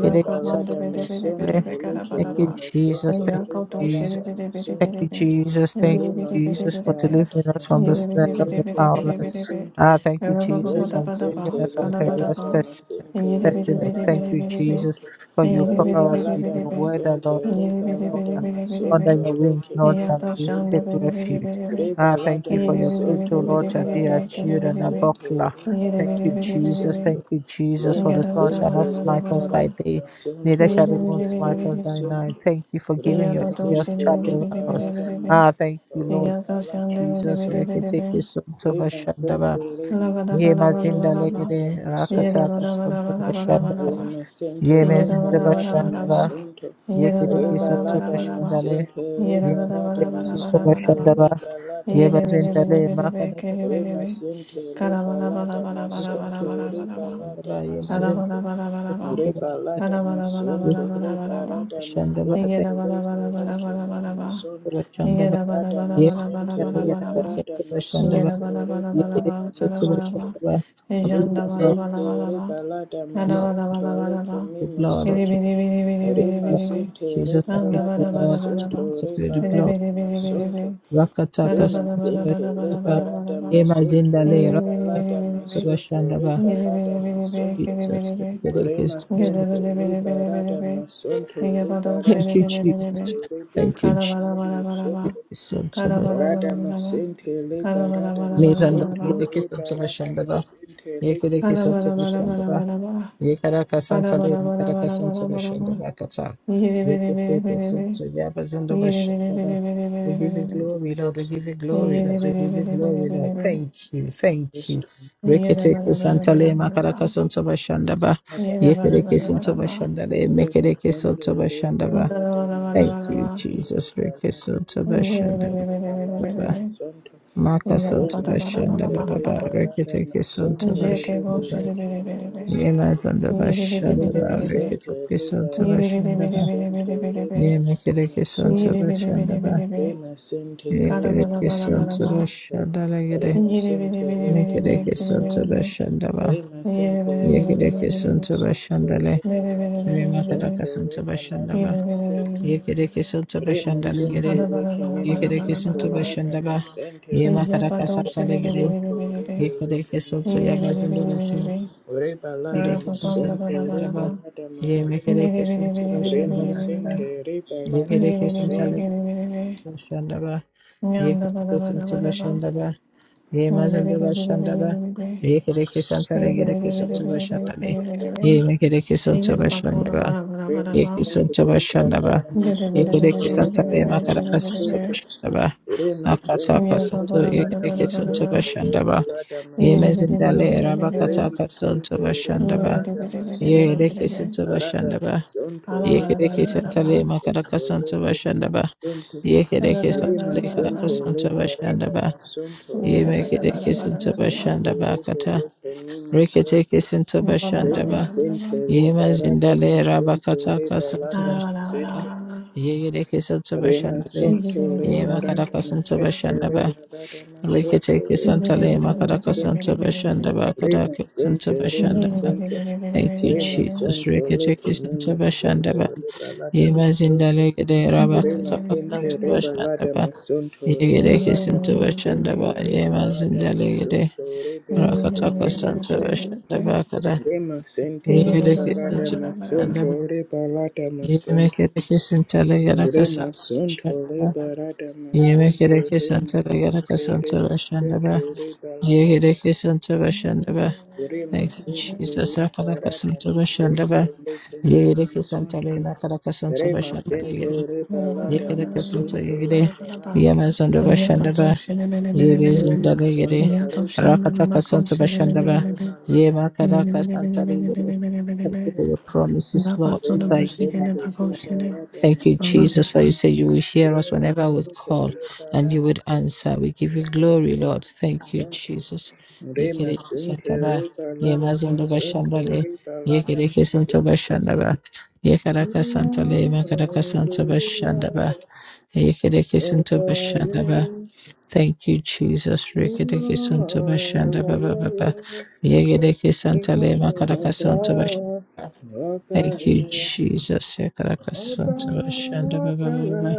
Speaker 1: riba
Speaker 2: soto
Speaker 1: lada
Speaker 2: bashanda le
Speaker 1: masonto leki
Speaker 2: Thank
Speaker 1: ni
Speaker 2: you,
Speaker 1: masonto
Speaker 2: Jesus. Thank
Speaker 1: riba
Speaker 2: you,
Speaker 1: lada
Speaker 2: Jesus. Thank
Speaker 1: masonto
Speaker 2: you, Jesus. Thank you,
Speaker 1: Lima
Speaker 2: Jesus,
Speaker 1: sente
Speaker 2: for
Speaker 1: rada
Speaker 2: delivering us from the
Speaker 1: masonto
Speaker 2: snares of the
Speaker 1: leki ni
Speaker 2: powerless.
Speaker 1: masonto
Speaker 2: Ah, thank you, Jesus,
Speaker 1: Rima
Speaker 2: for
Speaker 1: sente
Speaker 2: delivering us from
Speaker 1: riba
Speaker 2: perilous
Speaker 1: lada
Speaker 2: pestilence.
Speaker 1: masente riba
Speaker 2: pestilence.
Speaker 1: lada
Speaker 2: Thank you, Jesus,
Speaker 1: masonto
Speaker 2: for you
Speaker 1: Riba
Speaker 2: cover us with
Speaker 1: lada
Speaker 2: your word, O
Speaker 1: masente
Speaker 2: Lord, and
Speaker 1: riba
Speaker 2: the
Speaker 3: bidi
Speaker 2: Lord,
Speaker 1: lada
Speaker 3: bidi bidi
Speaker 2: and
Speaker 3: bidi
Speaker 2: under
Speaker 1: masonto
Speaker 3: bidi.
Speaker 2: your wings,
Speaker 1: leki
Speaker 2: Lord,
Speaker 1: ni
Speaker 2: shall
Speaker 3: Yato
Speaker 2: we
Speaker 3: shanda
Speaker 2: take
Speaker 3: bidi bidi
Speaker 2: refuge.
Speaker 3: bidi bidi.
Speaker 1: Riba
Speaker 2: Ah, thank
Speaker 1: lada
Speaker 2: you for
Speaker 3: Yidi
Speaker 2: your
Speaker 3: bidi
Speaker 2: truth,
Speaker 1: masunto,
Speaker 3: bidi
Speaker 2: O
Speaker 3: bidi
Speaker 2: Lord, shall
Speaker 1: riba
Speaker 3: bidi
Speaker 2: be our
Speaker 3: bidi.
Speaker 1: lada
Speaker 3: Kidi
Speaker 2: shield and
Speaker 3: bidi
Speaker 2: our
Speaker 3: bidi.
Speaker 1: masente,
Speaker 2: buckler.
Speaker 1: riba
Speaker 3: Yidi
Speaker 2: Thank
Speaker 3: bidi
Speaker 2: you,
Speaker 1: lada
Speaker 3: bidi bidi
Speaker 2: Jesus.
Speaker 3: bidi.
Speaker 1: masunto,
Speaker 2: Thank you, Jesus, for
Speaker 1: lima
Speaker 2: the
Speaker 3: Yada
Speaker 2: sun
Speaker 3: bada
Speaker 2: shall
Speaker 1: sente,
Speaker 3: bada
Speaker 2: not
Speaker 3: bada
Speaker 2: smite
Speaker 1: riba
Speaker 3: bada
Speaker 2: us by
Speaker 3: bada.
Speaker 2: day
Speaker 1: masunto,
Speaker 2: Neither shall
Speaker 3: Yidi
Speaker 2: the moon
Speaker 3: bidi
Speaker 1: leke
Speaker 3: bidi
Speaker 2: smite
Speaker 1: mimi
Speaker 2: us
Speaker 3: bidi
Speaker 2: by
Speaker 3: bidi
Speaker 2: night.
Speaker 1: sunto,
Speaker 2: Thank you for
Speaker 3: bidi.
Speaker 2: giving
Speaker 1: rima
Speaker 2: your
Speaker 3: Yabato
Speaker 2: angels
Speaker 1: sente,
Speaker 3: shidi
Speaker 2: charge
Speaker 3: bidi
Speaker 2: over
Speaker 1: riba
Speaker 3: bidi bidi
Speaker 2: us.
Speaker 1: lada
Speaker 3: bidi
Speaker 2: Ah,
Speaker 3: bidi.
Speaker 2: thank
Speaker 1: masunto,
Speaker 2: you, Lord.
Speaker 1: riba
Speaker 2: Thank
Speaker 3: Yato
Speaker 2: you,
Speaker 1: lada
Speaker 3: shanda bidi
Speaker 2: Jesus.
Speaker 3: bidi
Speaker 1: masunto,
Speaker 3: bidi
Speaker 2: Reketeke
Speaker 3: bidi.
Speaker 2: sontoba
Speaker 1: rima sente,
Speaker 2: shandaba.
Speaker 1: rima
Speaker 3: La bada
Speaker 2: Ye
Speaker 3: bada
Speaker 1: sente,
Speaker 3: bada
Speaker 2: mazinda
Speaker 3: bada
Speaker 1: riba
Speaker 3: bada.
Speaker 2: legede
Speaker 3: Yada
Speaker 1: masunto.
Speaker 2: rakataka
Speaker 3: bada bada bada
Speaker 2: sontoba
Speaker 3: bada bada
Speaker 2: shandaba.
Speaker 3: bada.
Speaker 1: Lima Sente
Speaker 2: Ye
Speaker 3: Yada
Speaker 1: Reba
Speaker 3: bada
Speaker 2: mezindaba
Speaker 3: bada
Speaker 1: Lada
Speaker 3: bada bada.
Speaker 2: shandaba.
Speaker 1: Masunto
Speaker 2: Ye
Speaker 3: Yada bada
Speaker 2: kedeke
Speaker 1: Reba
Speaker 3: bada bada
Speaker 2: sontoba
Speaker 1: Lada
Speaker 3: bada bada.
Speaker 2: shandale.
Speaker 1: Masente
Speaker 2: Ye
Speaker 3: Yada
Speaker 1: Reba
Speaker 3: bada bada
Speaker 1: Lada
Speaker 2: mekedeke
Speaker 3: bada bada
Speaker 2: sontoba
Speaker 3: bada
Speaker 1: Masunto
Speaker 3: bada.
Speaker 2: shandaba.
Speaker 1: Reba Lada
Speaker 2: Ye
Speaker 3: Bidi bidi bidi
Speaker 2: mazindale
Speaker 1: Masente
Speaker 2: makadaka sontoba
Speaker 1: Rema Sente
Speaker 2: shandaba.
Speaker 1: Reba Lada
Speaker 2: Ye kedeke
Speaker 1: Masunto
Speaker 2: sontoba
Speaker 1: Reba
Speaker 2: shandaba.
Speaker 1: Lada
Speaker 2: Ye mazindale
Speaker 1: Masente
Speaker 2: sontoba
Speaker 1: Reba
Speaker 2: shandaba.
Speaker 1: Lada
Speaker 2: Ye
Speaker 1: Masunto
Speaker 2: kedeke
Speaker 1: Reba
Speaker 2: sontoba
Speaker 1: Lada Masente
Speaker 2: shandaba.
Speaker 1: Reba
Speaker 2: Thank you.
Speaker 1: Lake Mimi
Speaker 2: Bashandaba,
Speaker 1: Lada Masente Reba Lada
Speaker 2: Bashandaba,
Speaker 1: Masunto Reba Lada Masunto
Speaker 2: Bashandaba. I plead
Speaker 1: Lima
Speaker 2: the blood,
Speaker 1: Sinti Ribalada
Speaker 2: the blood,
Speaker 1: Masunto Likimi
Speaker 2: the blood of
Speaker 1: Masunto
Speaker 2: Jesus. I plead the
Speaker 1: Lima
Speaker 2: blood of
Speaker 1: Sinti
Speaker 2: Jesus, I plead the
Speaker 1: Ribalada
Speaker 2: blood of
Speaker 1: Masunto
Speaker 2: Jesus, I plead the blood of
Speaker 1: Ribalada
Speaker 3: bidi
Speaker 2: Jesus.
Speaker 3: bidi.
Speaker 1: Masunto
Speaker 3: Bada
Speaker 2: Rakataka
Speaker 1: Lima
Speaker 3: bada bada bada
Speaker 1: Sinti
Speaker 3: bada
Speaker 2: Bashandaba,
Speaker 3: bada
Speaker 1: Ribalada
Speaker 3: bada ba.
Speaker 2: Ema
Speaker 1: Masunto
Speaker 2: Zindale,
Speaker 3: Bidi bidi bidi
Speaker 1: Ribalada
Speaker 3: bidi
Speaker 2: Rakataka
Speaker 3: bi.
Speaker 1: Masunto
Speaker 2: Bashandaba.
Speaker 3: Bidi bidi
Speaker 1: Ribalada
Speaker 3: bidi bi.
Speaker 1: Masunto
Speaker 3: Bidi bidi
Speaker 2: Jesus,
Speaker 3: bi.
Speaker 2: thank you, Jesus. thank
Speaker 1: Lima
Speaker 2: you,
Speaker 3: Bidi
Speaker 2: so much.
Speaker 1: Sinti
Speaker 3: bidi bidi bidi bidi
Speaker 1: Ribalada
Speaker 3: bi.
Speaker 1: Masunto
Speaker 3: Bidi bada
Speaker 1: Ribalada
Speaker 3: bidi
Speaker 2: Thank you,
Speaker 3: bidi bidi bi.
Speaker 1: Masunto
Speaker 2: Jesus. Thank you,
Speaker 3: Kada bada
Speaker 1: Ribalada
Speaker 3: bada bada ba.
Speaker 1: Masunto
Speaker 2: Jesus. So
Speaker 3: Kada
Speaker 2: much.
Speaker 3: bada bada
Speaker 1: Rada
Speaker 3: bada ba.
Speaker 1: masente
Speaker 3: Kada
Speaker 1: leba
Speaker 3: bada
Speaker 1: rada
Speaker 3: bada
Speaker 2: May
Speaker 3: bada
Speaker 2: the Lord
Speaker 3: bada
Speaker 2: give
Speaker 1: masonto
Speaker 3: ba.
Speaker 2: you the kiss of
Speaker 1: leba rada
Speaker 2: salvation,
Speaker 1: masente
Speaker 2: Yekere
Speaker 1: leba
Speaker 3: Kada bada
Speaker 2: kesanto
Speaker 3: bada bada
Speaker 1: masonto
Speaker 2: beshandaba.
Speaker 3: bada ba.
Speaker 2: Yekara
Speaker 3: Kada
Speaker 2: kasantale
Speaker 3: bada bada
Speaker 2: makara
Speaker 3: bada bada
Speaker 2: kasanto
Speaker 3: bada ba.
Speaker 2: beshandaba kata.
Speaker 3: Bidi bidi bidi
Speaker 2: Yekete
Speaker 3: bidi bi.
Speaker 2: kesanto yabazando
Speaker 3: Bidi bidi bidi
Speaker 2: beshandaba.
Speaker 3: bidi
Speaker 2: We
Speaker 3: bidi
Speaker 2: give
Speaker 3: bidi
Speaker 2: you
Speaker 3: bi.
Speaker 2: glory,
Speaker 1: leba
Speaker 2: Lord. We give you glory,
Speaker 3: Bidi
Speaker 2: Lord. We
Speaker 3: bidi
Speaker 1: master
Speaker 2: give you
Speaker 3: bidi
Speaker 1: is
Speaker 3: bidi
Speaker 2: glory,
Speaker 3: bidi
Speaker 2: Lord.
Speaker 3: bi.
Speaker 2: Thank you. Thank you.
Speaker 1: wisdom
Speaker 3: Bidi
Speaker 2: Rekete
Speaker 3: bada bada bada
Speaker 2: kesantale
Speaker 3: bada bada
Speaker 2: makara
Speaker 3: ba.
Speaker 2: kasanto beshandaba.
Speaker 1: rada
Speaker 3: Yeah,
Speaker 2: Yekere
Speaker 1: masonto
Speaker 2: kesanto beshandale.
Speaker 1: leba
Speaker 2: Mekere
Speaker 1: masente
Speaker 2: kesanto
Speaker 1: leba
Speaker 2: beshandaba.
Speaker 1: rada
Speaker 2: Thank you,
Speaker 1: masonto
Speaker 2: Jesus.
Speaker 1: leba rada
Speaker 2: Rekesanto
Speaker 1: masonto
Speaker 2: beshandaba. Baba.
Speaker 1: leba
Speaker 2: Makasanto
Speaker 1: masente
Speaker 2: beshandaba. Baba.
Speaker 1: leba rada
Speaker 2: Rekete kesanto
Speaker 1: masonto leba
Speaker 2: beshandaba.
Speaker 1: leke me masonto
Speaker 2: Yemazanda bashanda
Speaker 1: Reba
Speaker 2: ba
Speaker 1: sente
Speaker 2: rekete
Speaker 1: leba
Speaker 2: kesonto
Speaker 1: rada
Speaker 2: bashanda ba
Speaker 1: masonto leba rada
Speaker 2: yemekere kesonto
Speaker 1: masonto
Speaker 2: bashanda ba
Speaker 1: Remesente
Speaker 2: yekere
Speaker 1: leka mara
Speaker 2: kesonto
Speaker 1: masonto.
Speaker 2: bashanda la gede
Speaker 1: Remesente leka
Speaker 2: mekere
Speaker 1: mara
Speaker 2: kesonto
Speaker 1: masonto.
Speaker 2: bashanda ba
Speaker 1: Remesente leka
Speaker 2: yekere
Speaker 1: lada
Speaker 2: kesonto
Speaker 1: masonto.
Speaker 2: bashanda le
Speaker 1: Leka lada
Speaker 2: yemakere
Speaker 1: masonto.
Speaker 2: kesonto
Speaker 1: Leka
Speaker 2: bashanda
Speaker 1: lada
Speaker 2: ba
Speaker 1: masente.
Speaker 2: yekere kesonto bashanda la
Speaker 1: Remesente
Speaker 2: gede
Speaker 1: leka mara
Speaker 2: yekere kesonto
Speaker 1: masonto. Rada
Speaker 2: bashanda ba
Speaker 1: masente
Speaker 2: yemakere
Speaker 1: leka
Speaker 3: Ijabado
Speaker 1: lada
Speaker 2: kesonto la
Speaker 3: shiri biri
Speaker 2: gede
Speaker 3: biri
Speaker 1: masonto.
Speaker 3: biri biri.
Speaker 1: Rebe
Speaker 2: yekere
Speaker 1: leka mara
Speaker 2: kesonto
Speaker 3: Niri biri
Speaker 2: yabazanda
Speaker 1: masonto.
Speaker 3: biri biri
Speaker 2: bashanda
Speaker 3: biri.
Speaker 1: Reba lada
Speaker 3: Rapa
Speaker 2: Gerekirsin
Speaker 3: panda
Speaker 1: masonto.
Speaker 3: bada bada
Speaker 1: Reba
Speaker 2: çalışırdı.
Speaker 3: ba.
Speaker 1: lada
Speaker 2: Yemek
Speaker 1: masente.
Speaker 3: Niri biri
Speaker 2: gerekirsin
Speaker 3: biri biri biri
Speaker 2: çalışırdı.
Speaker 3: biri
Speaker 1: Remesente
Speaker 3: biri.
Speaker 1: leka
Speaker 2: Yemek
Speaker 1: lada
Speaker 3: Niri biri
Speaker 2: gerekirsin
Speaker 3: biri
Speaker 2: çalışırdı.
Speaker 3: biri biri biri.
Speaker 2: Yemek
Speaker 3: Nyanda bada
Speaker 2: gerekirsin
Speaker 3: bada bada ba.
Speaker 2: çalışırdı.
Speaker 3: Niri
Speaker 2: Yemezim bir
Speaker 3: biri biri biri
Speaker 2: başlandı.
Speaker 3: biri biri.
Speaker 2: Yemek gerekirsin çalışırdı.
Speaker 3: Niri biri
Speaker 2: Gerekirsin
Speaker 3: biri biri biri
Speaker 1: Remasente
Speaker 2: çalışırdı.
Speaker 3: biri biri biri.
Speaker 2: Yemek gerekirsin
Speaker 3: Niyanta pola
Speaker 2: çalışırdı.
Speaker 3: bada bada bada ba.
Speaker 2: Yekisin çalışırdı.
Speaker 1: rebalada
Speaker 3: Biri
Speaker 2: Yemek
Speaker 3: biri
Speaker 1: masente
Speaker 3: biri biri
Speaker 2: gerekirsin
Speaker 3: biri biri
Speaker 2: çalışırdı.
Speaker 1: rebalada
Speaker 3: biri
Speaker 2: Matarakasın
Speaker 3: biri biri.
Speaker 1: masente
Speaker 2: çalışırdı.
Speaker 1: remasente
Speaker 2: Akatakasın
Speaker 3: Niyapa pola bada
Speaker 1: rebalada
Speaker 3: bada
Speaker 2: gerekirsin
Speaker 3: bada ba.
Speaker 1: masente
Speaker 2: çalışırdı.
Speaker 1: rebalada
Speaker 3: Niri
Speaker 1: masente
Speaker 3: biri
Speaker 2: Yemezim de
Speaker 3: biri biri
Speaker 2: lera
Speaker 3: biri biri.
Speaker 2: bakatakasın
Speaker 1: remasente
Speaker 3: Niri
Speaker 2: çalışırdı.
Speaker 3: biri
Speaker 1: rebalada
Speaker 3: biri biri
Speaker 2: Ye
Speaker 3: biri
Speaker 1: masente
Speaker 2: Yegereke santa
Speaker 1: arada
Speaker 2: bashanda ba.
Speaker 1: masente
Speaker 3: Ala
Speaker 2: Ye
Speaker 3: bala
Speaker 1: leba
Speaker 3: bala
Speaker 2: Yegereke
Speaker 3: bala
Speaker 1: arada
Speaker 2: santa
Speaker 3: bala.
Speaker 2: le
Speaker 1: masente
Speaker 2: makaraka santa
Speaker 1: leke
Speaker 2: bashanda ba.
Speaker 1: remasente
Speaker 2: Ye
Speaker 3: Bala
Speaker 2: Yegereke
Speaker 3: bala
Speaker 2: santa
Speaker 3: bala
Speaker 2: le
Speaker 3: bala
Speaker 2: karaka
Speaker 1: remasente
Speaker 3: bala.
Speaker 2: santa
Speaker 1: leba arada
Speaker 2: bashanda ba.
Speaker 1: masente
Speaker 2: Ye
Speaker 3: Yada
Speaker 1: leba
Speaker 3: bala bala
Speaker 2: Yemegereke
Speaker 1: arada
Speaker 3: bala
Speaker 2: santa
Speaker 3: bala bala.
Speaker 1: masente
Speaker 2: bashanda ba
Speaker 1: lebe
Speaker 2: kata.
Speaker 1: leke
Speaker 2: Reketeke santa
Speaker 3: Ba ba ba
Speaker 2: bashanda
Speaker 1: Rema
Speaker 2: ba.
Speaker 1: sente
Speaker 2: Ye Yema
Speaker 1: leba rada
Speaker 2: zindale
Speaker 1: masente
Speaker 2: rabakata
Speaker 1: leba
Speaker 2: kasanta
Speaker 1: lada
Speaker 2: bashanda ba.
Speaker 1: masente.
Speaker 2: Ye Yegereke santa bashanda
Speaker 1: Rema
Speaker 2: le.
Speaker 1: sonto leba
Speaker 2: Yema
Speaker 1: rada
Speaker 2: karaka santa
Speaker 1: masente
Speaker 2: bashanda ba.
Speaker 1: leba lada masonto
Speaker 2: Reketeke
Speaker 1: leba
Speaker 2: santa le
Speaker 1: lada
Speaker 2: makaraka
Speaker 1: masonto.
Speaker 2: santa bashanda ba.
Speaker 1: Rema
Speaker 2: Karaka santa
Speaker 1: sente rema
Speaker 2: bashanda ba.
Speaker 1: sonto.
Speaker 2: Thank you,
Speaker 1: Rema
Speaker 2: Jesus.
Speaker 1: sonto leba
Speaker 2: Reketekis and
Speaker 1: rema sonto
Speaker 2: Tabashandaba.
Speaker 1: leba lada masonto.
Speaker 2: Yemazindalek de
Speaker 1: Rema
Speaker 2: Rabakatakasan
Speaker 1: sente reba lada
Speaker 2: Tabashandaba.
Speaker 1: masonto reba
Speaker 2: Yegerekis
Speaker 1: lada
Speaker 2: and
Speaker 1: masente
Speaker 2: Tabashandaba.
Speaker 1: reba lada
Speaker 2: Yemazindalek de
Speaker 1: masonto reba lada
Speaker 2: Rakatakasan
Speaker 1: masonto.
Speaker 2: Tabashandaba. Kada.
Speaker 1: Rema sente
Speaker 2: Yegerekis and
Speaker 1: liberada
Speaker 2: Tabashandaba.
Speaker 1: masunto rebalada masunto.
Speaker 2: Yemekerekis and
Speaker 1: Rema
Speaker 2: Telegarakasan
Speaker 1: sunto
Speaker 2: Tabashandaba.
Speaker 1: liberada masunto
Speaker 2: Yemekerekis and
Speaker 1: rema sente
Speaker 2: Telegarakasan
Speaker 1: rema sente
Speaker 2: Tabashandaba.
Speaker 1: rebalada.
Speaker 2: Yegerekis and Tabashandaba.
Speaker 1: Rema
Speaker 2: Thank you,
Speaker 3: Yeah,
Speaker 1: sente
Speaker 2: Jesus. Rakatakasan
Speaker 1: liberada
Speaker 2: Tabashandaba.
Speaker 1: masunto lekene
Speaker 2: Yere
Speaker 1: masunto.
Speaker 2: kesantale na karakasan to
Speaker 1: Rema sente
Speaker 2: yere.
Speaker 3: Thank
Speaker 1: rebalada
Speaker 2: Yekere kesinto
Speaker 1: masunto
Speaker 2: yere.
Speaker 1: rebalada
Speaker 2: Yemeson to
Speaker 1: masunto.
Speaker 2: bashandaba. Yebes
Speaker 1: Rema
Speaker 2: dale
Speaker 1: sunto
Speaker 2: yere.
Speaker 1: rebalada
Speaker 2: Rakatakasan to
Speaker 1: masunto rebalada.
Speaker 2: Yema karakasantale yere. Thank you for your promises, Lord, to
Speaker 1: Rema
Speaker 2: thy year and
Speaker 1: sente
Speaker 2: amen.
Speaker 1: liberada
Speaker 2: Thank you,
Speaker 1: masunto.
Speaker 2: Jesus, for
Speaker 3: you.
Speaker 2: you say you will hear us
Speaker 1: Rima
Speaker 2: whenever we
Speaker 1: Santo
Speaker 2: call and you
Speaker 1: Reparata
Speaker 2: would answer. We give you glory, Lord. Thank you,
Speaker 1: Santo
Speaker 2: Jesus.
Speaker 1: Rima
Speaker 2: Yekere
Speaker 1: Santo
Speaker 2: sakara,
Speaker 1: Reparata
Speaker 2: yemazondo
Speaker 1: Santo
Speaker 2: bashandale,
Speaker 1: Reparata
Speaker 2: yekere kesanto
Speaker 1: Santo
Speaker 2: bashandaba, yekaraka santale, makaraka santo bashandaba, yekere kesanto bashandaba. Thank you, Jesus. Rekere kesanto bashandaba, baba, baba. Yekere kesantale, makaraka santo bashandaba. Thank you, Jesus. Ekerekesontabashandabababa.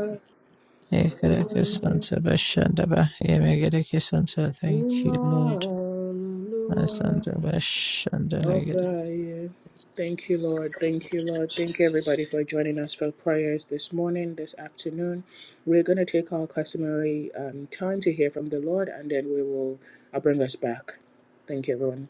Speaker 2: Ekerekesontabashandaba. Emegerekesonta. Thank you, Lord.
Speaker 1: Hallelujah. Oh
Speaker 2: Masandabashandalegere.
Speaker 1: God, yeah. Thank you, Lord. Thank you, Lord. Thank you, everybody, for joining us for prayers this morning, this afternoon. We're going to take our customary um, time to hear from the Lord, and then we will I'll bring us back. Thank you, everyone.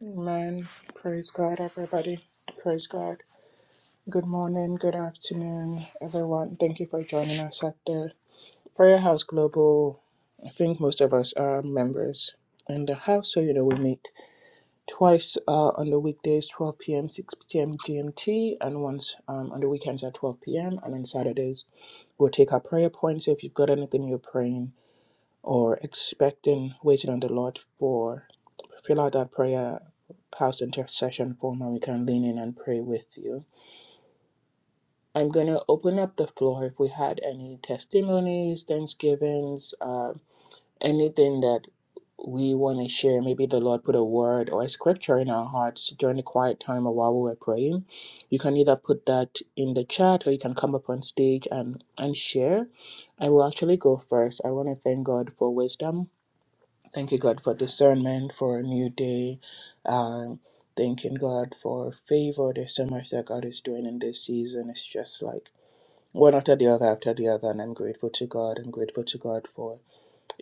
Speaker 1: Amen. Praise God, everybody. Praise God. Good morning, good afternoon, everyone. Thank you for joining us at the Prayer House Global. I think most of us are members in the house, so you know we meet twice uh, on the weekdays 12 p.m 6 p.m gmt and once um, on the weekends at 12 p.m and on saturdays we'll take our prayer points So if you've got anything you're praying or expecting waiting on the lord for fill out that prayer house intercession form and we can lean in and pray with you i'm going to open up the floor if we had any testimonies thanksgivings uh, anything that we want to share, maybe the Lord put a word or a scripture in our hearts during the quiet time or while we were praying, you can either put that in the chat or you can come up on stage and, and share. I will actually go first. I want to thank God for wisdom. Thank you, God, for discernment, for a new day. Um, thanking God for favor. There's so much that God is doing in this season. It's just like one after the other after the other. And I'm grateful to God. I'm grateful to God for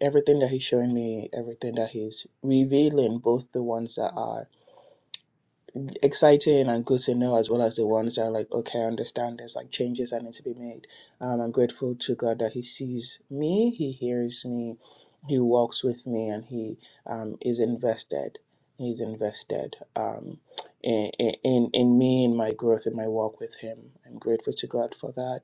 Speaker 1: everything that he's showing me, everything that he's revealing, both the ones that are exciting and good to know, as well as the ones that are like, okay, I understand there's like changes that need to be made. Um, I'm grateful to God that he sees me, he hears me, he walks with me, and he um, is invested. He's invested um, in, in in me, in my growth, in my walk with Him. I'm grateful to God for that.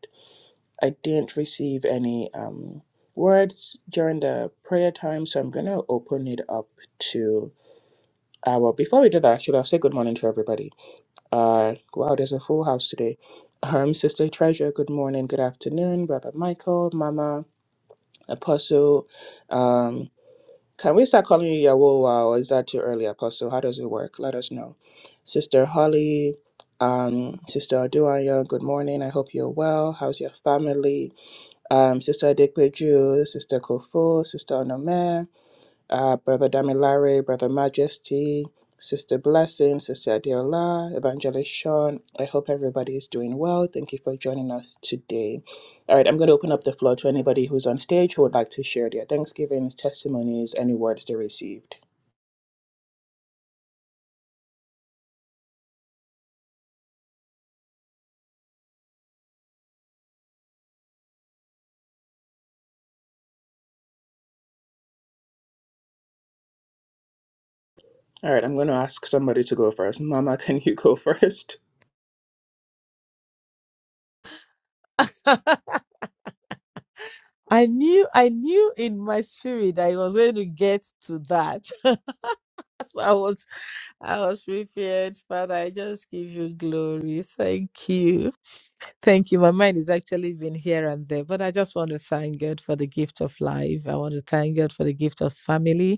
Speaker 1: I didn't receive any um, words during the prayer time, so I'm going to open it up to uh, well, before we do that, actually, I'll say good morning to everybody. Uh, wow, there's a full house today. Um, Sister Treasure, good morning, good afternoon, Brother Michael, Mama, Apostle. Um, can we start calling you Yawoa, or is that too early, Apostle? How does it work? Let us know. Sister Holly, um, Sister Aduanya, good morning. I hope you're well. How's your family? um, Sister Adekweju, Sister Kofu, Sister Onome, uh, Brother Damilare, Brother Majesty, Sister Blessing, Sister Adeola, Evangelist Sean. I hope everybody is doing well. Thank you for joining us today. All right, I'm going to open up the floor to anybody who's on stage who would like to share their Thanksgivings, testimonies, any words they received. All right, I'm going to ask somebody to go first. Mama, [laughs] can you go [laughs] first?
Speaker 2: I knew I knew in my spirit I was going to get to that. [laughs] so I was I was prepared, Father. I just give you glory. Thank you. Thank you. My mind has actually been here and there, but I just want to thank God for the gift of life. I want to thank God for the gift of family.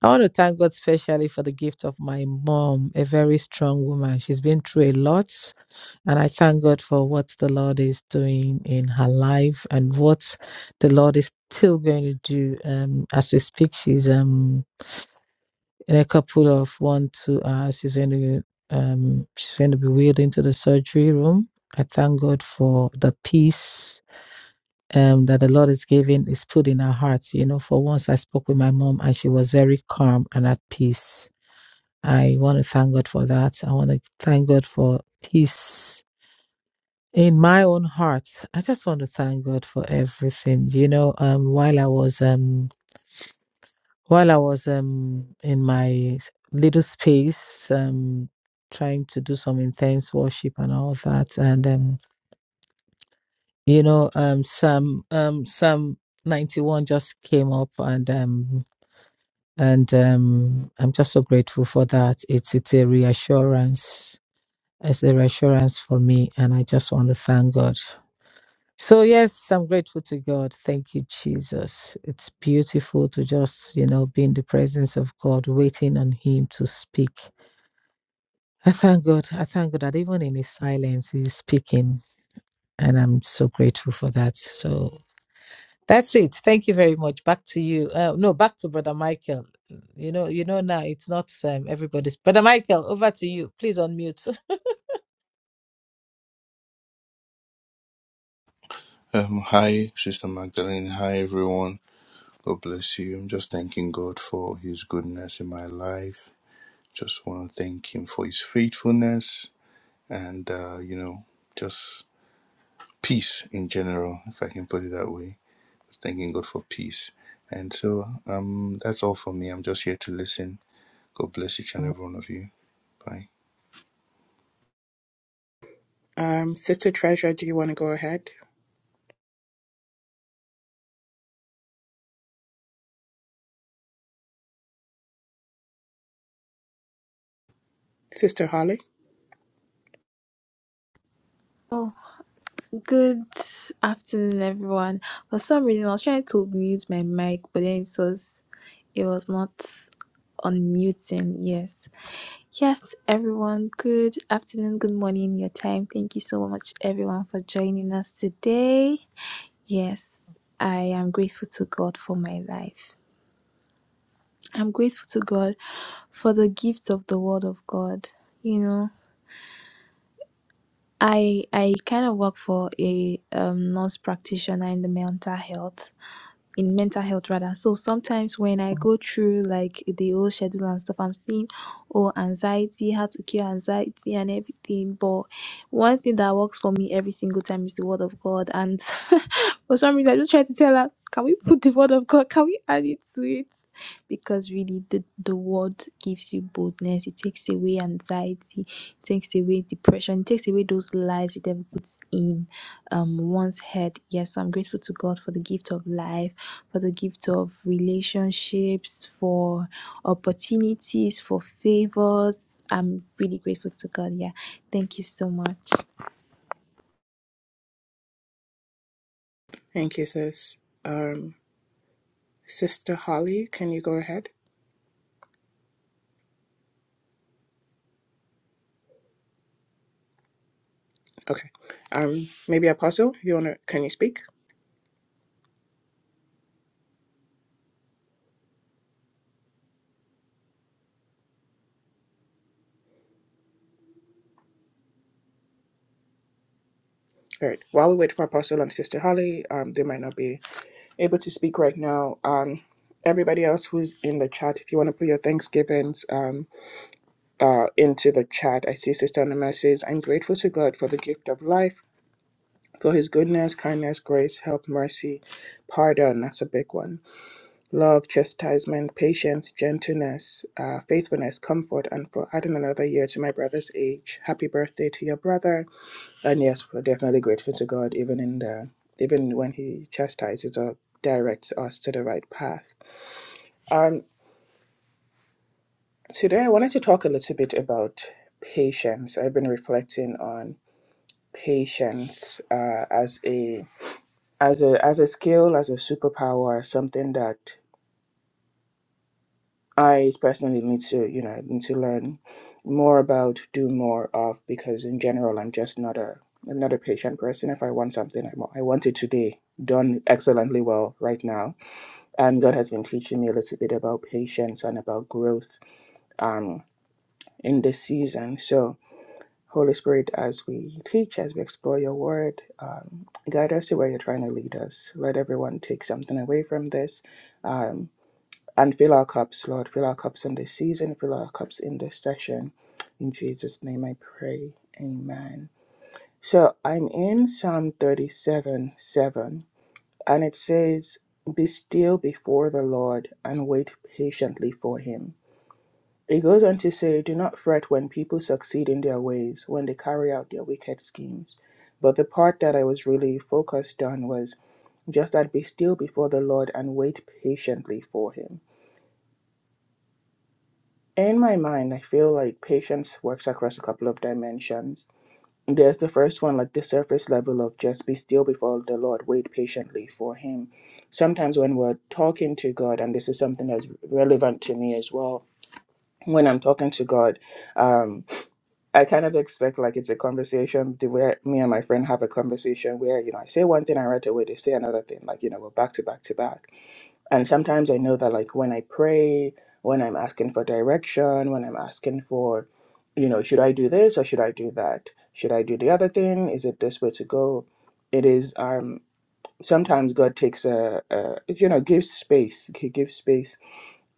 Speaker 2: I want to thank God specially for the gift of my mom, a very strong woman. She's been through a lot, and I thank God for what the Lord is doing in her life and what the Lord is still going to do. Um, as we speak, she's um in a couple of one two hours. She's going to um she's going to be wheeled into the surgery room. I thank God for the peace um that the Lord is giving is put in her heart. You know, for once I spoke with my mom and she was very calm and at peace I want to thank God for that. I want to thank God for peace in my own heart. I just want to thank God for everything. You know, um, while I was um, while I was um, in my little space, um, trying to do some intense worship and all that, and um, you know, um, Psalm um, Psalm ninety one just came up, and um, and um, I'm just so grateful for that. It's it's a reassurance It's a reassurance for me, and I just want to thank God. So, yes, I'm grateful to God. Thank you, Jesus. It's beautiful to just, you know, be in the presence of God, waiting on Him to speak. I thank God. I thank God that even in His silence, He's speaking, and I'm so grateful for that. So, that's it. Thank you very much. Back to you. Uh, no, back to Brother Michael. You know, you know now it's not um, everybody's. Brother Michael, over to you. Please unmute. [laughs]
Speaker 1: Um, Sister Treasure, do you want to go ahead? Sister Holly?
Speaker 4: Oh, Good afternoon, everyone. For some reason, I was trying to mute my mic, but then it was it was not unmuting. Yes, yes, everyone. Good afternoon, good morning, your time. Thank you so much, everyone, for joining us today. Yes, I am grateful to God for my life. I'm grateful to God for the gift of the Word of God. You know. I I kind of work for a um, nurse practitioner in the mental health in mental health rather. So sometimes when I go through like the whole schedule and stuff, I'm seeing oh anxiety, how to cure anxiety and everything. But one thing that works for me every single time is the word of God. And [laughs] for some reason I just try to tell her, can we put the word of God? Can we add it to it? Because really the the word gives you boldness, it takes away anxiety takes away depression, it takes away those lies the devil puts in um one's head. Yes, so I'm grateful to God for the gift of life, for the gift of relationships, for opportunities, for favors. I'm really grateful to God. Yeah. Thank you so much.
Speaker 1: Thank you, sis. Um, Sister Holly, can you go ahead? Okay. Um, maybe Apostle, you wanna can you speak? All right. While we wait for Apostle and Sister Holly, um, they might not be able to speak right now. Um, everybody else who's in the chat, if you want to put your Thanksgivings um uh into the chat, I see Sister on the message. I'm grateful to God for the gift of life, for His goodness, kindness, grace, help, mercy, pardon. That's a big one. love, chastisement, patience, gentleness, uh, faithfulness, comfort, and for adding another year to my brother's age. Happy birthday to your brother. And yes, we're definitely grateful to God, even in the even when He chastises or directs us to the right path. Um, today I wanted to talk a little bit about patience. I've been reflecting on patience uh, as a as a as a skill, as a superpower, something that I personally need to, you know, need to learn more about, do more of, because in general, I'm just not a, I'm not a patient person. If I want something, I want, I want it today, done excellently well right now. And God has been teaching me a little bit about patience and about growth, um, in this season. So, Holy Spirit, as we teach, as we explore Your Word, um, guide us to where You're trying to lead us. Let everyone take something away from this. Um, and fill our cups, Lord. Fill our cups in this season. Fill our cups in this session. In Jesus' name I pray. Amen. So I'm in Psalm 37 7, and it says, Be still before the Lord and wait patiently for him. It goes on to say, Do not fret when people succeed in their ways, when they carry out their wicked schemes. But the part that I was really focused on was just that be still before the Lord and wait patiently for him. In my mind, I feel like patience works across a couple of dimensions. There's the first one, like the surface level of just be still before the Lord, wait patiently for Him. Sometimes when we're talking to God, and this is something that's relevant to me as well, when I'm talking to God, um, I kind of expect like it's a conversation the way me and my friend have a conversation where, you know, I say one thing and right away they say another thing, like, you know, we're back to back to back. And sometimes I know that, like, when I pray, when I'm asking for direction, when I'm asking for, you know, should I do this or should I do that? Should I do the other thing? Is it this way to go? It is, um, sometimes God takes a, a you know, gives space. He gives space,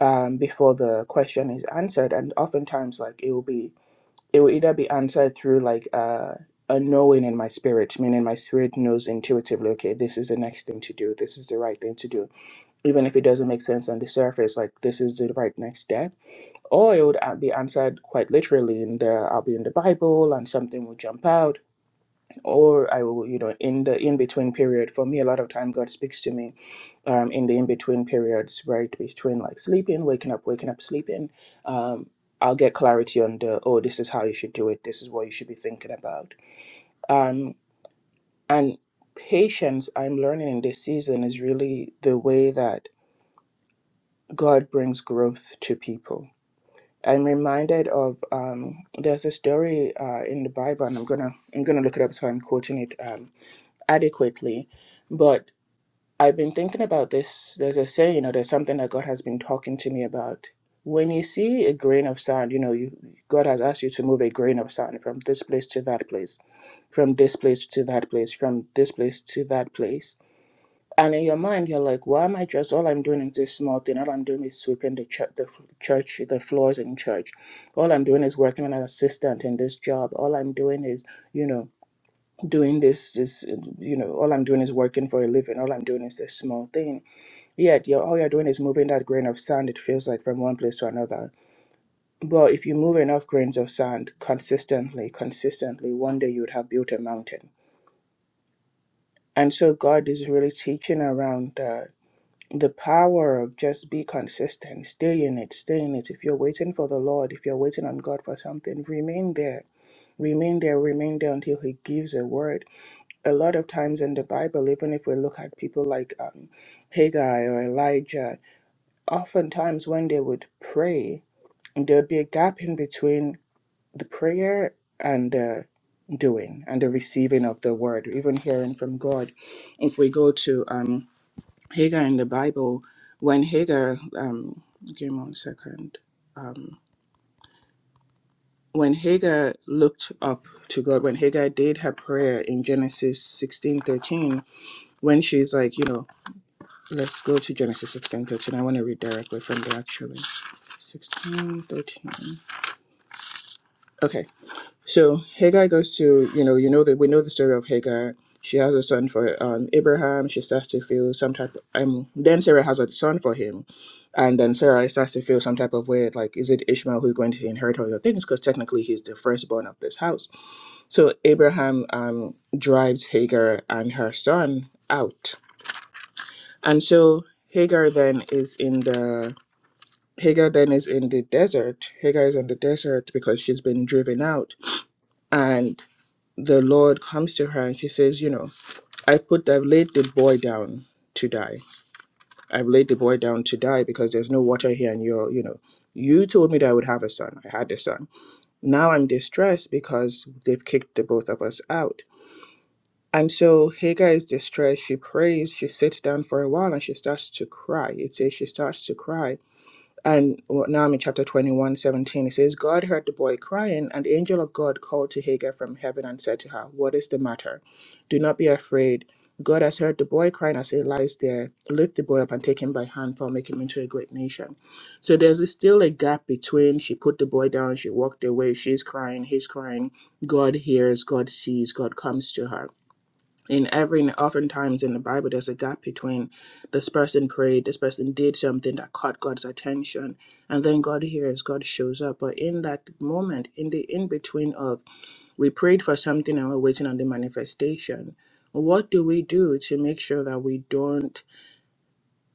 Speaker 1: um, before the question is answered. And oftentimes, like, it will be, it will either be answered through, like, uh, a knowing in my spirit, meaning my spirit knows intuitively, okay, this is the next thing to do, this is the right thing to do even if it doesn't make sense on the surface, like this is the right next step. Or it would uh, be answered quite literally in the I'll be in the Bible and something will jump out. Or I will, you know, in the in between period. For me, a lot of time God speaks to me um, in the in between periods, right between like sleeping, waking up, waking up, sleeping. Um, I'll get clarity on the oh, this is how you should do it. This is what you should be thinking about. Um, and patience, I'm learning in this season, is really the way that God brings growth to people. I'm reminded of um, there's a story uh, in the Bible, and I'm gonna I'm gonna look it up so I'm quoting it um, adequately. But I've been thinking about this. There's a saying, you know, there's something that God has been talking to me about. When you see a grain of sand, you know, you, God has asked you to move a grain of sand from this place to that place, from this place to that place, from this place to that place and in your mind, you're like, why am I dressed? All I'm doing is this small thing. All I'm doing is sweeping the, ch- the f- church, the floors in church. All I'm doing is working as an assistant in this job. All I'm doing is, you know, doing this This, you know, all I'm doing is working for a living. All I'm doing is this small thing. Yet, you're, all you're doing is moving that grain of sand, it feels like, from one place to another. But if you move enough grains of sand consistently, consistently, one day you would have built a mountain. And so God is really teaching around that the power of just be consistent stay in it stay in it if you're waiting for the lord if you're waiting on god for something remain there remain there remain there until he gives a word a lot of times in the bible even if we look at people like um, haggai or elijah oftentimes when they would pray there'd be a gap in between the prayer and the doing and the receiving of the word even hearing from god if we go to um, Hagar in the Bible, when Hagar, um, give me one second, um, when Hagar looked up to God, when Hagar did her prayer in Genesis sixteen thirteen, when she's like, you know, let's go to Genesis sixteen thirteen. I want to read directly from there actually. sixteen thirteen. Okay. So Hagar goes to, you know, you know that we know the story of Hagar. She has a son for um, Abraham. She starts to feel some type. um, then Sarah has a son for him, and then Sarah starts to feel some type of way, like is it Ishmael who's going to inherit all your things? Because technically he's the firstborn of this house. So Abraham um, drives Hagar and her son out, and so Hagar then is in the Hagar then is in the desert. Hagar is in the desert because she's been driven out, and the Lord comes to her and she says, You know, I put, I've laid the boy down to die. I've laid the boy down to die because there's no water here and you're, you know, you told me that I would have a son. I had a son. Now I'm distressed because they've kicked the both of us out. And so Hagar is distressed. She prays. She sits down for a while and she starts to cry. It says she starts to cry and well, now I'm in chapter 21, 17, It says, God heard the boy crying, and the angel of God called to Hagar from heaven and said to her, What is the matter? Do not be afraid. God has heard the boy crying as he lies there. Lift the boy up and take him by hand, for I'll make him into a great nation. So there's still a gap between she put the boy down, she walked away, she's crying, he's crying. God hears, God sees, God comes to her in every and oftentimes in the Bible there's a gap between this person prayed, this person did something that caught God's attention, and then God hears, God shows up. But in that moment, in the in between of we prayed for something and we're waiting on the manifestation, what do we do to make sure that we don't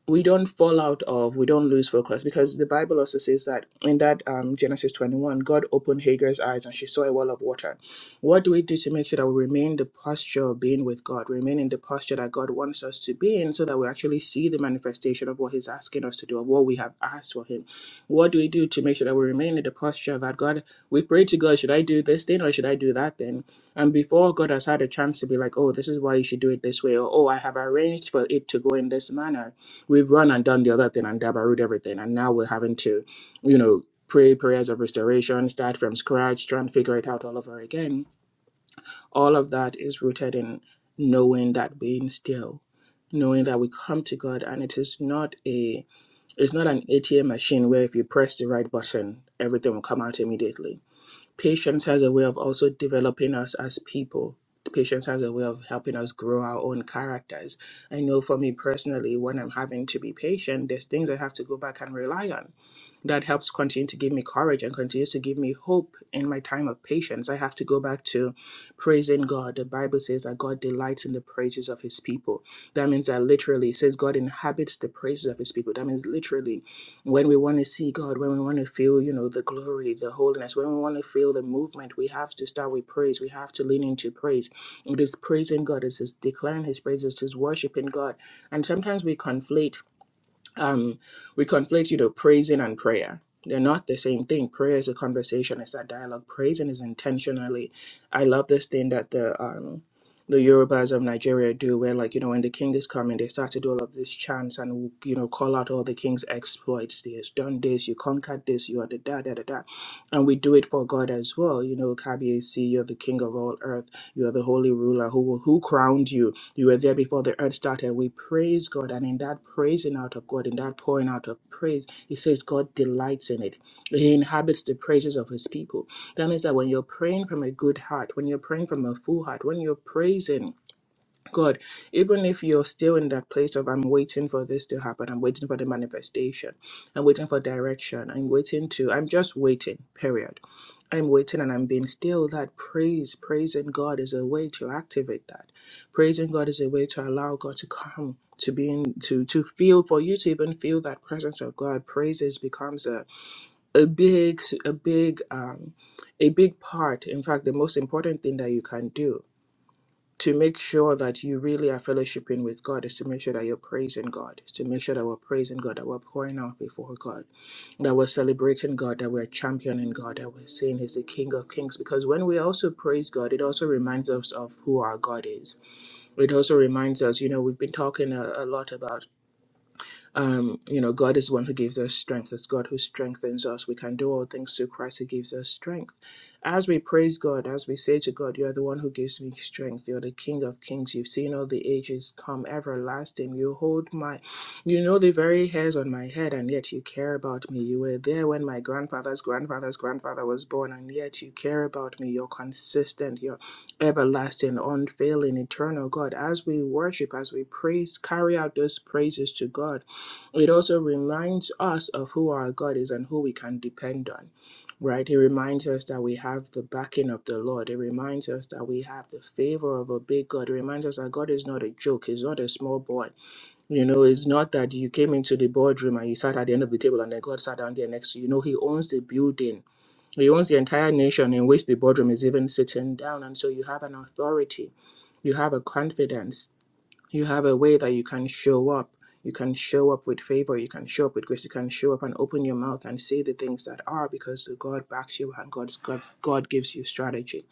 Speaker 1: we don't fall out of, we don't lose focus because the Bible also says that in that um, Genesis 21, God opened Hagar's eyes and she saw a wall of water. What do we do to make sure that we remain in the posture of being with God, remain in the posture that God wants us to be in so that we actually see the manifestation of what He's asking us to do, of what we have asked for Him? What do we do to make sure that we remain in the posture that God, we've prayed to God, should I do this thing or should I do that thing? And before God has had a chance to be like, oh, this is why you should do it this way, or oh, I have arranged for it to go in this manner We've run and done the other thing and dabarooed everything, and now we're having to, you know, pray prayers of restoration, start from scratch, try and figure it out all over again. All of that is rooted in knowing that being still, knowing that we come to God, and it is not a, it's not an ATM machine where if you press the right button, everything will come out immediately Patience has a way of also developing us as people. Patience has a way of helping us grow our own characters. I know for me personally, when I'm having to be patient, there's things I have to go back and rely on. That helps continue to give me courage and continues to give me hope in my time of patience. I have to go back to praising God. The Bible says that God delights in the praises of his people. That means that literally, it says God inhabits the praises of his people. That means literally when we want to see God, when we want to feel, you know, the glory, the holiness, when we want to feel the movement, we have to start with praise. We have to lean into praise. It is praising God, it is declaring His praises, it is worshiping God. And sometimes we conflate um, we conflate you know praising and prayer they're not the same thing prayer is a conversation it's that dialogue praising is intentionally i love this thing that the um the yorubas of nigeria do where like you know when the king is coming they start to do all of these chants and you know call out all the king's exploits he has done this you conquered this you are the da da da da and we do it for god as well you know kabi you're the king of all earth you are the holy ruler who who crowned you you were there before the earth started. We praise God, and in that praising out of God, in that pouring out of praise, He says God delights in it. He inhabits the praises of His people. That means that when you're praying from a good heart, when you're praying from a full heart, when you're praising God, even if you're still in that place of I'm waiting for this to happen, I'm waiting for the manifestation, I'm waiting for direction, I'm waiting to, I'm just waiting, period I'm waiting and I'm being still. That praise, praising God is a way to activate that. Praising God is a way to allow God to come, to be in, to to feel, for you to even feel that presence of God. Praises becomes a a big, a big, um, a big part. In fact, the most important thing that you can do to make sure that you really are fellowshipping with God is to make sure that you're praising God, is to make sure that we're praising God, that we're pouring out before God, that we're celebrating God, that we're championing God, that we're saying He's the King of Kings. Because when we also praise God, it also reminds us of who our God is. It also reminds us, you know, we've been talking a, a lot about um, you know, God is the one who gives us strength. It's God who strengthens us. We can do all things through Christ who gives us strength. As we praise God, as we say to God, You are the one who gives me strength. You're the King of kings. You've seen all the ages come, everlasting. You hold my, you know, the very hairs on my head, and yet you care about me. You were there when my grandfather's grandfather's grandfather was born, and yet you care about me. You're consistent. You're everlasting, unfailing, eternal God. As we worship, as we praise, carry out those praises to God it also reminds us of who our God is and who we can depend on, right? It reminds us that we have the backing of the Lord. It reminds us that we have the favor of a big God. It reminds us that God is not a joke. He's not a small boy. You know, it's not that you came into the boardroom and you sat at the end of the table and then God sat down there next to you. No, He owns the building. He owns the entire nation in which the boardroom is even sitting down. And so you have an authority. You have a confidence you have a way that you can show up. You can show up with favor. You can show up with grace. You can show up and open your mouth and say the things that are because God backs you and God's God, God gives you strategy.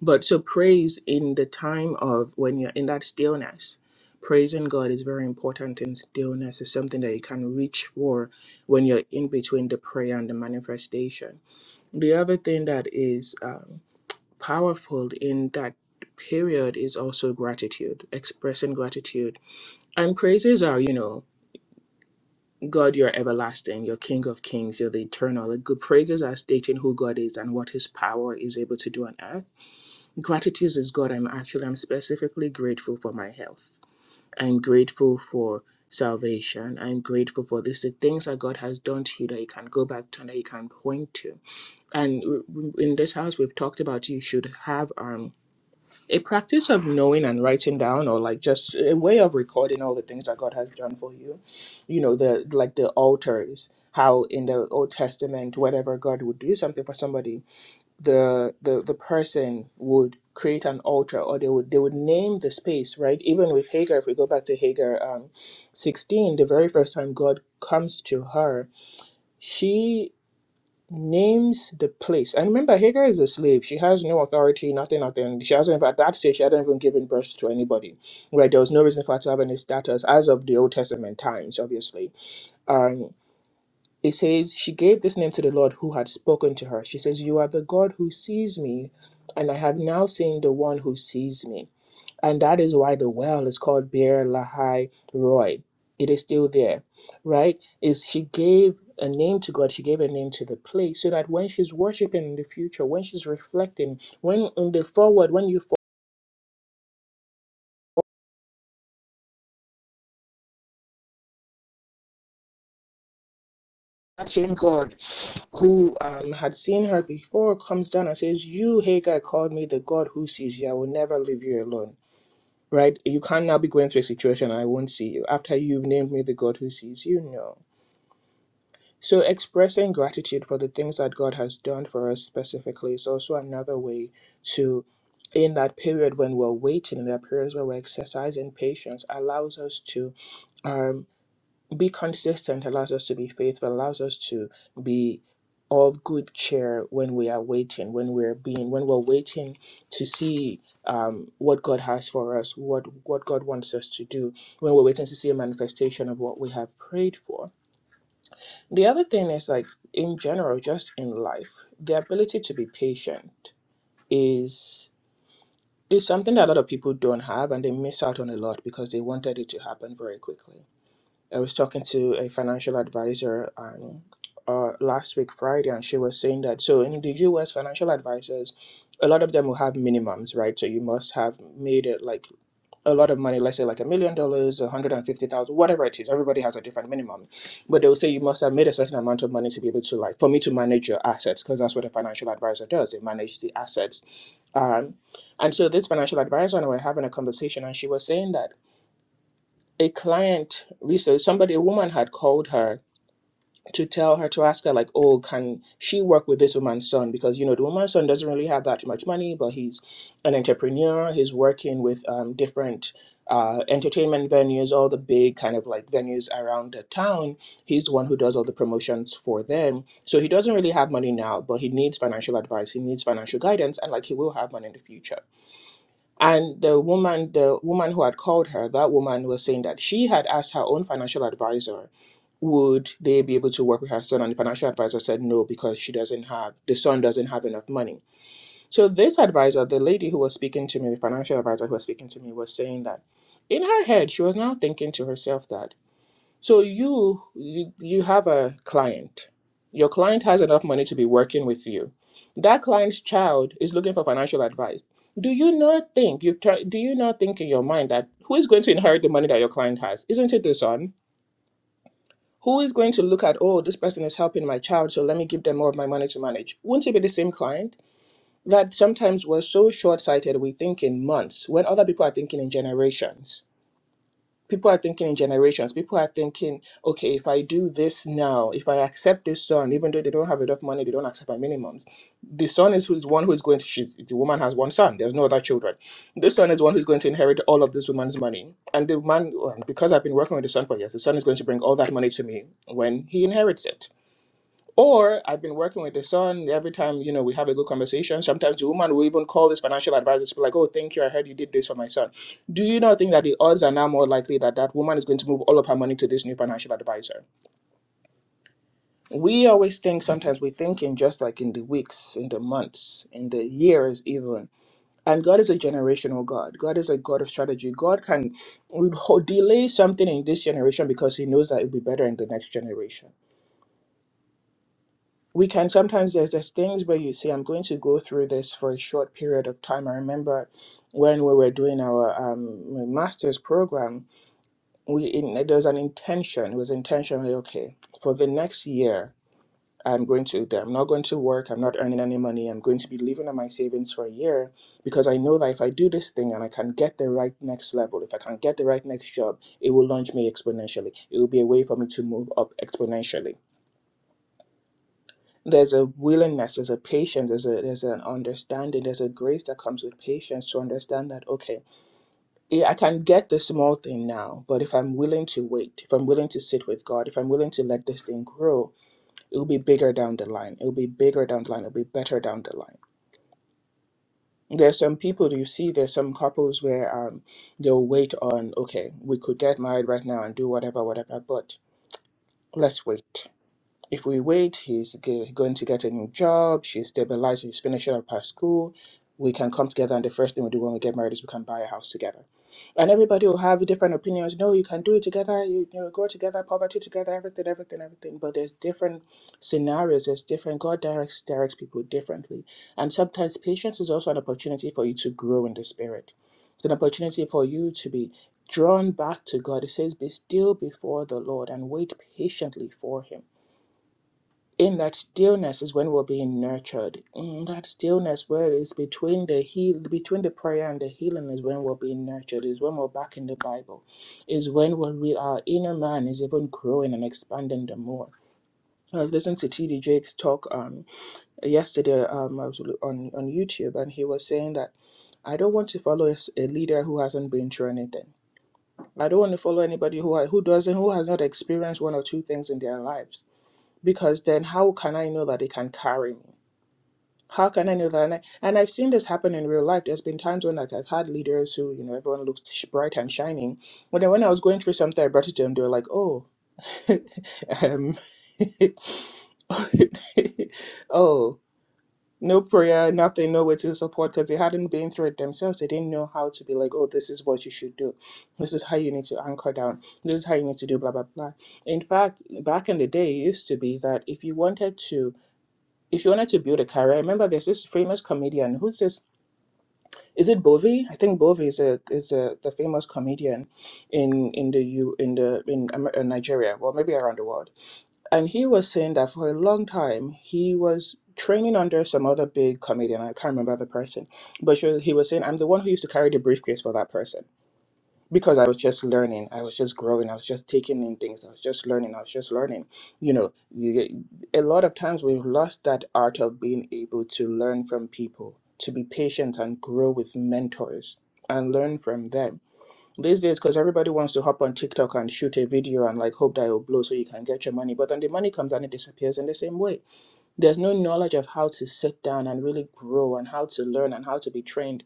Speaker 1: But so praise in the time of when you're in that stillness. Praising God is very important in stillness. It's something that you can reach for when you're in between the prayer and the manifestation. The other thing that is um, powerful in that period is also gratitude, expressing gratitude and praises are, you know, God, you're everlasting, you're King of kings, you're the eternal. Like good praises are stating who God is and what his power is able to do on earth. Gratitude is God, I'm actually, I'm specifically grateful for my health. I'm grateful for salvation. I'm grateful for this, the things that God has done to you that you can go back to and that you can point to. And w- w- in this house, we've talked about you should have um a practice of knowing and writing down or like just a way of recording all the things that god has done for you you know the like the altars how in the old testament whenever god would do something for somebody the the, the person would create an altar or they would they would name the space right even with hagar if we go back to hagar um, 16 the very first time god comes to her she names the place. And remember, Hagar is a slave. She has no authority, nothing, nothing. She hasn't, at that stage, she hadn't even given birth to anybody. Right? There was no reason for her to have any status as of the Old Testament times, obviously. Um, it says, She gave this name to the Lord who had spoken to her. She says, You are the God who sees me, and I have now seen the one who sees me. And that is why the well is called Beer Lahai Roy. It is still there, right? Is she gave a name to God, she gave a name to the place, so that when she's worshiping in the future, when she's reflecting, when in the forward, when you forward, that same God who um, had seen her before comes down and says, You, Hagar, called me the God who sees you. I will never leave you alone. Right? You can't now be going through a situation and I won't see you. After you've named me the God who sees you, no. So, expressing gratitude for the things that God has done for us specifically is also another way to, in that period when we're waiting, in that periods where we're exercising patience, allows us to um, be consistent, allows us to be faithful, allows us to be of good cheer when we are waiting, when we're being, when we're waiting to see um, what God has for us, what what God wants us to do, when we're waiting to see a manifestation of what we have prayed for the other thing is like in general, just in life, the ability to be patient is is something that a lot of people don't have and they miss out on a lot because they wanted it to happen very quickly. I was talking to a financial advisor um, uh, last week Friday, and she was saying that so in the U.S. financial advisors, a lot of them will have minimums, right? So you must have made it like a lot of money, let's say like a million dollars, a hundred and fifty thousand, whatever it is. Everybody has a different minimum, but they will say you must have made a certain amount of money to be able to like for me to manage your assets because that's what a financial advisor does. They manage the assets. Um, and so this financial advisor and I were having a conversation, and she was saying that a client research somebody a woman had called her to tell her to ask her like oh can she work with this woman's son because you know the woman's son doesn't really have that much money but he's an entrepreneur he's working with um, different uh, entertainment venues all the big kind of like venues around the town he's the one who does all the promotions for them so he doesn't really have money now but he needs financial advice he needs financial guidance and like he will have money in the future and the woman, the woman who had called her, that woman was saying that she had asked her own financial advisor, would they be able to work with her son? And the financial advisor said no because she doesn't have the son doesn't have enough money. So this advisor, the lady who was speaking to me, the financial advisor who was speaking to me, was saying that in her head she was now thinking to herself that so you, you you have a client. Your client has enough money to be working with you. That client's child is looking for financial advice. Do you not think you have do you not think in your mind that who is going to inherit the money that your client has? Isn't it the son? Who is going to look at, oh, this person is helping my child, so let me give them more of my money to manage? Wouldn't it be the same client? That sometimes we're so short sighted, we think in months when other people are thinking in generations people are thinking in generations. People are thinking, okay, if I do this now, if I accept this son, even though they don't have enough money, they don't accept my minimums. The son is who's one who is going to she's The woman has one son. There's no other children. This son is one who's going to inherit all of this woman's money. And the man, well, because I've been working with the son for years, the son is going to bring all that money to me when he inherits it or I've been working with the son. Every time you know we have a good conversation, sometimes the woman will even call this financial advisor to be like, "Oh, thank you. I heard you did this for my son." Do you not think that the odds are now more likely that that woman is going to move all of her money to this new financial advisor? We always think. Sometimes we think in just like in the weeks, in the months, in the years, even. And God is a generational God. God is a God of strategy. God can ho- delay something in this generation because He knows that it'll be better in the next generation. we can sometimes there's there's things where you say i'm going to go through this for a short period of time i remember when we were doing our um, master's program we in, there was an intention it was intentionally okay for the next year i'm going to i'm not going to work i'm not earning any money i'm going to be living on my savings for a year because i know that if i do this thing and i can get the right next level if i can get the right next job it will launch me exponentially it will be a way for me to move up exponentially there's a willingness there's a patience there's a there's an understanding there's a grace that comes with patience to understand that okay yeah, i can get the small thing now but if i'm willing to wait if i'm willing to sit with god if i'm willing to let this thing grow it'll be bigger down the line it'll be bigger down the line it'll be better down the line there's some people you see there's some couples where um they'll wait on okay we could get married right now and do whatever whatever but let's wait If we wait, he's g- going to get a new job, she's stabilizing, she's finishing up her school. We can come together, and the first thing we do when we get married is we can buy a house together. And everybody will have different opinions. No, you can do it together, you, you know, grow together, poverty together, everything, everything, everything. But there's different scenarios, there's different, God directs, directs people differently. And sometimes patience is also an opportunity for you to grow in the spirit. It's an opportunity for you to be drawn back to God. It says, Be still before the Lord and wait patiently for Him in that stillness is when we're being nurtured. In that stillness where it's between the heal between the prayer and the healing is when we're being nurtured, is when we're back in the Bible, is when we're re- our inner man is even growing and expanding the more. I was listening to TD Jake's talk um yesterday um I was l- on, on YouTube and he was saying that I don't want to follow a s- a leader who hasn't been through anything. I don't want to follow anybody who I- who doesn't who has not experienced one or two things in their lives because then how can I know that they can carry me? How can I know that? And, I, and I've seen this happen in real life. There's been times when like I've had leaders who, you know, everyone looks sh- bright and shining. But then when I was going through something, I brought it to them. They were like, "Oh, [laughs] um, [laughs] oh, no prayer, nothing, no way to support," because they hadn't been through it themselves. They didn't know how to be like, "Oh, this is what you should do. This is how you need to anchor down. This is how you need to do." Blah blah blah. In fact, back in the day, it used to be that if you wanted to if you wanted to build a career, I remember there's this famous comedian who's this is it Bovey? I think Bovey is a is a, the famous comedian in in the U in the in Amer- uh, Nigeria, well maybe around the world. And he was saying that for a long time he was training under some other big comedian. I can't remember the person, but she, he was saying I'm the one who used to carry the briefcase for that person because I was just learning. I was just growing. I was just taking in things. I was just learning. I was just learning. You know, you- a lot of times we've lost that art of being able to learn from people, to be patient and grow with mentors and learn from them. These days, because everybody wants to hop on TikTok and shoot a video and like hope that it'll blow so you can get your money, but then the money comes and it disappears in the same way. There's no knowledge of how to sit down and really grow and how to learn and how to be trained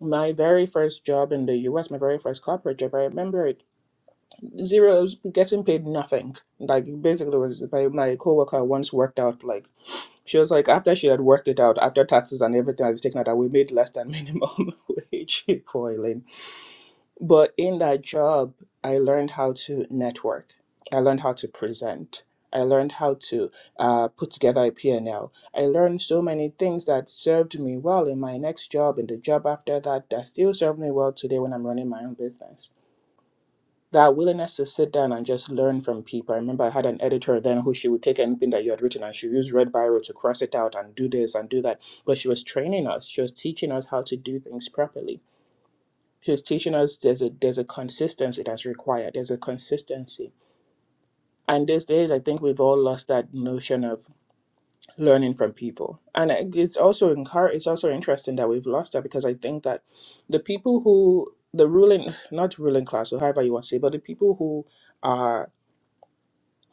Speaker 1: my very first job in the US, my very first corporate job, I remember it zeros getting paid nothing. Like basically it was my, my coworker once worked out like she was like after she had worked it out, after taxes and everything I was taken out, that we made less than minimum [laughs] wage [laughs] for Elaine. But in that job, I learned how to network. I learned how to present. I learned how to uh, put together a P&L. I learned so many things that served me well in my next job and the job after that that still serve me well today when I'm running my own business. That willingness to sit down and just learn from people. I remember I had an editor then who she would take anything that you had written and she used red biro to cross it out and do this and do that. But she was training us. She was teaching us how to do things properly She's teaching us there's a there's a consistency that's required. There's a consistency. And these days, I think we've all lost that notion of learning from people. And I- it's also encour- it's also interesting that we've lost that because I think that the people who the ruling not ruling class or however you want to say, but the people who are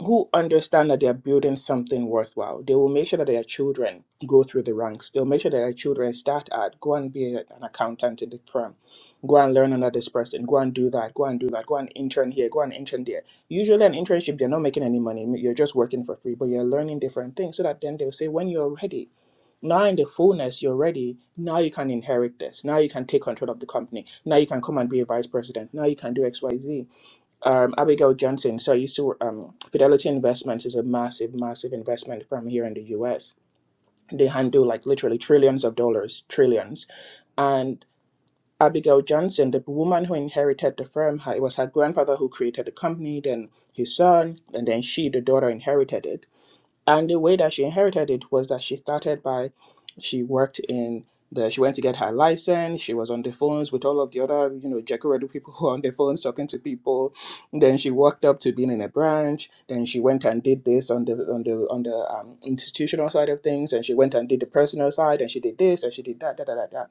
Speaker 1: who understand that they are building something worthwhile. They will make sure that their children go through the ranks. They'll make sure that their children start at go and be an accountant in the firm, go and learn under this person, go and do that, go and do that, go and intern here, go and intern there. Usually, an internship, you're not making any money. You're just working for free, but you're learning different things so that then they'll say, when you're ready, now in the fullness, you're ready. Now you can inherit this. Now you can take control of the company. Now you can come and be a vice president. Now you can do X, Y, Z um, Abigail Johnson. So I used to, um, Fidelity Investments is a massive, massive investment firm here in the US. They handle like literally trillions of dollars, trillions. And Abigail Johnson, the woman who inherited the firm, her- it was her grandfather who created the company, then his son, and then she, the daughter, inherited it and the way that she inherited it was that she started by she worked in the she went to get her license she was on the phones with all of the other you know Redu people [laughs] who are on the phones talking to people then she worked up to being in a branch then she went and did this on the on the on the um, institutional side of things and she went and did the personal side and she did this and she did that da, da, da, da.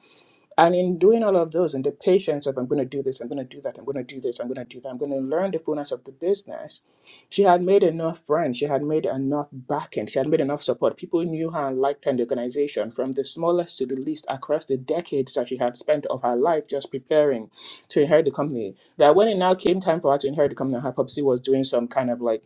Speaker 1: And in doing all of those and the patience of I'm going to do this, I'm going to do that, I'm going to do this, I'm going to do that, I'm going to learn the fullness of the business, she had made enough friends, she had made enough backing, she had made enough support. People knew her and liked her in the organization from the smallest to the least across the decades that she had spent of her life just preparing to inherit the company. That when it now came time for her to inherit the company, her popsy was doing some kind of like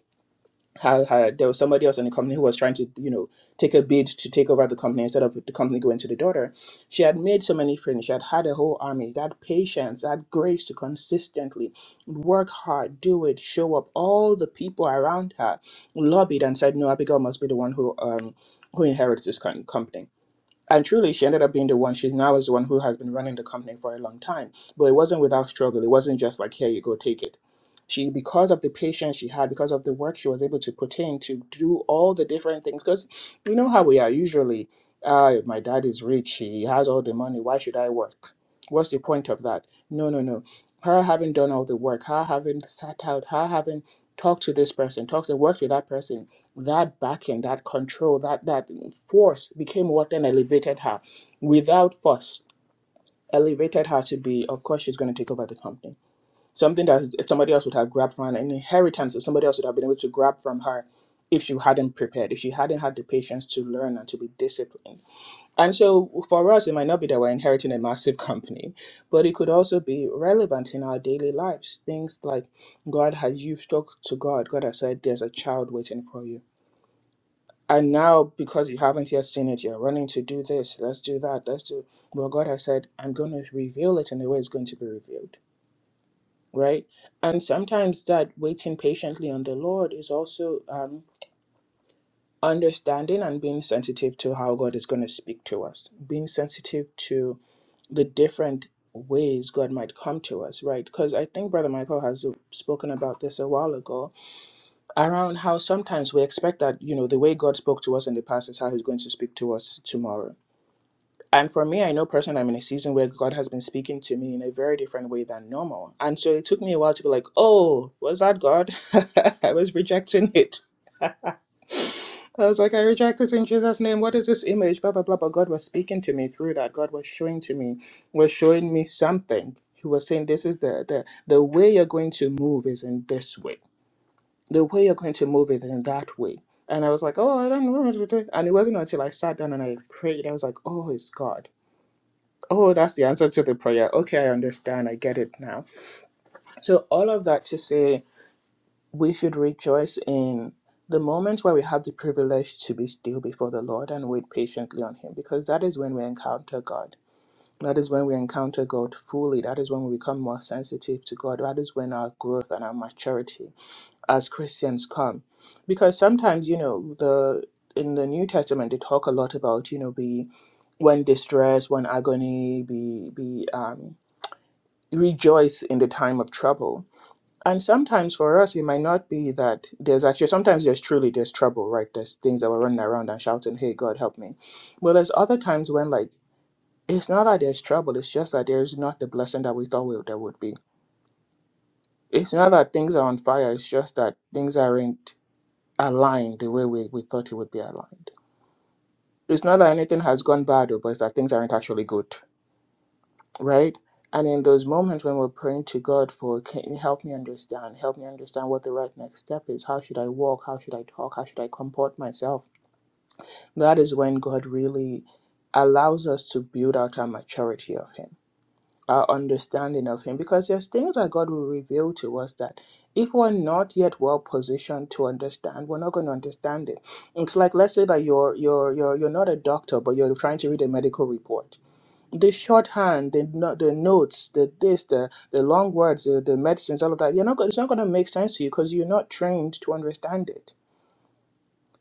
Speaker 1: how, how there was somebody else in the company who was trying to you know take a bid to take over the company instead of the company going to the daughter she had made so many friends she had had a whole army that patience that grace to consistently work hard do it show up all the people around her lobbied and said no abigail must be the one who um who inherits this kind company and truly she ended up being the one she now is the one who has been running the company for a long time but it wasn't without struggle it wasn't just like here you go take it she because of the patience she had because of the work she was able to put in to do all the different things because you know how we are usually uh, my dad is rich he has all the money why should i work what's the point of that no no no her having done all the work her having sat out her having talked to this person talked and worked with that person that backing, that control, that that force became what then elevated her. Without force, elevated her to be, of course, she's going to take over the company. Something that somebody else would have grabbed from an inheritance that somebody else would have been able to grab from her if she hadn't prepared, if she hadn't had the patience to learn and to be disciplined. And so for us, it might not be that we're inheriting a massive company, but it could also be relevant in our daily lives. Things like God has, you've talked to God, God has said, there's a child waiting for you and now, because you haven't yet seen it, you're running to do this, let's do that, let's do. Well, God has said, I'm going to reveal it in the way it's going to be revealed, right? And sometimes that waiting patiently on the Lord is also um, understanding and being sensitive to how God is going to speak to us, being sensitive to the different ways God might come to us, right? Because I think Brother Michael has spoken about this a while ago around how sometimes we expect that, you know, the way God spoke to us in the past is how he's going to speak to us tomorrow And for me, I know personally, I'm in a season where God has been speaking to me in a very different way than normal. And so it took me a while to be like, oh, was that God? [laughs] I was rejecting it. I was like, I reject it in Jesus' name. What is this image? Blah, blah, blah. But God was speaking to me through that. God was showing to me, was showing me something. He was saying, this is the, the, the way you're going to move is in this way. The way you're going to move is in that way. And I was like, oh, I don't know. And it wasn't until I sat down and I prayed, I was like, oh, it's God Oh, that's the answer to the prayer. Okay, I understand. I get it now. So, all of that to say, we should rejoice in the moments where we have the privilege to be still before the Lord and wait patiently on Him, because that is when we encounter God. That is when we encounter God fully. That is when we become more sensitive to God. That is when our growth and our maturity as Christians come. Because sometimes, you know, the in the New Testament they talk a lot about, you know, be when distress, when agony, be be um rejoice in the time of trouble. And sometimes for us, it might not be that there's actually, sometimes there's truly, there's trouble, right? There's things that we're running around and shouting, hey, God, help me. But there's other times when, like, it's not that there's trouble, it's just that there's not the blessing that we thought we, there would be. It's not that things are on fire, it's just that things aren't aligned the way we, we thought it would be aligned. It's not that anything has gone bad, oh, but it's that things aren't actually good. right? And in those moments when we're praying to God for, can you help me understand? Help me understand what the right next step is. How should I walk? How should I talk? How should I comport myself? That is when God really allows us to build out our maturity of Him, our understanding of Him, because there's things that God will reveal to us that if we're not yet well positioned to understand, we're not going to understand it. It's like let's say that you're you're you're you're not a doctor, but you're trying to read a medical report the shorthand, the no- the notes, the this, the the long words, the, the medicines, all of that. You're not. go- It's not going to make sense to you because you're not trained to understand it.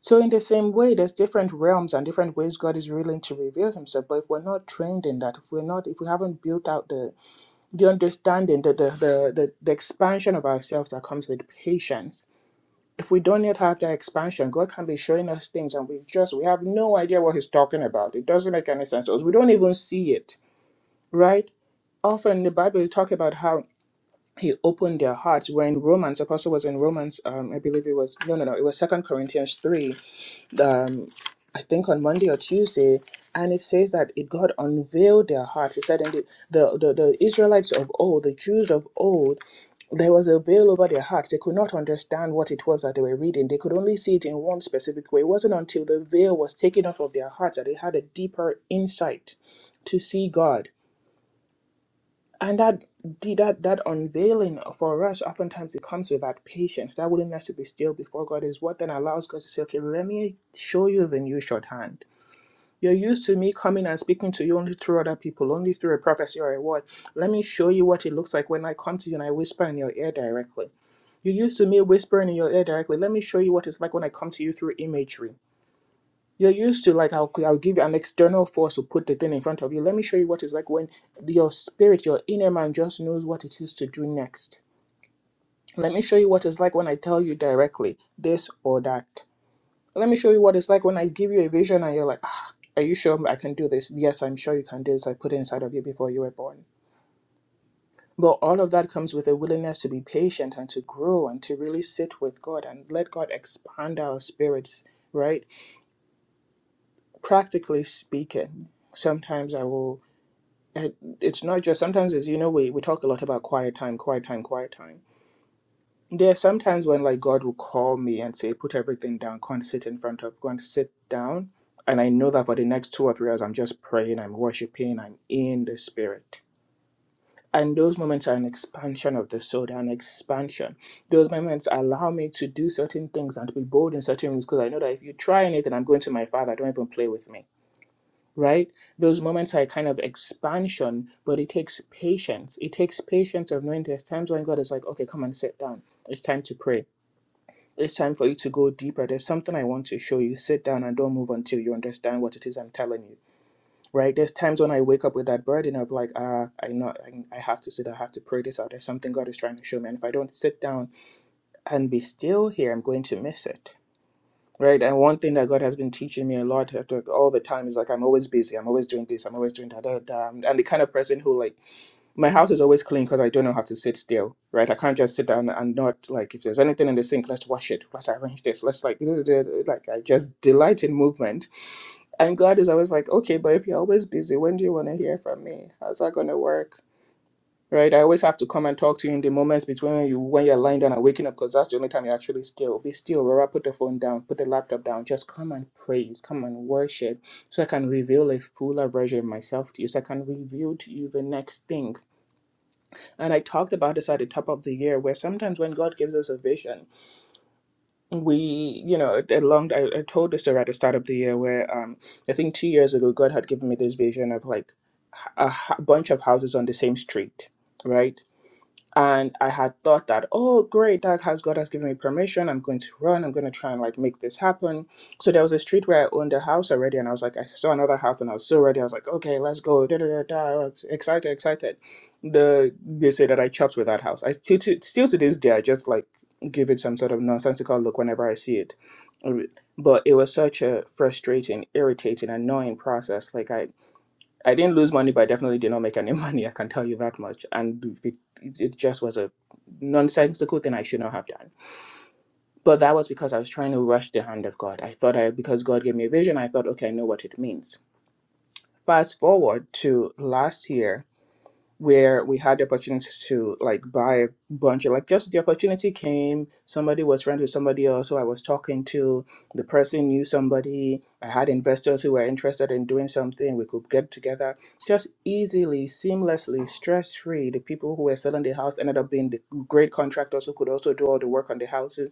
Speaker 1: So in the same way, there's different realms and different ways God is willing to reveal Himself. But if we're not trained in that, if we're not, if we haven't built out the the understanding, the the the, the, the expansion of ourselves that comes with patience. If we don't yet have that expansion, God can be showing us things and we just we have no idea what He's talking about. It doesn't make any sense to us. We don't even see it right? Often in the Bible you talk about how he opened their hearts. When Romans, Apostle was in Romans, um, I believe it was no, no, no, it was Second Corinthians three. Um, I think on Monday or Tuesday, and it says that it God unveiled their hearts. It said in the the, the the Israelites of old, the Jews of old, there was a veil over their hearts. They could not understand what it was that they were reading. They could only see it in one specific way. It wasn't until the veil was taken off of their hearts that they had a deeper insight to see God and that the- that that unveiling for us oftentimes it comes with that patience that willingness to be still before god is what then allows god to say okay let me show you the new shorthand you're used to me coming and speaking to you only through other people only through a prophecy or a word let me show you what it looks like when i come to you and i whisper in your ear directly you're used to me whispering in your ear directly let me show you what it's like when i come to you through imagery you're used to like I'll I'll give you an external force to put the thing in front of you. Let me show you what it's like when your spirit, your inner man, just knows what it is to do next. Let me show you what it's like when I tell you directly this or that. Let me show you what it's like when I give you a vision and you're like, ah, are you sure I can do this? Yes, I'm sure you can do this. I put it inside of you before you were born. But all of that comes with a willingness to be patient and to grow and to really sit with God and let God expand our spirits, right? Practically speaking, sometimes I will. uh, it's not just sometimes as you know we, we talk a lot about quiet time quiet time quiet time there are sometimes when like god will call me and say put everything down go and sit in front of go and sit down and i know that for the next two or three hours i'm just praying i'm worshiping i'm in the spirit and those moments are an expansion of the soul they're an expansion those moments allow me to do certain things and to be bold in certain ways because i know that if you try anything i'm going to my father don't even play with me right? Those moments are a kind of expansion, but it takes patience. It takes patience of knowing there's times when God is like, okay, come and sit down. It's time to pray. It's time for you to go deeper. There's something I want to show you. Sit down and don't move until you understand what it is I'm telling you. Right? There's times when I wake up with that burden of like, ah, I not, I, I have to sit. I have to pray this out. There's something God is trying to show me, and if I don't sit down and be still here, I'm going to miss it right? And one thing that God has been teaching me a lot uh, like, all the time is like I'm always busy. I'm always doing this. I'm always doing that. da, da. I'm I'm the kind of person who like my house is always clean because I don't know how to sit still, right? I can't just sit down and not like if there's anything in the sink, let's wash it. Let's arrange this. Let's like da, da, da, like I just delight in movement. And God is always like, okay, but if you're always busy, when do you want to hear from me? How's that gonna work? right? I always have to come and talk to you in the moments between you when you're lying down and waking up because that's the only time you're actually still. Be still, Rora, put the phone down, put the laptop down. Just come and praise, come and worship, so I can reveal a fuller version of myself to you, so I can reveal to you the next thing. And I talked about this at the top of the year, where sometimes when God gives us a vision, we, you know, a long. I, I told this story at the start of the year, where um, I think two years ago, God had given me this vision of like a h- bunch of houses on the same street, right? and I had thought that, oh, great, that has God has given me permission. I'm going to run. I'm going to try and like make this happen. So there was a street where I owned a house already, and I was like, I saw another house, and I was so ready. I was like, okay, let's go. Da da da da. I was excited, excited. The they say that I chopped with that house. I still to, still to this day, I just like give it some sort of nonsensical look whenever I see it. But it was such a frustrating, irritating, annoying process. Like I I didn't lose money, but I definitely did not make any [laughs] money. I can tell you that much. And it, it just was a nonsensical thing I should not have done. But that was because I was trying to rush the hand of God. I thought I, because God gave me a vision, I thought, okay, I know what it means. Fast forward to last year, where we had the opportunity to like buy a bunch of like just the opportunity came somebody was friends with somebody else who i was talking to the person knew somebody i had investors who were interested in doing something we could get together just easily seamlessly stress free the people who were selling the house ended up being the great contractors who could also do all the work on the houses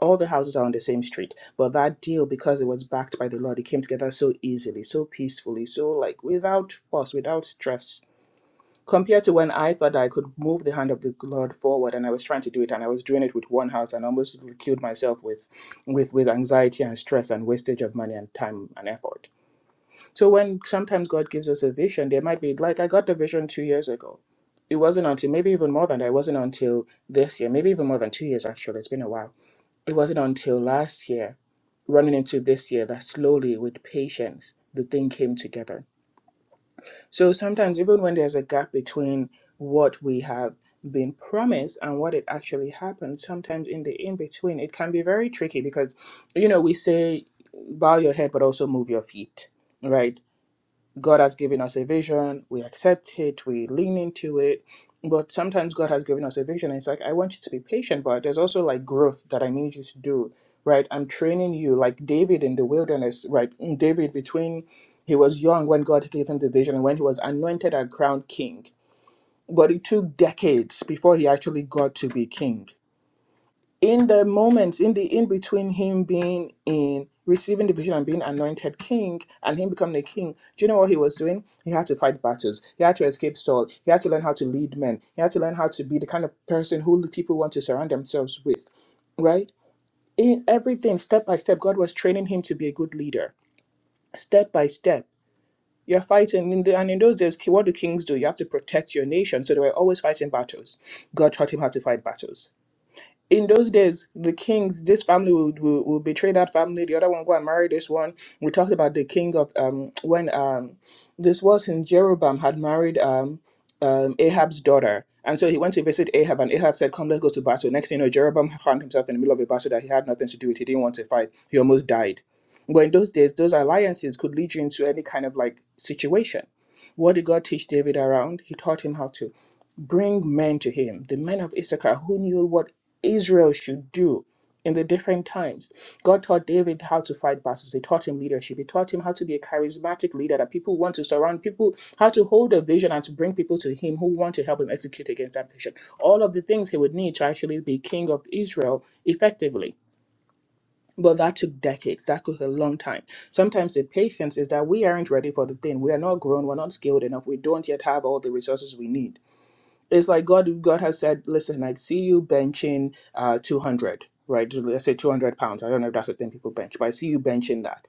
Speaker 1: all the houses are on the same street but that deal because it was backed by the lord it came together so easily so peacefully so like without fuss without stress compared to when I thought I could move the hand of the Lord forward, and I was trying to do it, and I was doing it with one house, and almost killed myself with, with, with anxiety and stress and wastage of money and time and effort. So when sometimes God gives us a vision, there might be like I got the vision two years ago. It wasn't until maybe even more than that. It wasn't until this year, maybe even more than two years actually. It's been a while. It wasn't until last year, running into this year, that slowly with patience the thing came together so sometimes, even when there's a gap between what we have been promised and what it actually happens, sometimes in the in between, it can be very tricky because, you know, we say bow your head but also move your feet, right? God has given us a vision, we accept it, we lean into it. But sometimes God has given us a vision, and it's like, I want you to be patient, but there's also like growth that I need you to do, right? I'm training you, like David in the wilderness, right? Mm, David, between he was young when God gave him the vision and when he was anointed and crowned king, but it took decades before he actually got to be king in the moments in the in between him being in receiving the vision and being anointed king and him becoming a king do you know what he was doing he had to fight battles he had to escape saul he had to learn how to lead men he had to learn how to be the kind of person who people want to surround themselves with right in everything step by step god was training him to be a good leader step by step you're fighting in the, and in those days what do kings do you have to protect your nation so they were always fighting battles god taught him how to fight battles in those days, the kings, this family will, will, will betray that family. The other one go and marry this one. We talked about the king of um when um this was in Jeroboam had married um um Ahab's daughter, and so he went to visit Ahab, and Ahab said, "Come, let's go to battle." Next thing you know, Jeroboam found himself in the middle of a battle that he had nothing to do with. He didn't want to fight. He almost died. But in those days, those alliances could lead you into any kind of like situation. What did God teach David around? He taught him how to bring men to him, the men of Issachar who knew what Israel should do in the different times. God taught David how to fight battles. He taught him leadership. He taught him how to be a charismatic leader that people want to surround people, how to hold a vision and to bring people to him who want to help him execute against that vision. All of the things he would need to actually be king of Israel effectively. But that took decades. That took a long time. Sometimes the patience is that we aren't ready for the thing. We are not grown. We're not skilled enough. We don't yet have all the resources we need it's like God God has said, listen, I see you benching uh 200, right? Let's say 200 pounds. I don't know if that's the thing people bench, but I see you benching that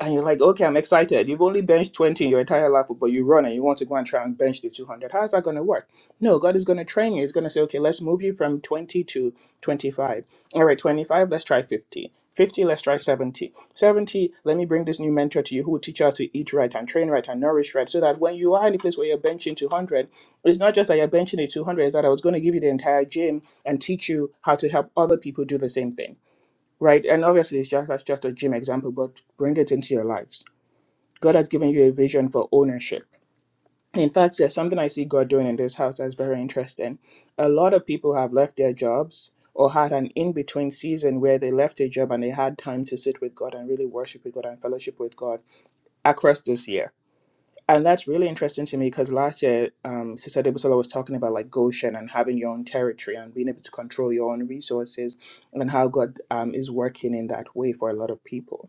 Speaker 1: and you're like, okay, I'm excited. You've only benched 20 in your entire life, but you run and you want to go and try and bench the 200. How's that going to work? No, God is going to train you. He's going to say, okay, let's move you from 20 to 25. All right, 25, let's try 50. 50, let's try 70. 70, let me bring this new mentor to you who will teach you how to eat right and train right and nourish right so that when you are in a place where you're benching 200, it's not just that you're benching the 200, it's that I was going to give you the entire gym and teach you how to help other people do the same thing right? And obviously, it's just that's just a gym example, but bring it into your lives. God has given you a vision for ownership. In fact, there's something I see God doing in this house that's very interesting. A lot of people have left their jobs or had an in between season where they left a job and they had time to sit with God and really worship with God and fellowship with God across this year and that's really interesting to me because last year, um, Sister Debusola was talking about like Goshen and having your own territory and being able to control your own resources and how God um, is working in that way for a lot of people.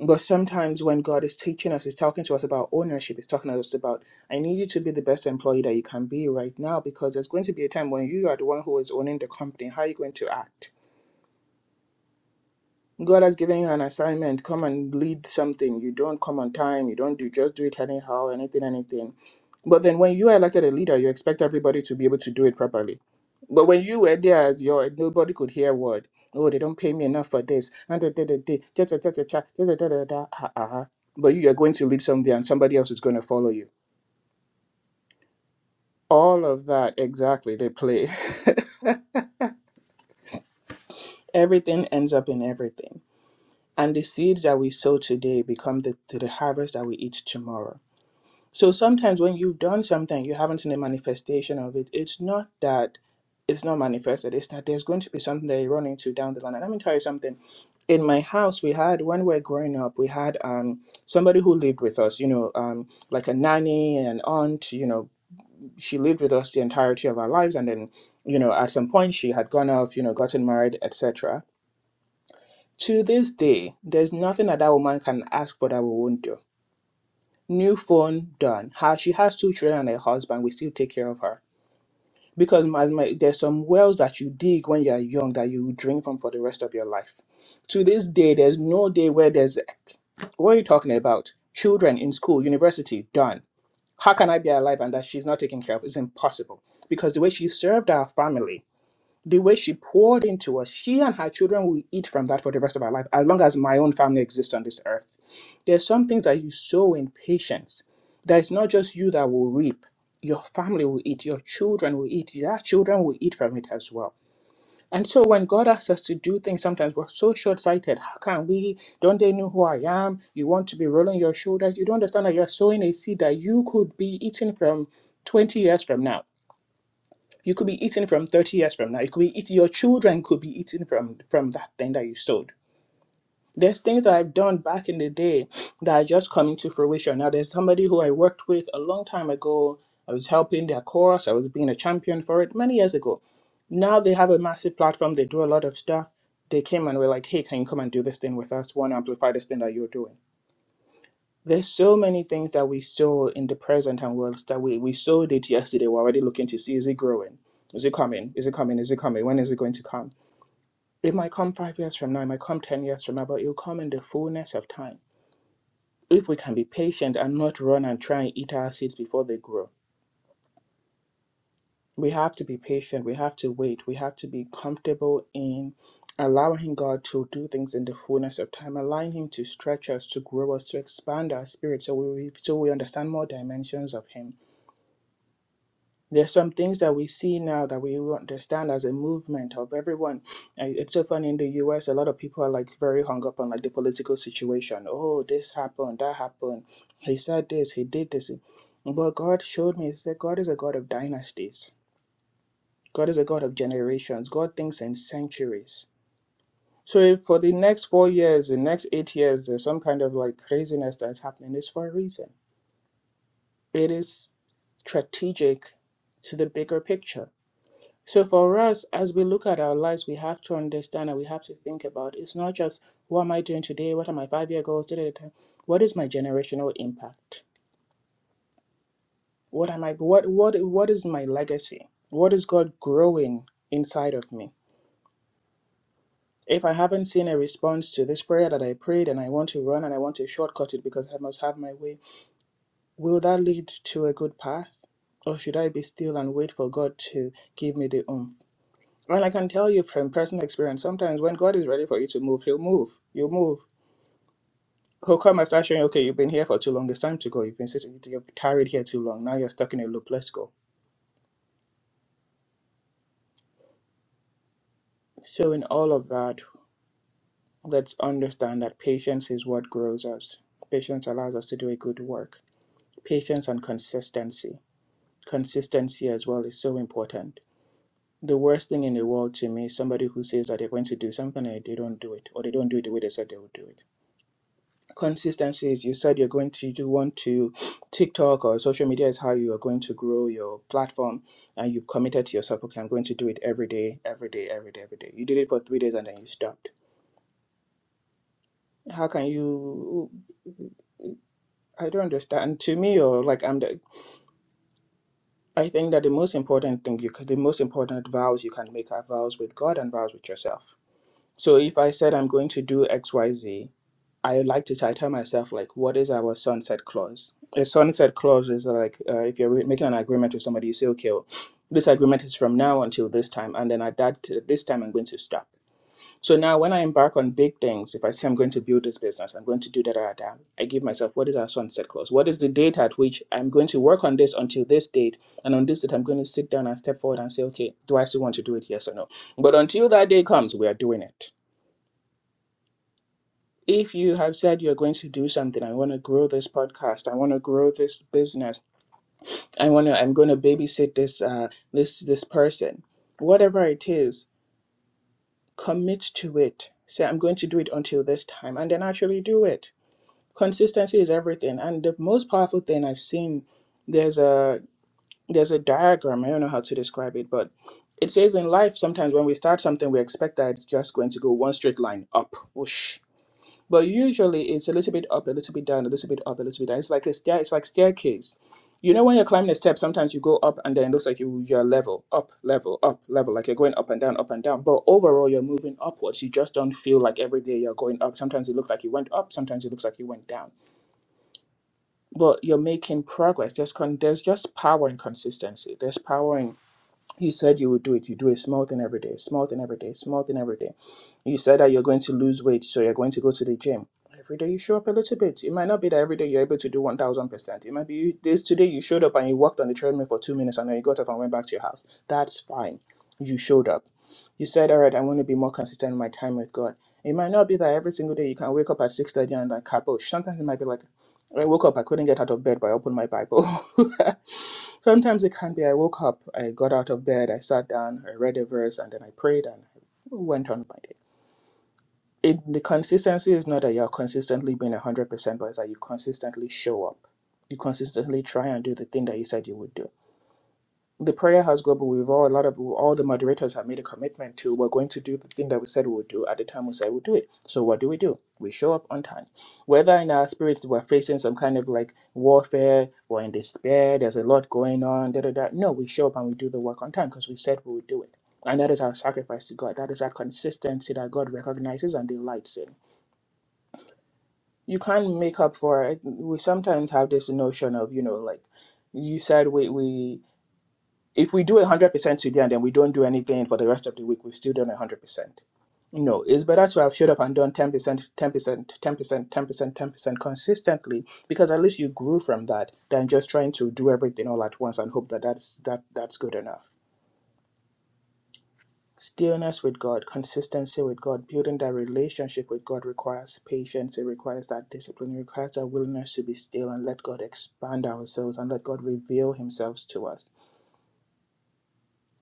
Speaker 1: But sometimes when God is teaching us, He's talking to us about ownership. He's talking to us about, I need you to be the best employee that you can be right now because there's going to be a time when you are the one who is owning the company. How are you going to act? God has given you an assignment. Come and lead something. You don't come on time. You don't do just do it anyhow, anything, anything. But then when you are elected a leader, you expect everybody to be able to do it properly. But when you were there as your nobody could hear a word. Oh, they don't pay me enough for this. And da, da, da, da, cha, cha, cha, cha, cha, da, da, da, da, da, ah, ah, ah. But you are going to lead something and somebody else is going to follow you. All of that, exactly, they play. [laughs] everything ends up in everything. And the seeds that we sow today become the, the harvest that we eat tomorrow. So sometimes when you've done something, you haven't seen a manifestation of it. It's not that it's not manifested, it's that there's going to be something that you run into down the line. And let me tell you something. In my house, we had when we were growing up, we had um somebody who lived with us, you know, um like a nanny and aunt, you know, she lived with us the entirety of our lives and then, you know, at some point she had gone off, you know, gotten married, etc. To this day, there's nothing that that woman can ask for that we won't do new phone done how she has two children and a husband we still take care of her because my, my, there's some wells that you dig when you're young that you drink from for the rest of your life to this day there's no day where there's what are you talking about children in school university done how can i be alive and that she's not taken care of it's impossible because the way she served our family the way she poured into us, she and her children will eat from that for the rest of our life, as long as my own family exists on this earth. There's some things that you sow in patience. That it's not just you that will reap. Your family will eat, your children will eat, their children will eat from it as well. And so when God asks us to do things, sometimes we're so short sighted. How can we? Don't they know who I am? You want to be rolling your shoulders. You don't understand that you're sowing a seed that you could be eating from 20 years from now you could be eating from 30 years from now. You could be eating, your children could be eating from, from that thing that you stole. There's things that I've done back in the day that are just coming to fruition. Now, there's somebody who I worked with a long time ago. I was helping their course, I was being a champion for it many years ago. Now they have a massive platform, they do a lot of stuff. They came and were like, hey, can you come and do this thing with us? Want to amplify this thing that you're doing? There's so many things that we saw in the present and world that we, we saw it yesterday. We're already looking to see is it growing? Is it coming? Is it coming? Is it coming? When is it going to come? It might come five years from now, it might come 10 years from now, but it'll come in the fullness of time. If we can be patient and not run and try and eat our seeds before they grow, we have to be patient. We have to wait. We have to be comfortable in allowing God to do things in the fullness of time, allowing Him to stretch us, to grow us, to expand our spirit, so we so we understand more dimensions of Him There's some things that we see now that we will understand as a movement of everyone. And It's so funny in the US, a lot of people are like very hung up on like the political situation. Oh, this happened, that happened. He said this, he did this. But God showed me, He said, God is a God of dynasties, God is a God of generations, God thinks in centuries. So if for the next four years, the next eight years, there's some kind of like craziness that's happening, it's for a reason. It is strategic to the bigger picture. So for us, as we look at our lives, we have to understand and we have to think about it's not just what am I doing today, what are my five year goals, da, da, da, da. what is my generational impact? What am I what what what is my legacy? What is God growing inside of me? If I haven't seen a response to this prayer that I prayed and I want to run and I want to shortcut it because I must have my way, will that lead to a good path? Or should I be still and wait for God to give me the oomph? And I can tell you from personal experience, sometimes when God is ready for you to move, He'll move. You'll move. He'll come and start showing you, okay, you've been here for too long. It's time to go. You've been sitting, you've tarried here too long. Now you're stuck in a loop. Let's go. So, in all of that, let's understand that patience is what grows us. Patience allows us to do a good work. Patience and consistency. Consistency as well is so important. The worst thing in the world to me is somebody who says that they're going to do something and they don't do it, or they don't do it the way they said they would do it consistency is you said you're going to do, want to TikTok or social media is how you are going to grow your platform and you've committed to yourself, okay, I'm going to do it every day, every day, every day, every day. You did it for three days and then you stopped. How can you I don't understand. To me or like I'm the I think that the most important thing you could the most important vows you can make are vows with God and vows with yourself So if I said I'm going to do X Y Z, I like to title myself like, what is our sunset clause? A sunset clause is like uh, if you're re- making an agreement with somebody, you say, okay, well, this agreement is from now until this time, and then at that this time I'm going to stop. So now when I embark on big things, if I say I'm going to build this business, I'm going to do that, that, that, I give myself what is our sunset clause? What is the date at which I'm going to work on this until this date? And on this date, I'm going to sit down and step forward and say, okay, do I still want to do it? Yes or no? But until that day comes, we are doing it if you have said you're going to do something i want to grow this podcast i want to grow this business i want to i'm going to babysit this uh this this person whatever it is commit to it say i'm going to do it until this time and then actually do it consistency is everything and the most powerful thing i've seen there's a there's a diagram i don't know how to describe it but it says in life sometimes when we start something we expect that it's just going to go one straight line up whoosh But usually it's a little bit up, a little bit down, a little bit up, a little bit down. It's like a stair, it's like staircase. You know when you're climbing a step, sometimes you go up and then it looks like you you're level, up, level, up, level, like you're going up and down, up and down. But overall you're moving upwards. You just don't feel like every day you're going up. Sometimes it looks like you went up, sometimes it looks like you went down. But you're making progress. There's con- there's just power in consistency. There's power in you said you would do it. You do a small thing every day, small thing every day, small thing every day. You said that you're going to lose weight, so you're going to go to the gym. Every day you show up a little bit. It might not be that every day you're able to do 1000%. It might be you, this today you showed up and you walked on the treadmill for two minutes and then you got up and went back to your house. That's fine. You showed up. You said, all right, I want to be more consistent in my time with God. It might not be that every single day you can wake up at 6.30 and like, kabosh. Sometimes it might be like, I woke up, I couldn't get out of bed, but I opened my Bible. [laughs] Sometimes it can be I woke up, I got out of bed, I sat down, I read a verse, and then I prayed and went on my day. It, the consistency is not that you're consistently being 100%, but it's that you consistently show up. You consistently try and do the thing that you said you would do the prayer house group we've all a lot of all the moderators have made a commitment to we're going to do the thing that we said we would do at the time we said we'll do it so what do we do we show up on time whether in our spirits we're facing some kind of like warfare or in despair there's a lot going on da da da no we show up and we do the work on time because we said we would do it and that is our sacrifice to god that is our consistency that god recognizes and delights in you can't make up for it we sometimes have this notion of you know like you said we we if we do 100% today and then we don't do anything for the rest of the week, we've still done 100%. No, it's better to have showed up and done 10%, 10%, 10%, 10%, 10% consistently because at least you grew from that than just trying to do everything all at once and hope that that's, that, that's good enough. Stillness with God, consistency with God, building that relationship with God requires patience. It requires that discipline. It requires that willingness to be still and let God expand ourselves and let God reveal Himself to us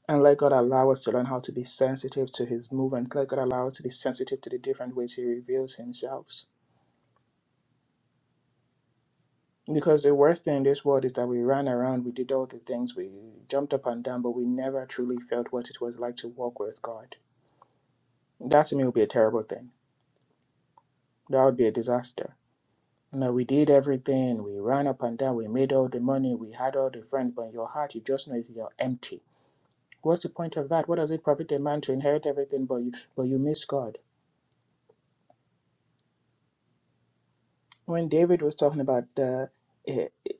Speaker 1: And let God allow us to learn how to be sensitive to His movement. Let God allow us to be sensitive to the different ways He reveals Himself. Because the worst thing in this world is that we ran around, we did all the things, we jumped up and down, but we never truly felt what it was like to walk with God. That to me would be a terrible thing. That would be a disaster. Now we did everything, we ran up and down, we made all the money, we had all the friends, but in your heart, you just know you're empty. What's the point of that? What does it profit a man to inherit everything, but you but you miss God? when David was talking about the, eh, eh,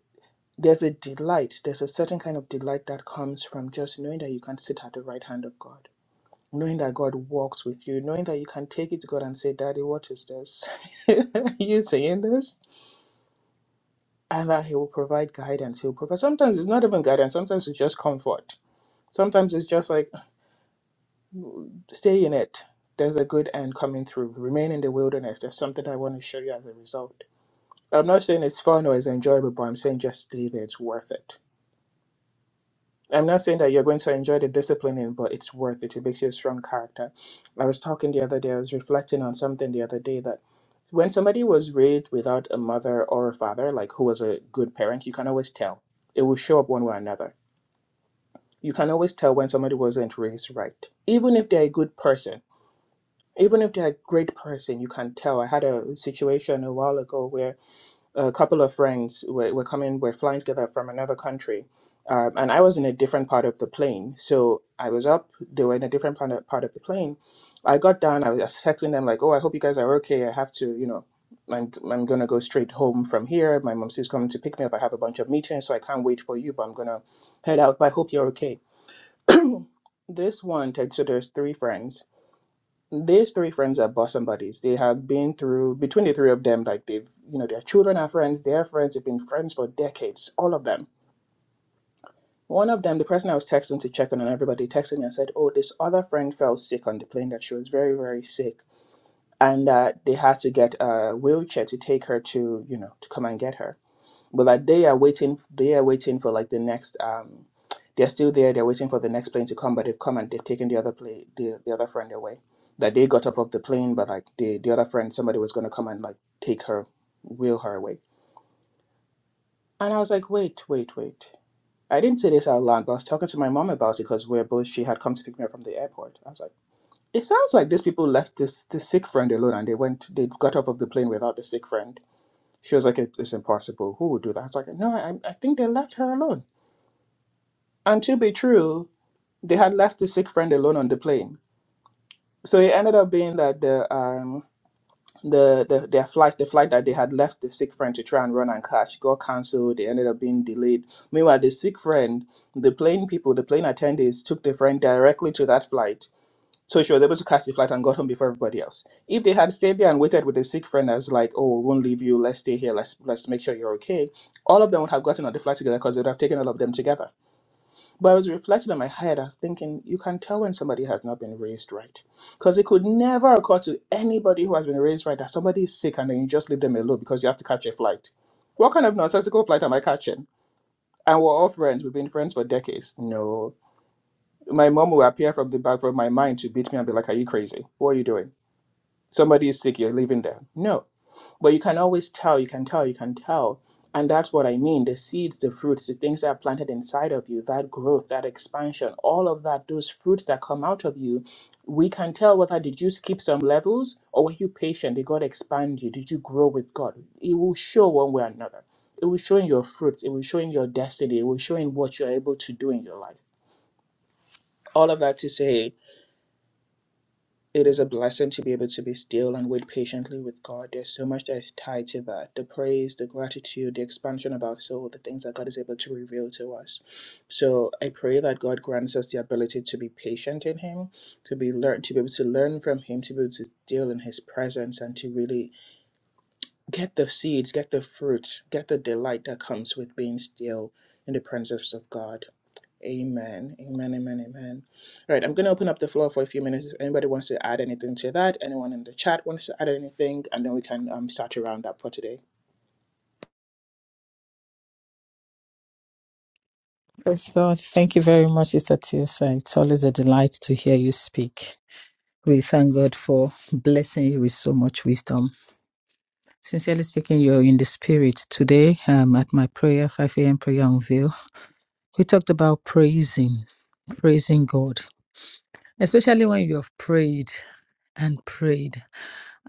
Speaker 1: there's a delight, there's a certain kind of delight that comes from just knowing that you can sit at the right hand of God, knowing that God walks with you, knowing that you can take it to God and say, Daddy, what is this? [laughs] Are you saying this? And that He will provide guidance. He'll provide, sometimes it's not even guidance, sometimes it's just comfort. Sometimes it's just like, stay in it. There's a good end coming through. Remain in the wilderness. There's something I want to show you as a result I'm not saying it's fun or it's enjoyable, but I'm saying just do it. It's worth it. I'm not saying that you're going to enjoy the disciplining, but it's worth it. It makes you a strong character. I was talking the other day, I was reflecting on something the other day that when somebody was raised without a mother or a father, like who was a good parent, you can always tell. It will show up one way or another. You can always tell when somebody wasn't raised right. Even if they're a good person, even if they're a great person, you can tell. I had a situation a while ago where a couple of friends were, were coming, were flying together from another country. Um, and I was in a different part of the plane. So I was up, they were in a different part of, part of the plane. I got down, I was texting them, like, oh, I hope you guys are okay. I have to, you know, I'm, I'm going to go straight home from here. My mom's is coming to pick me up. I have a bunch of meetings, so I can't wait for you, but I'm going to head out. But I hope you're okay. This one, text- so there's three friends these three friends are bosom buddies. They have been through between the three of them, like they've you know, their children are friends, Their friends, they've been friends for decades, all of them. One of them, the person I was texting to check on on everybody, texted me and said, Oh, this other friend fell sick on the plane that she was very, very sick. And uh, they had to get a wheelchair to take her to, you know, to come and get her but like they are waiting they are waiting for like the next um they're still there they're waiting for the next plane to come but they've come and they've taken the other plane the, the other friend away that they got off of the plane but like the the other friend somebody was going to come and like take her wheel her away and i was like wait wait wait i didn't say this out loud but i was talking to my mom about it because we're both she had come to pick me up from the airport i was like it sounds like these people left this this sick friend alone and they went they got off of the plane without the sick friend she was like, "It- it's impossible. Who would do that? I was like, no, I, I think they left her alone. And to be true, they had left the sick friend alone on the plane. So it ended up being that the um the, the their flight, the flight that they had left the sick friend to try and run and catch, got cancelled. They ended up being delayed. Meanwhile, the sick friend, the plane people, the plane attendants took the friend directly to that flight. So she was able to catch the flight and got home before everybody else. If they had stayed there and waited with the sick friend as like, oh, we won't leave you, let's stay here, let's let's make sure you're okay, all of them would have gotten on the flight together because they would have taken all of them together but I was reflecting in my head, I was thinking, you can tell when somebody has not been raised right. Because it could never occur to anybody who has been raised right that somebody is sick and then you just leave them alone because you have to catch a flight. What kind of nonsensical flight am I catching? And we're all friends. We've been friends for decades. No. My mom will appear from the back of my mind to beat me and be like, Are you crazy? What are you doing? Somebody is sick, you're leaving them. No but you can always tell, you can tell, you can tell. And that's what I mean. The seeds, the fruits, the things that are planted inside of you, that growth, that expansion, all of that, those fruits that come out of you, we can tell whether did you skip some levels or were you patient? Did God expand you? Did you grow with God? It will show one way or another. It will show in your fruits, it will show in your destiny, it will show in what you're able to do in your life. All of that to say, it is a blessing to be able to be still and wait patiently with God. There's so much that is tied to that the praise, the gratitude, the expansion of our soul, the things that God is able to reveal to us. So I pray that God grants us the ability to be patient in Him, to be learn, to be able to learn from Him, to be able to deal in His presence, and to really Get the seeds, get the fruit, get the delight that comes with being still in the presence of God. Amen. Amen. Amen. Amen. All right, I'm going to open up the floor for a few minutes. If anybody wants to add anything to that, anyone in the chat wants to add anything, and then we can um, start to round up for today.
Speaker 2: Praise God. Thank you very much, Sister Tiosa. It's always a delight to hear you speak. We thank God for blessing you with so much wisdom. Sincerely speaking, you're in the spirit today um, at my prayer, 5 a.m. prayer on veil. We talked about praising, praising God, especially when you have prayed and prayed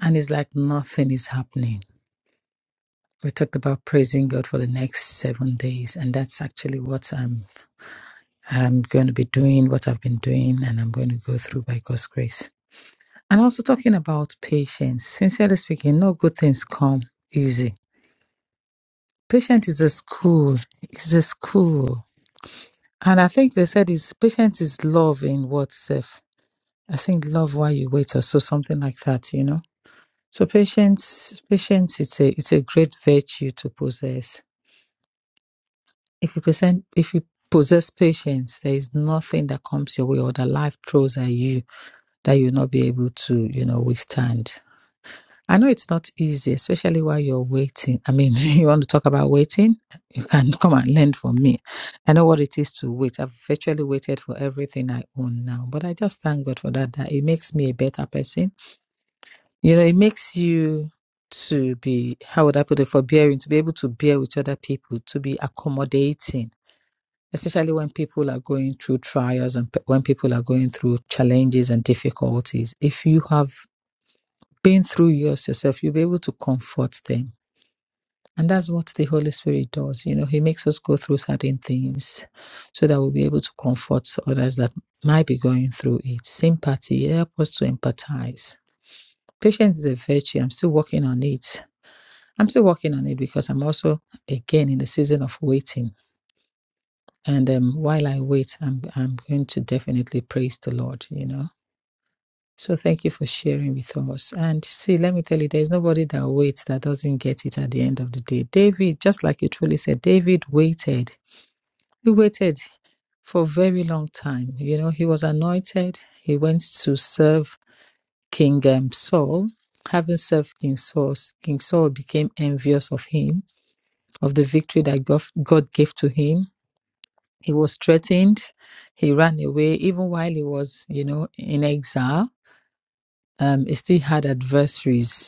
Speaker 2: and it's like nothing is happening. We talked about praising God for the next seven days, and that's actually what I'm I'm going to be doing what I've been doing and I'm going to go through by God's grace. And also talking about patience. Sincerely speaking, no good things come easy. Patience is a school. It's a school. And I think they said is patience is love in what self. I think love while you wait or so something like that, you know. So patience patience it's a it's a great virtue to possess. If you present if you possess patience, there is nothing that comes your way or that life throws at you that you'll not be able to, you know, withstand. I know it's not easy, especially while you're waiting. I mean, [laughs] you want to talk about waiting? You can [laughs] come and learn from me. I know what it is to wait. I've virtually waited for everything I own now, but I just thank God for that. That it makes me a better person. You know, it makes you to be how would I put it forbearing, to be able to bear with other people, to be accommodating, especially when people are going through trials and pe- when people are going through challenges and difficulties. If you have being through yours yourself, you'll be able to comfort them. And that's what the Holy Spirit does. You know, He makes us go through certain things so that we'll be able to comfort others that might be going through it. Sympathy, help us to empathize. Patience is a virtue. I'm still working on it. I'm still working on it because I'm also, again, in the season of waiting. And um, while I wait, I'm, I'm going to definitely praise the Lord, you know So thank you for sharing with us. And see, let me tell you, there's nobody that waits that doesn't get it at the end of the day. David, just like you truly said, David waited. He waited for a very long time. You know, he was anointed. He went to serve King um, Saul. Having served King Saul, King Saul became envious of him, of the victory that God God gave to him. He was threatened. He ran away, even while he was, you know, in exile um, he still had adversaries.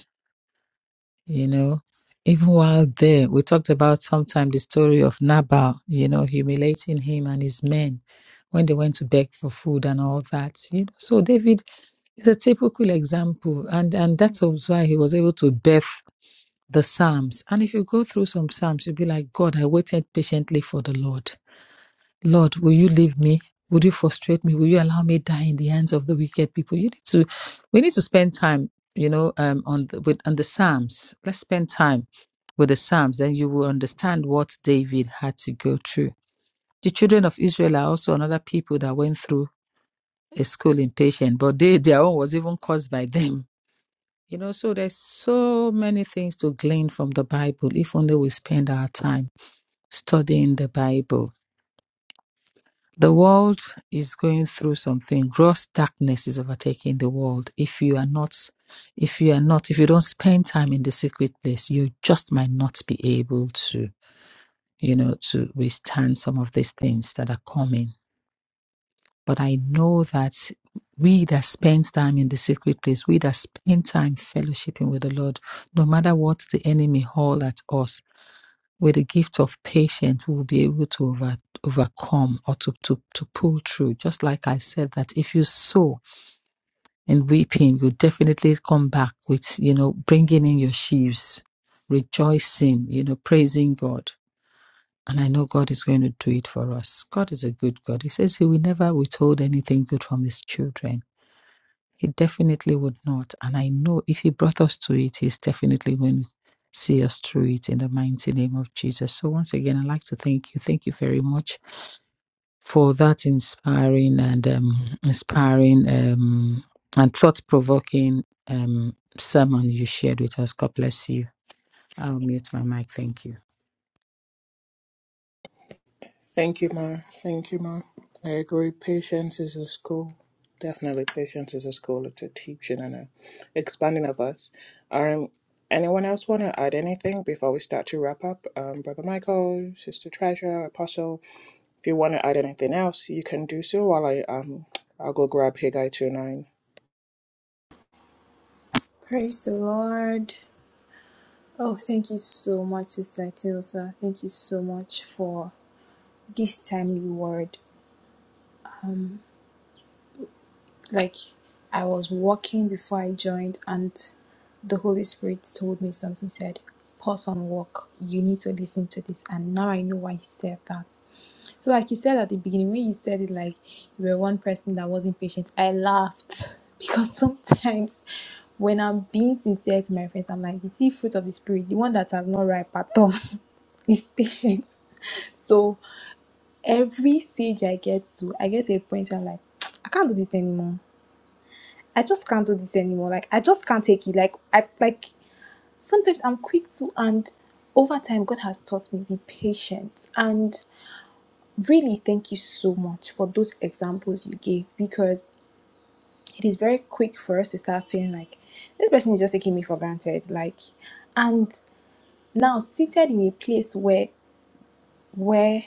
Speaker 2: you know even while there we talked about sometime the story of nabal you know humiliating him and his men when they went to beg for food and all that you know so david is a typical example and and that's also why he was able to birth the psalms and if you go through some psalms you'll be like god i waited patiently for the lord Lord, will you leave me? Will you frustrate me? Will you allow me die in the hands of the wicked people? You need to, we need to spend time, you know, um, on the, with on the Psalms. Let's spend time with the Psalms, then you will understand what David had to go through. The children of Israel are also another people that went through a schooling patient, but they their own was even caused by them. You know, so there's so many things to glean from the Bible if only we spend our time studying the Bible The world is going through something. Gross darkness is overtaking the world. If you are not, if you are not, if you don't spend time in the secret place, you just might not be able to, you know, to withstand some of these things that are coming. But I know that we that spend time in the secret place, we that spend time fellowshipping with the Lord, no matter what the enemy haul at us, with the gift of patience, we'll be able to over, overcome or to, to, to pull through. Just like I said, that if you sow in weeping, you definitely come back with, you know, bringing in your sheaves, rejoicing, you know, praising God. And I know God is going to do it for us. God is a good God. He says He will never withhold anything good from His children. He definitely would not. And I know if He brought us to it, He's definitely going to see us through it in the mighty name of Jesus. So, once again, I'd like to thank you. Thank you very much for that inspiring and um, inspiring um, and thought provoking um, sermon you shared with us. God bless you. I'll mute my mic. Thank you.
Speaker 1: Thank you, Ma. Thank you, Ma. I agree. Patience is a school. Definitely, patience is a school. It's a teaching and a expanding of us. Um, anyone else want to add anything before we start to wrap up? Um, Brother Michael, Sister Treasure, Apostle. If you want to add anything else, you can do so. While I um, I'll go grab Haggai two nine.
Speaker 4: Praise the Lord. Oh, thank you so much, Sister Tilsa. Thank you so much for this timely word. like I was walking before I joined, and the Holy Spirit told me something. Said, "Pause and walk. You need to listen to this." And now I know why he said that. So, like you said at the beginning, when you said it, like you were one person that wasn't patient, I laughed [laughs] because sometimes when I'm being sincere to my friends, I'm like, "You see, fruit of the spirit, the one that has not ripe at all, [laughs] is patience." So every stage I get to, I get to a point where I'm like, [tsk] I can't do this anymore I just can't do this anymore. Like I just can't take it. Like I like sometimes I'm quick to and over time God has taught me be patient and really thank you so much for those examples you gave because it is very quick for us to start feeling like this person is just taking me for granted. Like and now seated in a place where where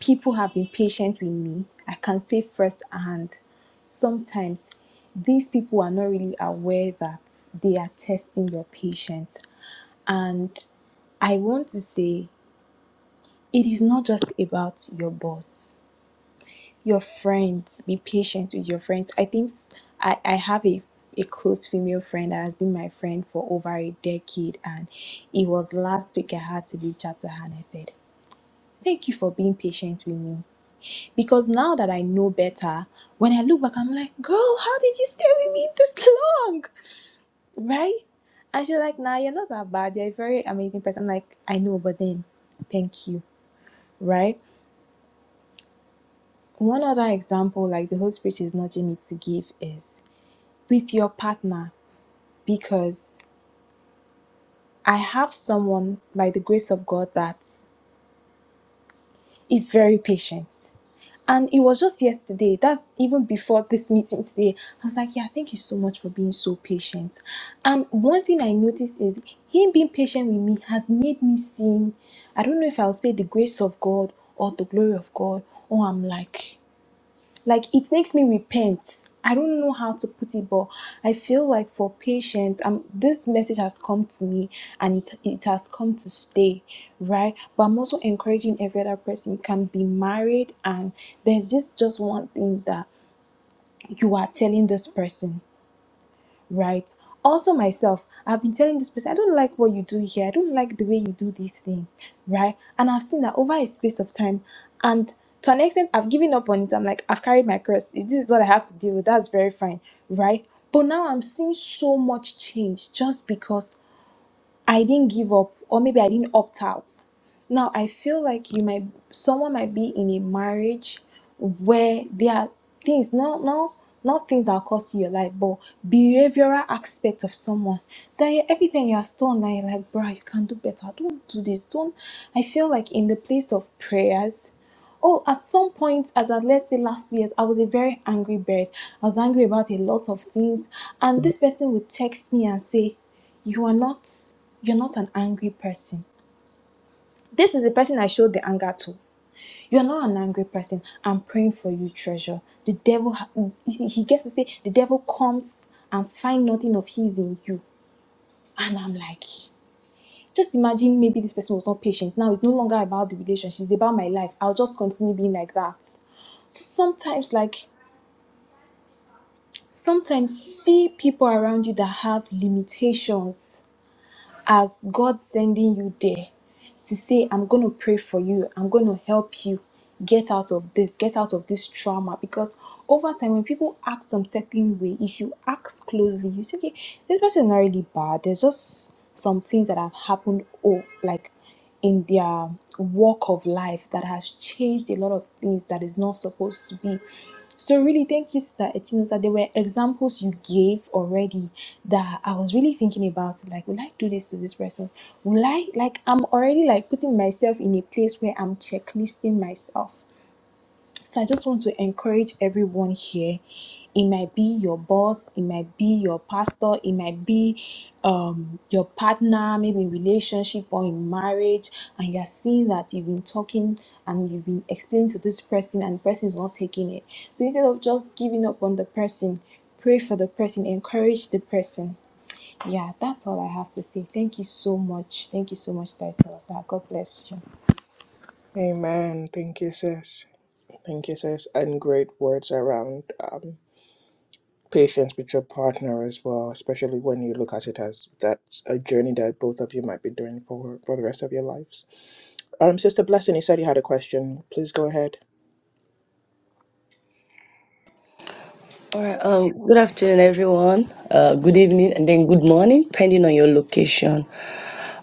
Speaker 4: People have been patient with me. I can say firsthand. Sometimes these people are not really aware that they are testing your patience. And I want to say it is not just about your boss, your friends. Be patient with your friends. I think s- I, I have a, a close female friend that has been my friend for over a decade. And it was last week I had to reach out to her and I said, Thank you for being patient with me. Because now that I know better, when I look back, I'm like, girl, how did you stay with me this [laughs] long? Right? And she's like, nah, you're not that bad. You're a very amazing person. I'm like, I know, but then thank you. Right? One other example, like the Holy Spirit is nudging me to give, is with your partner. Because I have someone, by the grace of God, that is very patient. And it was just yesterday, that's even before this meeting today. I was like, Yeah, thank you so much for being so patient. And one thing I noticed is him being patient with me has made me see, I don't know if I'll say the grace of God or the glory of God, or I'm like, like it makes me repent i don't know how to put it but i feel like for patients um this message has come to me and it, it has come to stay right but i'm also encouraging every other person you can be married and there's just just one thing that you are telling this person right? Also, myself, I've been telling this person, I don't like what you do here. I don't like the way you do this thing, right? And I've seen that over a space of time. And to an extent, I've given up on it. I'm like, I've carried my cross. If this is what I have to deal with, that's very fine, right? But now I'm seeing so much change just because I didn't give up or maybe I didn't opt out. Now I feel like you might someone might be in a marriage where there are things not not not things that are cost you your life, but behavioral aspect of someone that you- everything you are stone now you're like, bruh, you can do better. Don't do this. Don't I feel like in the place of prayers Oh, at some point, as at let's say last two year's, I was a very angry bird. I was angry about a lot of things, and this person would text me and say, "You are not, you're not an angry person. This is the person I showed the anger to. You are not an angry person. I'm praying for you, treasure. The devil, ha- he he gets to say, the devil comes and find nothing of his in you, and I'm like." just imagine maybe this person was not patient. Now it's no longer about the relationship, it's about my life. I'll just continue being like that. So sometimes, like, sometimes see people around you that have limitations as God sending you there to say, I'm going to pray for you, I'm going to help you get out of this, get out of this trauma. Because over time, when people act some certain way, if you ask closely, you say, okay, this person is not really bad. There's just some things that have happened, oh, like in their walk of life that has changed a lot of things that is not supposed to be. So really, thank you, Sister Etinosa. There were examples you gave already that I was really thinking about. Like, will I do this to this person? Will I like? I'm already like putting myself in a place where I'm checklisting myself so I just want to encourage everyone here. It might be your boss, it might be your pastor, it might be um, your partner, maybe in relationship or in marriage, and you're seeing that you've been talking and you've been explaining to this person and the person is not taking it. So instead of just giving up on the person, pray for the person, encourage the person. Yeah, that's all I have to say. Thank you so much. Thank you so much, Taitosa. God bless you.
Speaker 1: Amen. Thank you, sis. Thank you, sis. And great words around. Um. patience with your partner as well, especially when you look at it as that's a journey that both of you might be doing for for the rest of your lives. Um, Sister Blessing, you said you had a question. Please go ahead.
Speaker 5: All right, um, good afternoon, everyone. Uh, good evening, and then good morning, depending on your location.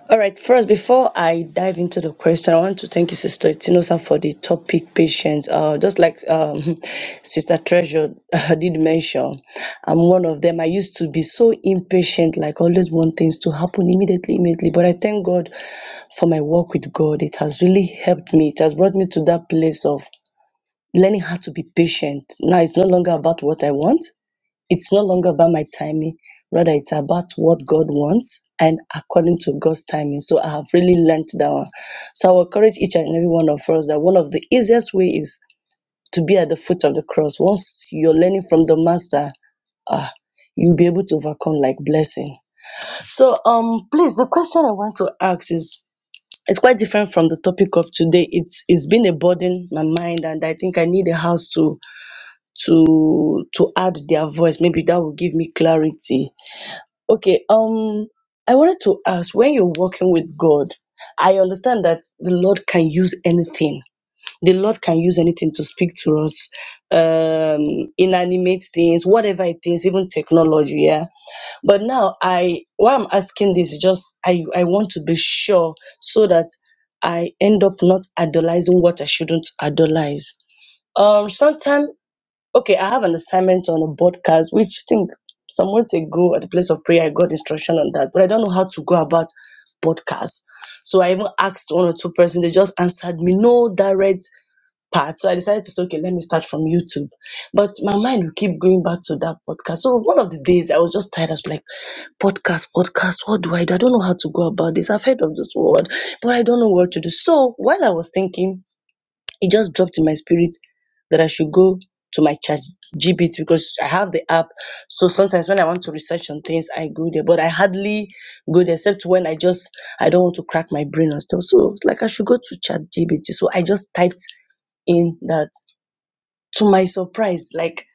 Speaker 5: All right, first, before I dive into the question, I want to thank you, Sister Itinosa, for the topic patience. Uh, just like um, [laughs] Sister Treasure [laughs] did mention, I'm one of them. I used to be so impatient, like always want things to happen immediately, immediately. But I thank God for my work with God. It has really helped me. It has brought me to that place of learning how to be patient. Now it's no longer about what I want. It's no longer about my timing, rather, it's about what God wants and according to God's timing. So I have really learned that one. So I will encourage each and every one of us that one of the easiest way is to be at the foot of the cross. Once you're learning from the master, ah, you'll be able to overcome like blessing. So um please the question I want to ask is it's quite different from the topic of today. It's it's been a burden my mind and I think I need a house to to to add their voice. Maybe that will give me clarity Okay, um, I wanted to ask when you're working with God, I understand that the Lord can use anything. The Lord can use anything to speak to us, um, inanimate things, whatever it is, even technology, yeah. But now I why I'm asking this is just I, I want to be sure so that I end up not idolizing what I shouldn't idolize. Um, sometimes Okay, I have an assignment on a podcast, which I think some months ago at the place of prayer, I got instruction on that, but I don't know how to go about podcast. So I even asked one or two persons, they just answered me, no direct part. So I decided to say, okay, let me start from YouTube. But my mind will keep going back to that podcast. So one of the days I was just tired. I was like, podcast, podcast, what do I do? I don't know how to go about this. I've heard of this word, but I don't know what to do. So while I was thinking, it just dropped in my spirit that I should go to my chat GBT because I have the app. So sometimes when I want to research on things, I go there. But I hardly go there except when I just I don't want to crack my brain and stuff. So it's like I should go to chat GBT. So I just typed in that to my surprise, like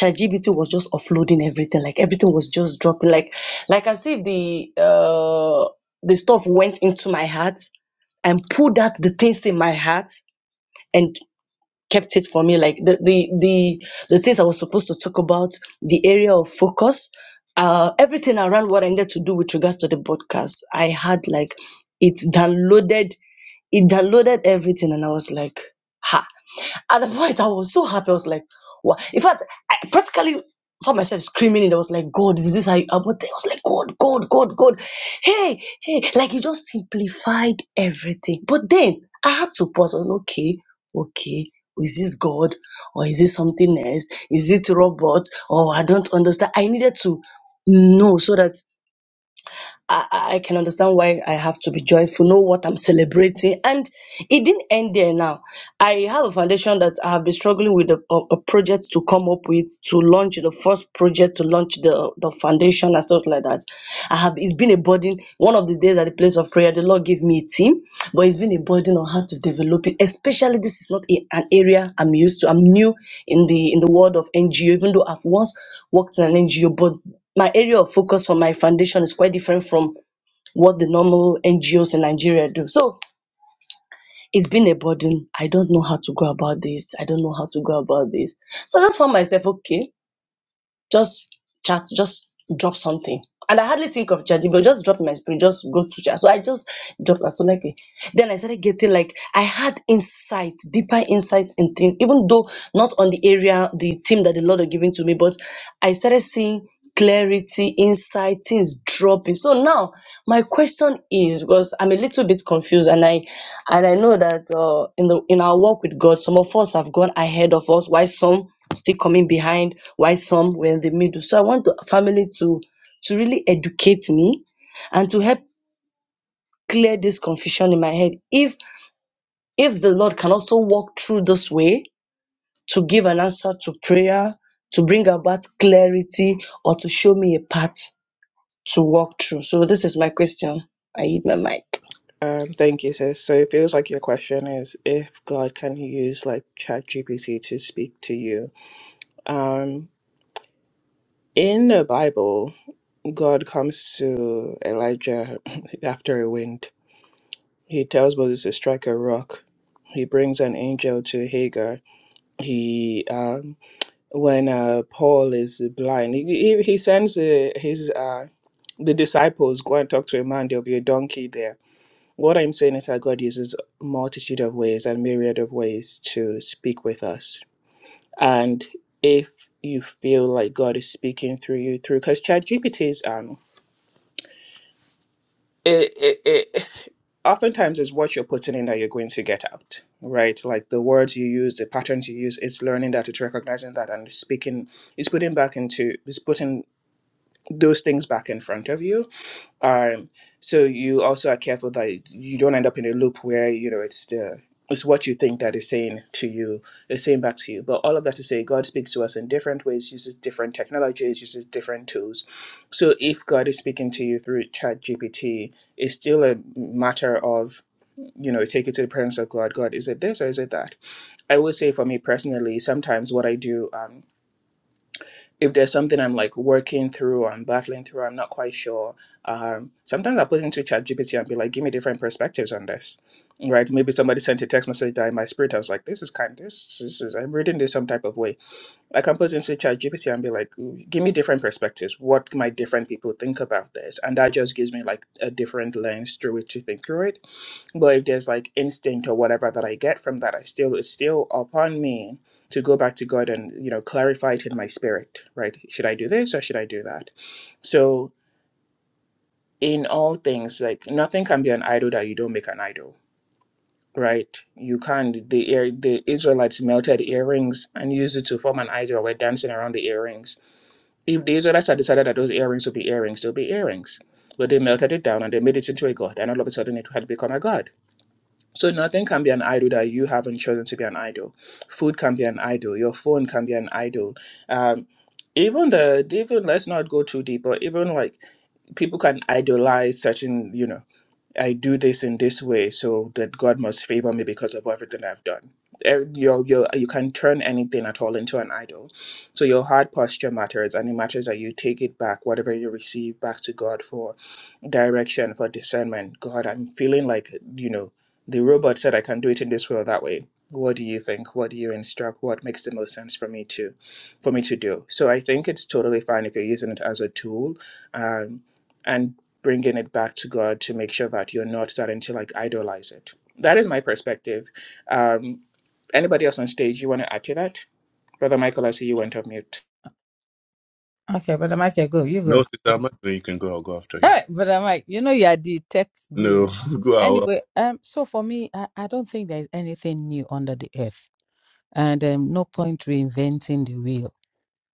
Speaker 5: ChatGPT was just offloading everything, like everything was just dropping, like like as if the uh the stuff went into my heart and pulled out the things in my heart and kept it for me like the the the, the things i was supposed to talk about the area of focus uh everything around what i needed to do with regards to the podcast i had like it downloaded it downloaded everything and i was like ha at the point, I was so happy. I was like, wow. In fact, I practically saw myself screaming and I was like, God, is this how you, I was like, God, God, God, God. Hey, hey, like you just simplified everything. But then I had to pause on, okay, okay. Is this God or is it something else? Is it robots? Oh, I don't understand. I needed to know so that I, I I can understand why I have to be joyful, know what I'm celebrating. And it didn't end there now I have a foundation that I have been struggling with a, a, a project to come up with to launch the first project to launch the, the foundation and stuff like that. I have it's been a burden. One of the days at the place of prayer, the Lord gave me a team, but it's been a burden on how to develop it. Especially this is not a- an area I'm used to. I'm new in the in the world of NGO, even though I've once worked in an NGO, but my area of focus for my foundation is quite different from what the normal NGOs in Nigeria do. So it's been a burden. I don't know how to go about this. I don't know how to go about this. So I just found myself, okay, just chat, just drop something. And I hardly think of chat, but just dropped my spirit, just go to chat. So I just dropped that. So like, eh, then I started getting like, I had insight, deeper insight in things, even though not on the area, the team that the Lord are giving to me, but I started seeing clarity, insight, things dropping. So now my question is, because I'm a little bit confused and I, and I know that uh, in the, in our walk with God, some of us have gone ahead of us, while some still coming behind while some were in the middle. So I want the family to to really educate me and to help clear this confusion in my head. If if the Lord can also walk through this way to give an answer to prayer, to bring about clarity, or to show me a path to walk through. So this is my question. I hit my mic.
Speaker 1: Um, thank you, sis. So it feels like your question is if God can use like ChatGPT to speak to you. Um, in the Bible, God comes to Elijah [laughs] [clears throat] after a wind. He tells Moses to strike a rock. He brings an angel to Hagar he um, when uh, Paul is blind. He, he, he sends uh, his uh, the disciples go and talk to a man. There'll be a donkey there. What I'm saying is that God uses multitude of ways and myriad of ways to speak with us. And if you feel like God is speaking through you, through because ChatGPT is um it, it, it oftentimes is what you're putting in that you're going to get out, right? Like the words you use, the patterns you use, it's learning that, it's recognizing that, and speaking, it's putting back into, it's putting those things back in front of you. Um, so you also are careful that you don't end up in a loop where you know it's the it's what you think that is saying to you is saying back to you. But all of that to say, God speaks to us in different ways, uses different technologies, uses different tools. So if God is speaking to you through Chat GPT, it's still a matter of you know take it to the presence of God. God, is it this or is it that? I would say for me personally, sometimes what I do. Um, if there's something I'm like working through or I'm battling through, I'm not quite sure. Um, sometimes I put into ChatGPT and be like, give me different perspectives on this. Right? Maybe somebody sent a text message that in my spirit, I was like, this is kind of, this, this is, I'm reading this some type of way. I can put into ChatGPT and be like, give me different perspectives. What might different people think about this? And that just gives me like a different lens through which to think through it but if there's like instinct or whatever that I get from that, I still it's still upon me to go back to God and you know clarify it in my spirit, right? Should I do this or should I do that? So in all things, like nothing can be an idol that you don't make an idol, right? You can't. The ear- the Israelites melted earrings and used it to form an idol. We're dancing around the earrings. If the Israelites had decided that those earrings would be earrings, they'll be earrings. But they melted it down and they made it into a god, and all of a sudden it had become a god So nothing can be an idol that you haven't chosen to be an idol. Food can be an idol. Your phone can be an idol. Um, even the even let's not go too deep, but even like people can idolize certain you know I do this in this way, so that God must favor me because of everything I've done. Eh, Your, your, you can turn anything at all into an idol. So your heart posture matters, and it matters that you take it back, whatever you receive, back to God for direction, for discernment. God, I'm feeling like, you know, the robot said I can do it in this way or that way. What do you think? What do you instruct? What makes the most sense for me to, for me to do? So I think it's totally fine if you're using it as a tool. Um, and bringing it back to God to make sure that you're not starting to like idolize it. That is my perspective. Um, anybody else on stage, you want to add to that? Brother Michael, I see you went off mute.
Speaker 2: Okay, Brother Michael, go. You go. Thank you. Hey, Brother Mike, you know you are the tech guru. Anyway, um, so for me, I, I don't think there is anything new under the earth. and um, no point reinventing the wheel.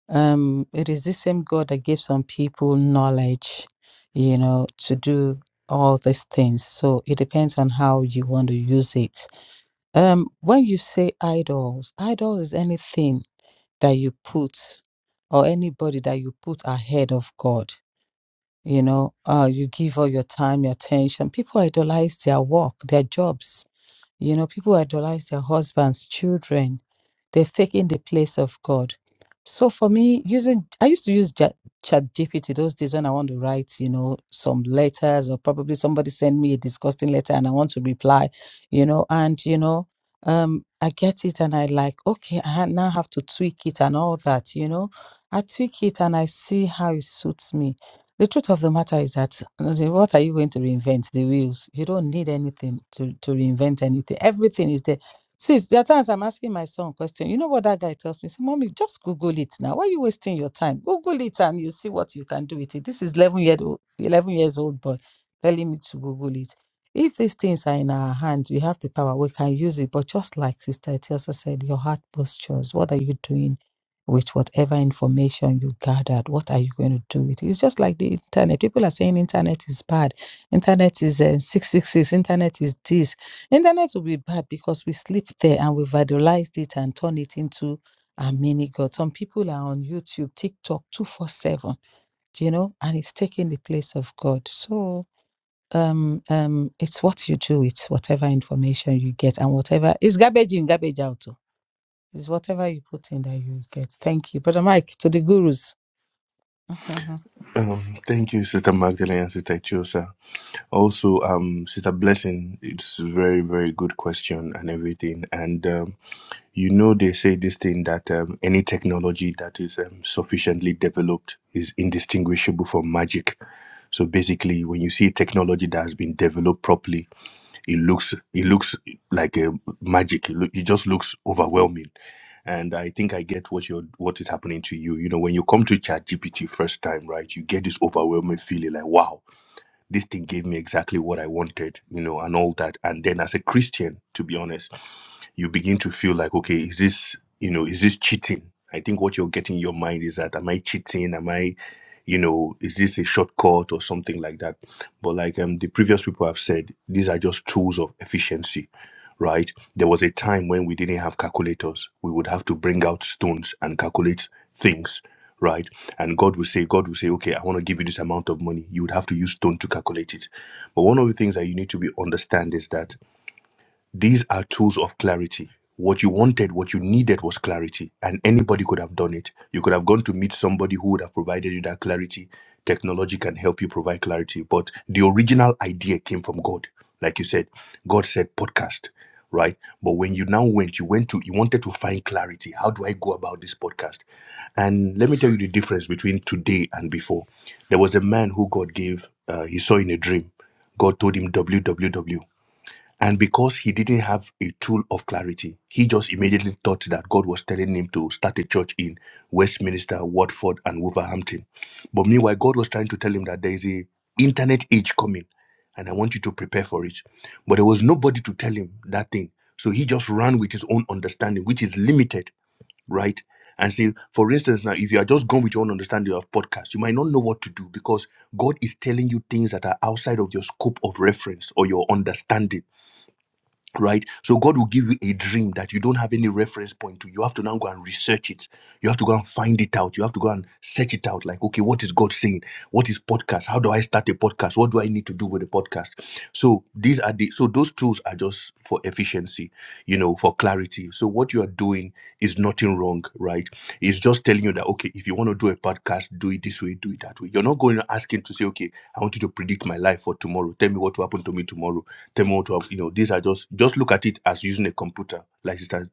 Speaker 2: Um, it is the same God that gave some people knowledge, you know, to do all these things. So it depends on how you want to use it. Um, when you say idols, idols is anything that you put or anybody that you put ahead of God. You know, uh, you give all your time, your attention. People idolize their work, their jobs you know, people idolize their husbands, children. They've taken the place of God. So for me, using I used to use Chat GPT those days when I want to write, you know, some letters or probably somebody send me a disgusting letter and I want to reply, you know, and you know, um, I get it and I like, okay, I ha- now have to tweak it and all that, you know. I tweak it and I see how it suits me the truth of the matter is that uh, what are you going to reinvent? The wheels. You don't need anything to, to reinvent anything. Everything is there. Sis, there are times I'm asking my son question. You know what that guy tells me? Say, Mommy, just Google it now. Why are you wasting your time? Google it and you see what you can do with it. This is 11 year old, 11 years old boy telling me to Google it. If these things are in our hands, we have the power, we can use it. But just like Sister Etiosa said, your heart postures. What are you doing? with whatever information you gathered what are you going to do with it it's just like the internet people are saying internet is bad internet is uh, 666 internet is this internet will be bad because we sleep there and we've idolized it and turn it into a mini god some people are on youtube tiktok 247 you know and it's taking the place of god so um um it's what you do it's whatever information you get and whatever it's garbage in garbage out oh. It's whatever you put in that you get. Thank you. Brother Mike, to the gurus. [laughs]
Speaker 6: Um, thank you, Sister Magdalene and Sister Chiosa. Also, um, Sister Blessing, it's a very, very good question and everything. And um, you know, they say this thing that um, any technology that is um, sufficiently developed is indistinguishable from magic. So basically, when you see technology that has been developed properly, it looks it looks like a magic. It, loo- it just looks overwhelming and I think I get what you are what is happening to you. You know, when you come to ChatGPT first time, right? You get this overwhelming feeling like, wow, this thing gave me exactly what I wanted, you know, and all that. And then as a Christian, to be honest you begin to feel like okay is this you know is this cheating i think what you're getting in your mind is that am i cheating am i you know is this a shortcut or something like that but like um the previous people have said these are just tools of efficiency right there was a time when we didn't have calculators we would have to bring out stones and calculate things right and god would say god would say okay i want to give you this amount of money you would have to use stone to calculate it but one of the things that you need to be understand is that these are tools of clarity. What you wanted, what you needed was clarity, and anybody could have done it. You could have gone to meet somebody who would have provided you that clarity. Technology can help you provide clarity, but the original idea came from God. Like you said, God said podcast, right? But when you now went, you went to, you wanted to find clarity. How do I go about this podcast? And let me tell you the difference between today and before. There was a man who God gave, uh, he saw in a dream. God told him, W W W. And because he didn't have a tool of clarity, he just immediately thought that God was telling him to start a church in Westminster, Watford, and Wolverhampton. But meanwhile, God was trying to tell him that there is a internet age coming, and I want you to prepare for it. But there was nobody to tell him that thing. So he just ran with his own understanding, which is limited, right? And say, for instance, now if you are just going with your own understanding of podcast, you might not know what to do because God is telling you things that are outside of your scope of reference or your understanding right? So God will give you a dream that you don't have any reference point to. You have to now go and research it. You have to go and find it out. You have to go and search it out. Like, okay, what is God saying? What is podcast? How do I start a podcast? What do I need to do with a podcast? So these are the so those tools are just for efficiency, you know, for clarity. So what you are doing is nothing wrong, right? It's just telling you that okay, if you want to do a podcast, do it this way, do it that way. You're not going to ask him to say, okay, I want you to predict my life for tomorrow. Tell me what will happen to me tomorrow Thermal 12, you know, these are just, just look at it as using a computer. Like Sister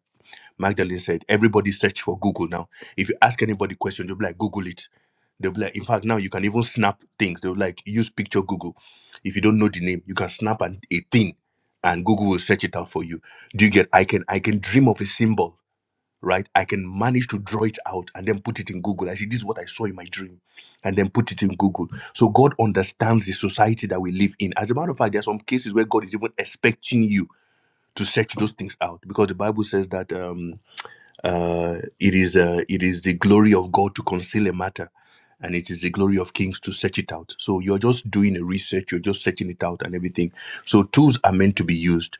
Speaker 6: Magdalene said, everybody search for Google now. If you ask anybody question, they'll be like, Google it. They'll be like, in fact, now you can even snap things. They'll be like, use picture Google. If you don't know the name, you can snap an, a thing and Google will search it out for you. Do you get, I can, I can dream of a symbol right? I can manage to draw it out and then put it in Google. I see this is what I saw in my dream, and then put it in Google. So God understands the society that we live in. As a matter of fact, there are some cases where God is even expecting you to search those things out because the Bible says that um, uh, it is uh, it is the glory of God to conceal a matter. And it is the glory of kings to search it out. So you're just doing a research, you're just searching it out and everything. So tools are meant to be used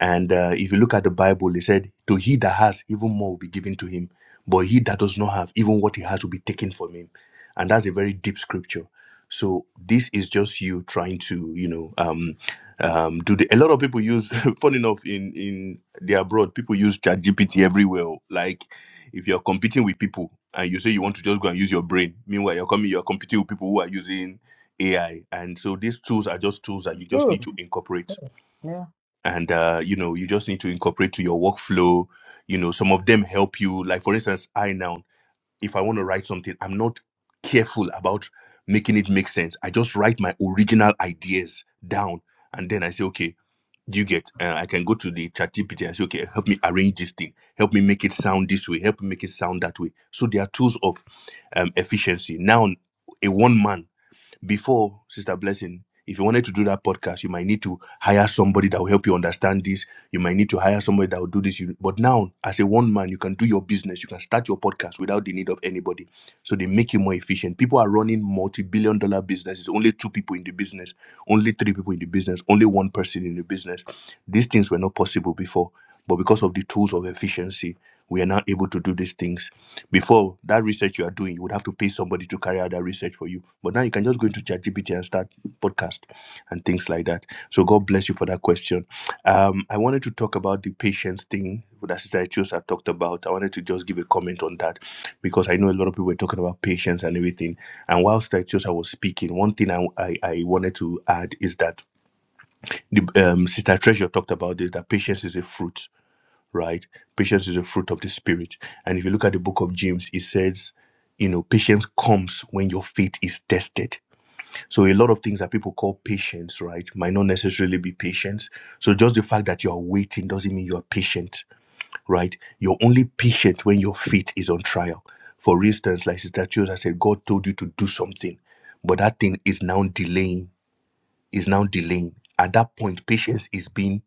Speaker 6: and uh, if you look at the Bible, it said, To he that has, even more will be given to him. But he that does not have, even what he has will be taken from him. And that's a very deep scripture. So this is just you trying to, you know, um, um, do the, a lot of people use, [laughs] fun enough, in in the abroad, people use ChatGPT everywhere. oh. Like if you're competing with people and you say you want to just go and use your brain, meanwhile you're coming, you're competing with people who are using AI. And so these tools are just tools that you just need to incorporate and uh, you know you just need to incorporate to your workflow you know some of them help you like for instance i now if i want to write something i'm not careful about making it make sense i just write my original ideas down and then i say okay do you get uh, i can go to the chat gpt and say okay help me arrange this thing help me make it sound this way help me make it sound that way so there are tools of um, efficiency now a one man before, Sister Blessing, if you wanted to do that podcast, you might need to hire somebody that will help you understand this. You might need to hire somebody that will do this. You- But now, as a one man, you can do your business. You can start your podcast without the need of anybody. So they make you more efficient. People are running multi billion dollar businesses, only two people in the business, only three people in the business, only one person in the business. These things were not possible before. But because of the tools of efficiency, we are now able to do these things before that research you are doing, you would have to pay somebody to carry out that research for you. But now you can just go into ChatGPT and start podcast and things like that. So God bless you for that question. Um, I wanted to talk about the patience thing that Sister Etios had talked about. I wanted to just give a comment on that because I know a lot of people were talking about patience and everything. And while Sister Etios was speaking, one thing I, I, I wanted to add is that the um, Sister Treasure talked about this that patience is a fruit right? Patience is a fruit of the spirit. And if you look at the book of James, it says, you know, patience comes when your faith is tested. So a lot of things that people call patience, right, might not necessarily be patience. So just the fact that you're waiting doesn't mean you're patient, right? You're only patient when your faith is on trial. For instance, like Sister Chiosa said, God told you to do something, but that thing is now delaying, is now delaying. At that point, patience is being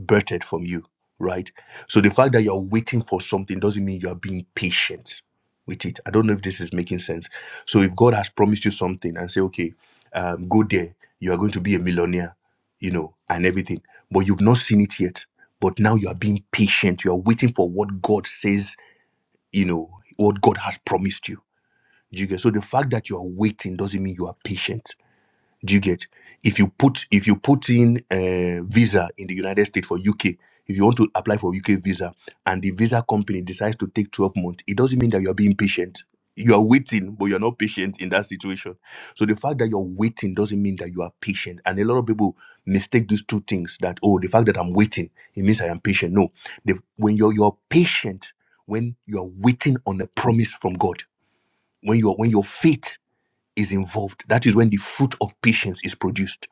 Speaker 6: birthed from you, right? So the fact that you're waiting for something doesn't mean you are being patient with it. I don't know if this is making sense. So if God has promised you something and say, okay, um, go there, you are going to be a millionaire, you know, and everything, but you've not seen it yet. But now you are being patient. You are waiting for what God says, you know, what God has promised you. Do you get? So the fact that you are waiting doesn't mean you are patient do you get? If you put if you put in a visa in the United States for UK, if you want to apply for UK visa and the visa company decides to take 12 months, it doesn't mean that you're being patient. You are waiting, but you're not patient in that situation. So the fact that you're waiting doesn't mean that you are patient. And a lot of people mistake these two things that, oh, the fact that I'm waiting, it means I am patient. No. The, when you're you're patient, when you're waiting on a promise from God, when you're when your faith is involved. That is when the fruit of patience is produced.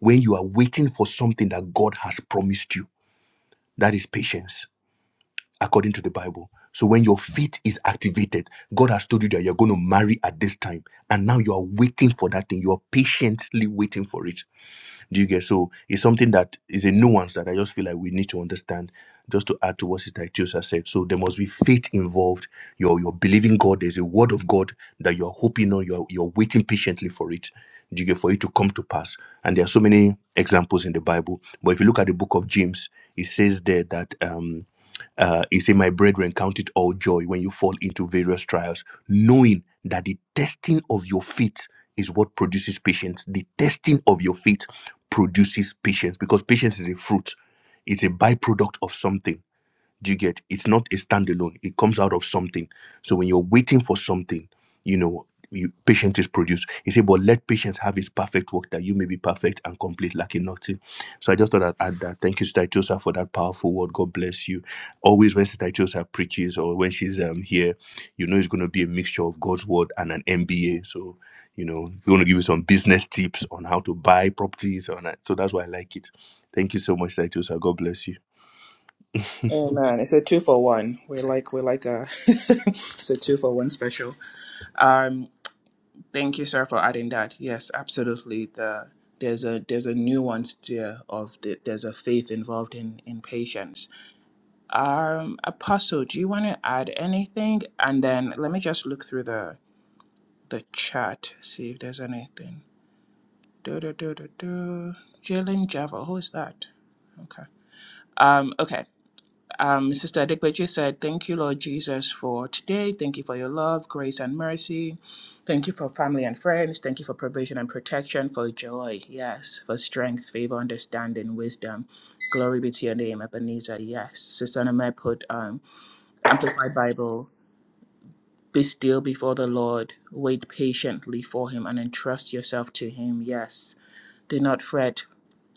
Speaker 6: When you are waiting for something that God has promised you, that is patience, according to the Bible. So when your faith is activated, God has told you that you're going to marry at this time, and now you are waiting for that thing. You are patiently waiting for it do you get so? It's something that is a nuance that I just feel like we need to understand. Just to add to what Sister Itiosa said, so there must be faith involved. You're you're believing God. There's a word of God that you're hoping on. You're you're waiting patiently for it. Do you get for it to come to pass? And there are so many examples in the Bible. But if you look at the book of James, it says there that. Um, uh, he said, My brethren, count it all joy when you fall into various trials, knowing that the testing of your faith is what produces patience. The testing of your faith produces patience because patience is a fruit, it's a byproduct of something do you get? It's not a standalone. It comes out of something. So when you're waiting for something, you know, you, patience is produced. He said, but let patience have his perfect work that you may be perfect and complete, lacking nothing. So I just thought I'd add that. Thank you, Sister Itosa, for that powerful word. God bless you. Always when Sister Itosa preaches or when she's um, here, you know it's going to be a mixture of God's word and an MBA. So, you know, we're going to give you some business tips on how to buy properties. On that. So that's why I like it. Thank you so much, Sister Itosa. God bless you.
Speaker 1: Oh man, it's a two for one. We're like we're like a [laughs] it's a two for one special. Um, thank you, sir, for adding that. Yes, absolutely. The there's a there's a nuance there of the, there's a faith involved in in patience. Um, Apostle, do you want to add anything? And then let me just look through the the chat, see if there's anything. Do do do do do. Jalen Java, who is that? Okay. Um, okay. Um, Sister Adequeji said, Thank you, Lord Jesus, for today. Thank you for your love, grace, and mercy. Thank you for family and friends. Thank you for provision and protection, for joy, yes, for strength, favor, understanding, wisdom. Glory be to your name, Ebenezer, yes. Sister Anime put um, Amplified Bible Be still before the Lord, wait patiently for him, and entrust yourself to him. Yes, do not fret,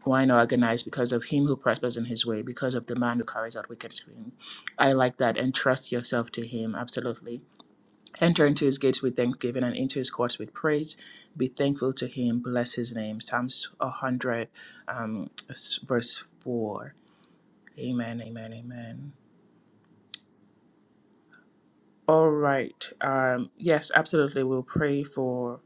Speaker 1: whine, or agonize because of him who prospers in his way, because of the man who carries out wicked schemes. I like that. Entrust yourself to him, absolutely. Enter into his gates with thanksgiving and into his courts with praise. Be thankful to him, bless his name. Psalms 100, um, verse 4. Amen, amen, amen. All right. Um, yes, absolutely. We'll pray for.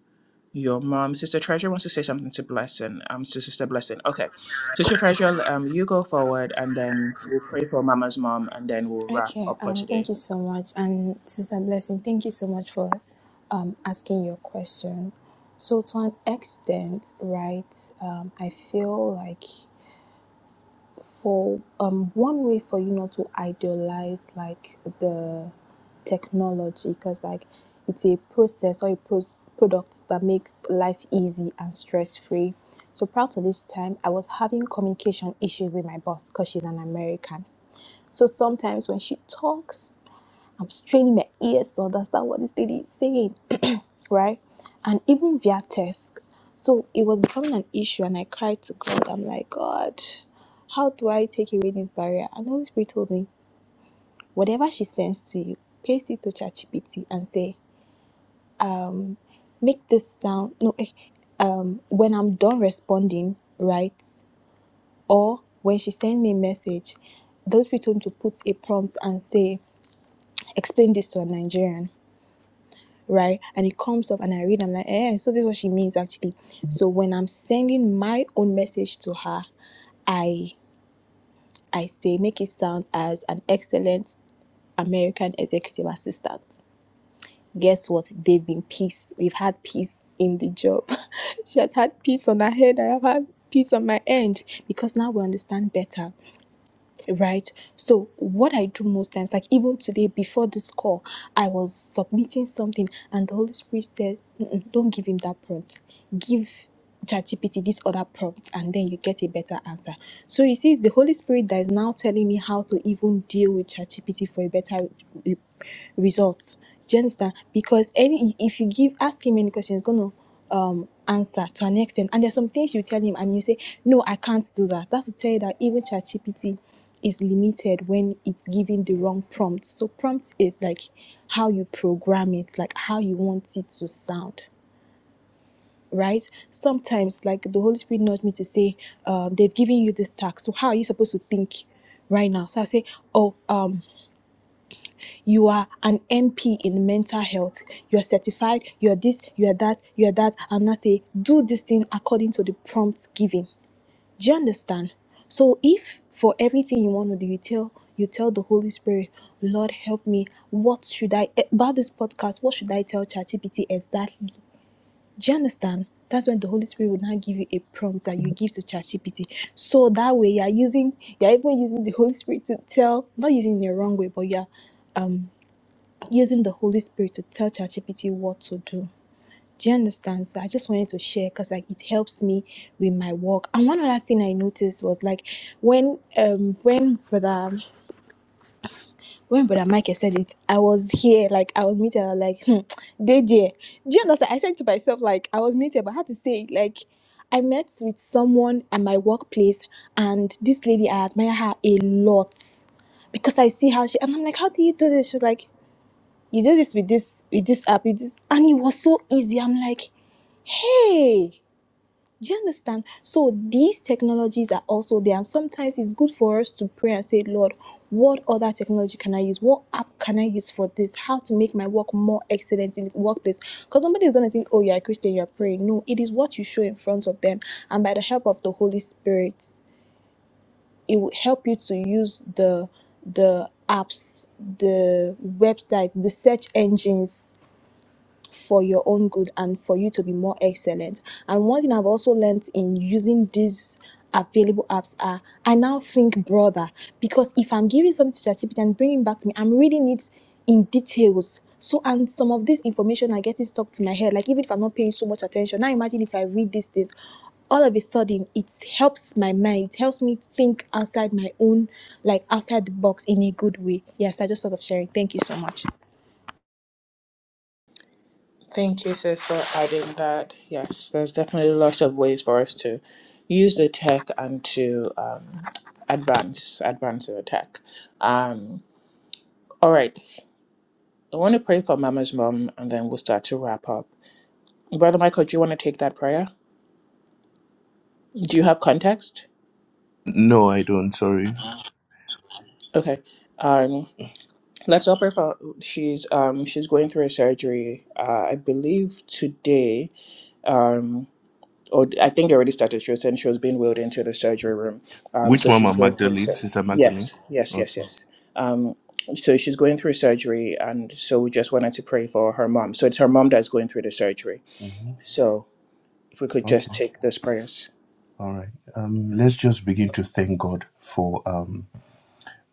Speaker 1: Your mom, Sister Treasure, wants to say something to Blessing. Um, to Sister Blessing. Okay, Sister Treasure, um, you go forward, and then we'll pray for Mama's mom, and then we'll wrap
Speaker 4: Okay,
Speaker 1: up for
Speaker 4: um, thank
Speaker 1: today.
Speaker 4: you so much. And Sister Blessing, thank you so much for um, asking your question. So, to an extent, right, um, I feel like for um, one way for you not to idealize like the technology, because like it's a process or a pro product that makes life easy and stress free. So, proud to this time, I was having communication issues with my boss because she's an American. So, sometimes when she talks, I'm straining my ears to understand what this lady is saying, [clears throat] right? And even via text. So it was becoming an issue, and I cried to God. I'm like, God, how do I take away this barrier? And the Holy Spirit told me, whatever she sends to you, paste it to ChatGPT and say, make this sound. No, eh, um, when I'm done responding, right? Or when she sends me a message, those people told me to put a prompt and say, explain this to a Nigerian right? And it comes up and I read, I'm like, eh, so this is what she means actually. So when I'm sending my own message to her, I I say make it sound as an excellent American executive assistant. Guess what? They've been peace. We've had peace in the job. [laughs] she has had peace on her head. I have had peace on my end because now we understand better right? So what I do most times, like even today before this call, I was submitting something, and the Holy Spirit said, "Mm-mm, "Don't give him that prompt. Give ChatGPT this other prompt and then you get a better answer. So you see, it's the Holy Spirit that is now telling me how to even deal with ChatGPT for a better re- result. Do you understand? Because any if you give ask him any question, he's gonna um answer to an extent. And there's some things you tell him and you say, No, I can't do that. That's to tell you that even ChatGPT is limited when it's giving the wrong prompt. So prompt is like how you program it, like how you want it to sound right sometimes like the holy spirit nudged me to say um they've given you this task so how are you supposed to think right now so i say oh um you are an mp in mental health you are certified you are this you are that you are that and i say do this thing according to the prompts given do you understand so if for everything you want to do you tell you tell the holy spirit lord help me what should i eh, about this podcast what should i tell chatgpt exactly do you understand? That's when the Holy Spirit will now give you a prompt that you give to ChatGPT. So that way you're using, you're even using the Holy Spirit to tell, not using in a wrong way, but you're using the Holy Spirit to tell ChatGPT what to do. Do you understand? So I just wanted to share because like it helps me with my work. And one other thing I noticed was like when um when brother when Brother Michael said it, I was here, like I was muted, I was like, hmm, they there. Do you understand? I said to myself, like I was muted, but I had to say, it, like, I met with someone at my workplace, and this lady, I admire her a lot because I see how she, and I'm like, how do you do this? She's like, you do this with this, with this app, with this, and it was so easy. I'm like, hey. Do you understand? So these technologies are also there, and sometimes it's good for us to pray and say, Lord, what other technology can I use? What app can I use for this? How to make my work more excellent in the workplace? Because somebody is gonna think, Oh, you're a Christian, you're praying. No, it is what you show in front of them, and by the help of the Holy Spirit, it will help you to use the the apps, the websites, the search engines for your own good and for you to be more excellent. And one thing I've also learned in using these available apps are I now think broader because if I'm giving something to ChatGPT and bringing back to me, I'm reading it in details. So and some of this information are getting stuck to my head. Like even if I'm not paying so much attention, now imagine if I read these things, all of a sudden it helps my mind. It helps me think outside my own, like outside the box in a good way. Yes, I just thought of sharing. Thank you so much.
Speaker 1: Thank you, sis, for adding that. Yes, there's definitely lots of ways for us to use the tech and to um, advance, advance the tech. Um, all right, I want to pray for Mama's mom, and then we'll start to wrap up. Brother Michael, do you want to take that prayer? Do you have context?
Speaker 6: No, I don't. Sorry.
Speaker 1: Okay. um. Let's up her for she's um she's going through a surgery. Uh, I believe today. Um, or I think they already started. She was saying she was being wheeled into the surgery room. Um,
Speaker 6: Which
Speaker 1: so
Speaker 6: mama?
Speaker 1: she's going through.
Speaker 6: Magdalene?
Speaker 1: sur-
Speaker 6: Sister Magdalene?
Speaker 1: Yes, yes, yes,
Speaker 6: Okay.
Speaker 1: yes. Um, so she's going through surgery, and so we just wanted to pray for her mom. So it's her mom that's going through the surgery.
Speaker 6: hmm
Speaker 1: So if we could
Speaker 6: Okay.
Speaker 1: just take those prayers.
Speaker 6: All right. Um, let's just begin to thank God for. Um,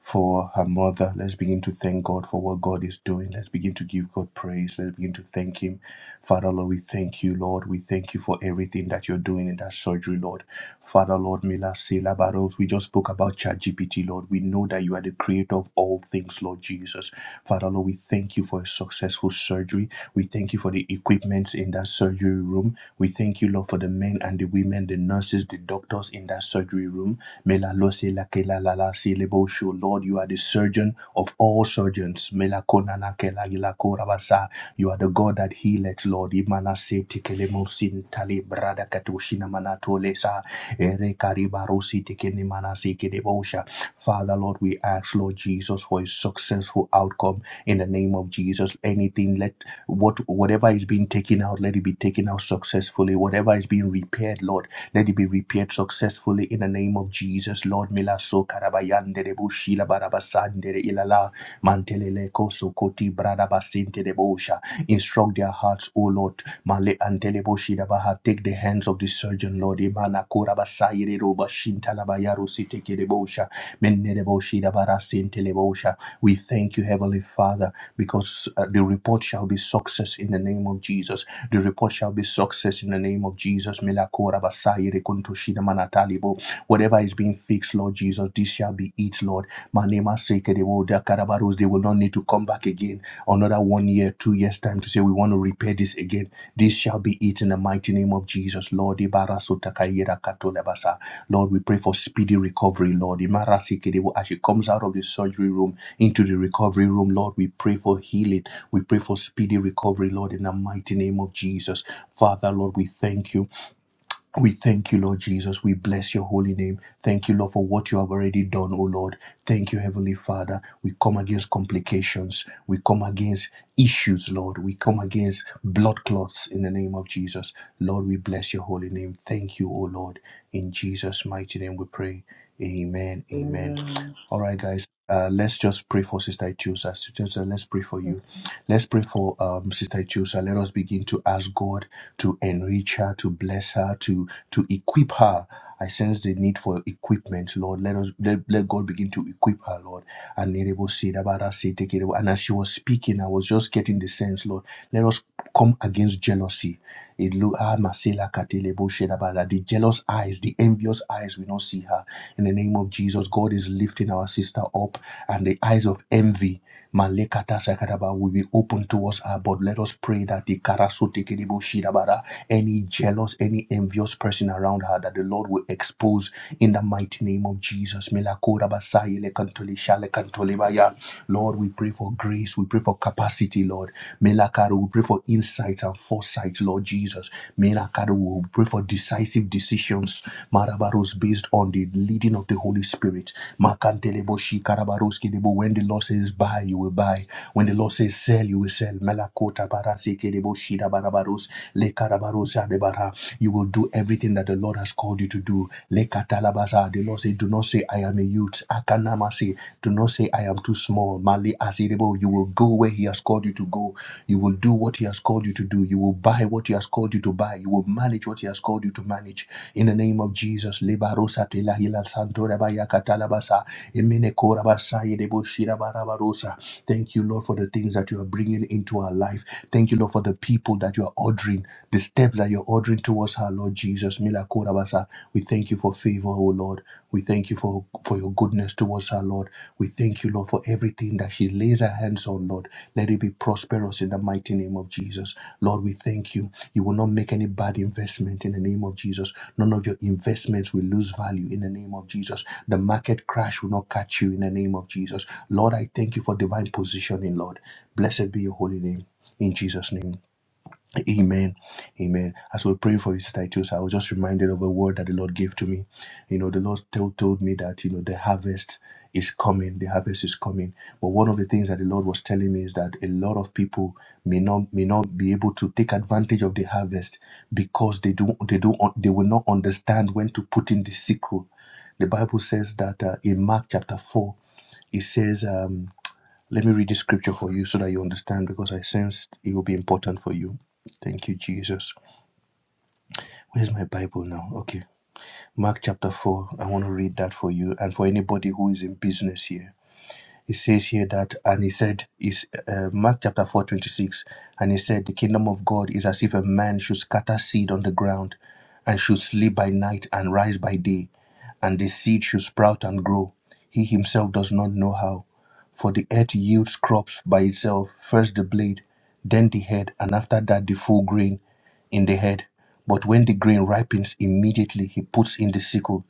Speaker 6: for her mother. Let's begin to thank God for what God is doing. Let's begin to give God praise. Let's begin to thank Him. Father, Lord, we thank you, Lord. We thank you for everything that you're doing in that surgery, Lord. Father, Lord, Mila Sela Baros, we just spoke about ChatGPT, Lord. We know that you are the creator of all things, Lord Jesus. Father, Lord, we thank you for a successful surgery. We thank you for the equipment in that surgery room. We thank you, Lord, for the men and the women, the nurses, the doctors in that surgery room. Melalose lakela lalasi lebosho. Lord, you are the surgeon of all surgeons. Melakona nakela ilakora basa. You are the God that healeth, Lord. Imanase tekele mosin tali brada katoshina manatole sa. Ere kariba rosi tekene manase kedebosha. Father, Lord, we ask, Lord Jesus, for a successful outcome in the name of Jesus. Anything, let what whatever is being taken out, let it be taken out successfully. Whatever is being repaired, Lord. Let it be repaired successfully in the name of Jesus. Lord, mila so karabayande de bushila barabasande de ilala mantelele koso koti bradabasinte de bosha. Instruct their hearts, O Lord. Male antele boshida baha. Take the hands of the surgeon, Lord. Imana korabasayire roba shintalabayaru siteke de bosha. Menne de boshida barasinte le bosha. We thank you, Heavenly Father because uh, the report shall be success in the name of Jesus. The report shall be success in the name of Jesus. Melakora basaye rekunto shida manatalibo. Whatever is being fixed, Lord Jesus, this shall be it, Lord. Manema seke de wo da karabaros. They will not need to come back again another one year, two years' time to say, we want to repair this again. This shall be it in the mighty name of Jesus, Lord. Lord, we pray for speedy recovery, Lord. As she comes out of the surgery room into the recovery room, Lord, we pray for healing. We pray for speedy recovery, Lord, in the mighty name of Jesus. Father, Lord, we thank you. We thank you, Lord Jesus. We bless your holy name. Thank you, Lord, for what you have already done, O Lord. Thank you, Heavenly Father. We come against complications. We come against issues, Lord. We come against blood clots in the name of Jesus. Lord, we bless your holy name. Thank you, O Lord. In Jesus' mighty name we pray. Amen. Amen.
Speaker 1: Amen.
Speaker 6: All right, guys. Uh, let's just pray for Sister Tusa. Sister Tusa, let's pray for you. Let's pray for um, Sister Chusa. Let us begin to ask God to enrich her, to bless her, to to equip her. I sense the need for equipment, Lord. Let us let, let God begin to equip her, Lord. And Nerebo said about her, say, take it away. And as she was speaking, I was just getting the sense, Lord. Let us come against jealousy. It look ah Masela Katele Boshedabala. The jealous eyes, the envious eyes we do not see her. In the name of Jesus, God is lifting our sister up, and the eyes of envy, Malekata Sakataba, will be open towards her. But let us pray that the Karasoteke Boshedabara, any jealous, any envious person around her, that the Lord will expose in the mighty name of Jesus. Melakora Basayele Kantole Shale Kantole Baya. Lord, we Lord, we pray for grace. We pray for capacity, Lord. Melakaro, we pray for insight and foresight, Lord Jesus. Melakaro, we pray for decisive decisions, Marabaros, based on the leading of the Holy Spirit. Makantelebo shikarabaros kedebo. When the Lord says buy, you will buy. When the Lord says sell, you will sell. Melakota barase kedebo shidabarabaros lekarabaros adebara. You will do everything that the Lord has called you to do. Lekatalabasa. The Lord said, do not say say, I am a youth. Akanamasi. Do not say, I am too small. Mali Asirebo. You will go where He has called you to go. You will do what He has called you to do. You will buy what He has called you to buy. You will manage what He has called you to manage. In the name of Jesus. Lebarosa telahila santora bayakatalabasa. Emene korabasa yedebo shirabarabarosa. Thank you, Lord, for the things that you are bringing into our life. Thank you, Lord, for the people that you are ordering, the steps that you're ordering towards our Lord Jesus. Mila korabasa. We thank you for favor, O Lord. We thank you for, for your goodness towards her, Lord. We thank you, Lord, for everything that she lays her hands on, Lord. Let it be prosperous in the mighty name of Jesus. Lord, we thank you. You will not make any bad investment in the name of Jesus. None of your investments will lose value in the name of Jesus. The market crash will not catch you in the name of Jesus. Lord, I thank you for divine positioning, Lord. Blessed be your holy name. In Jesus' name. Amen. Amen. As we pray for you, Sister Ichus, I was just reminded of a word that the Lord gave to me. You know, the Lord told, told me that, you know, the harvest is coming. The harvest is coming. But one of the things that the Lord was telling me is that a lot of people may not may not be able to take advantage of the harvest because they do they do they will not understand when to put in the sickle. The Bible says that uh, in Mark chapter 4, it says um let me read this scripture for you so that you understand because I sense it will be important for you. Thank you, Jesus. Where's my Bible now? Okay. Mark chapter 4. I want to read that for you and for anybody who is in business here it says here that and he said is uh, mark chapter 4 26, and he said the kingdom of god is as if a man should scatter seed on the ground and should sleep by night and rise by day and the seed should sprout and grow he himself does not know how for the earth yields crops by itself first the blade then the head and after that the full grain in the head but when the grain ripens immediately he puts in the sickle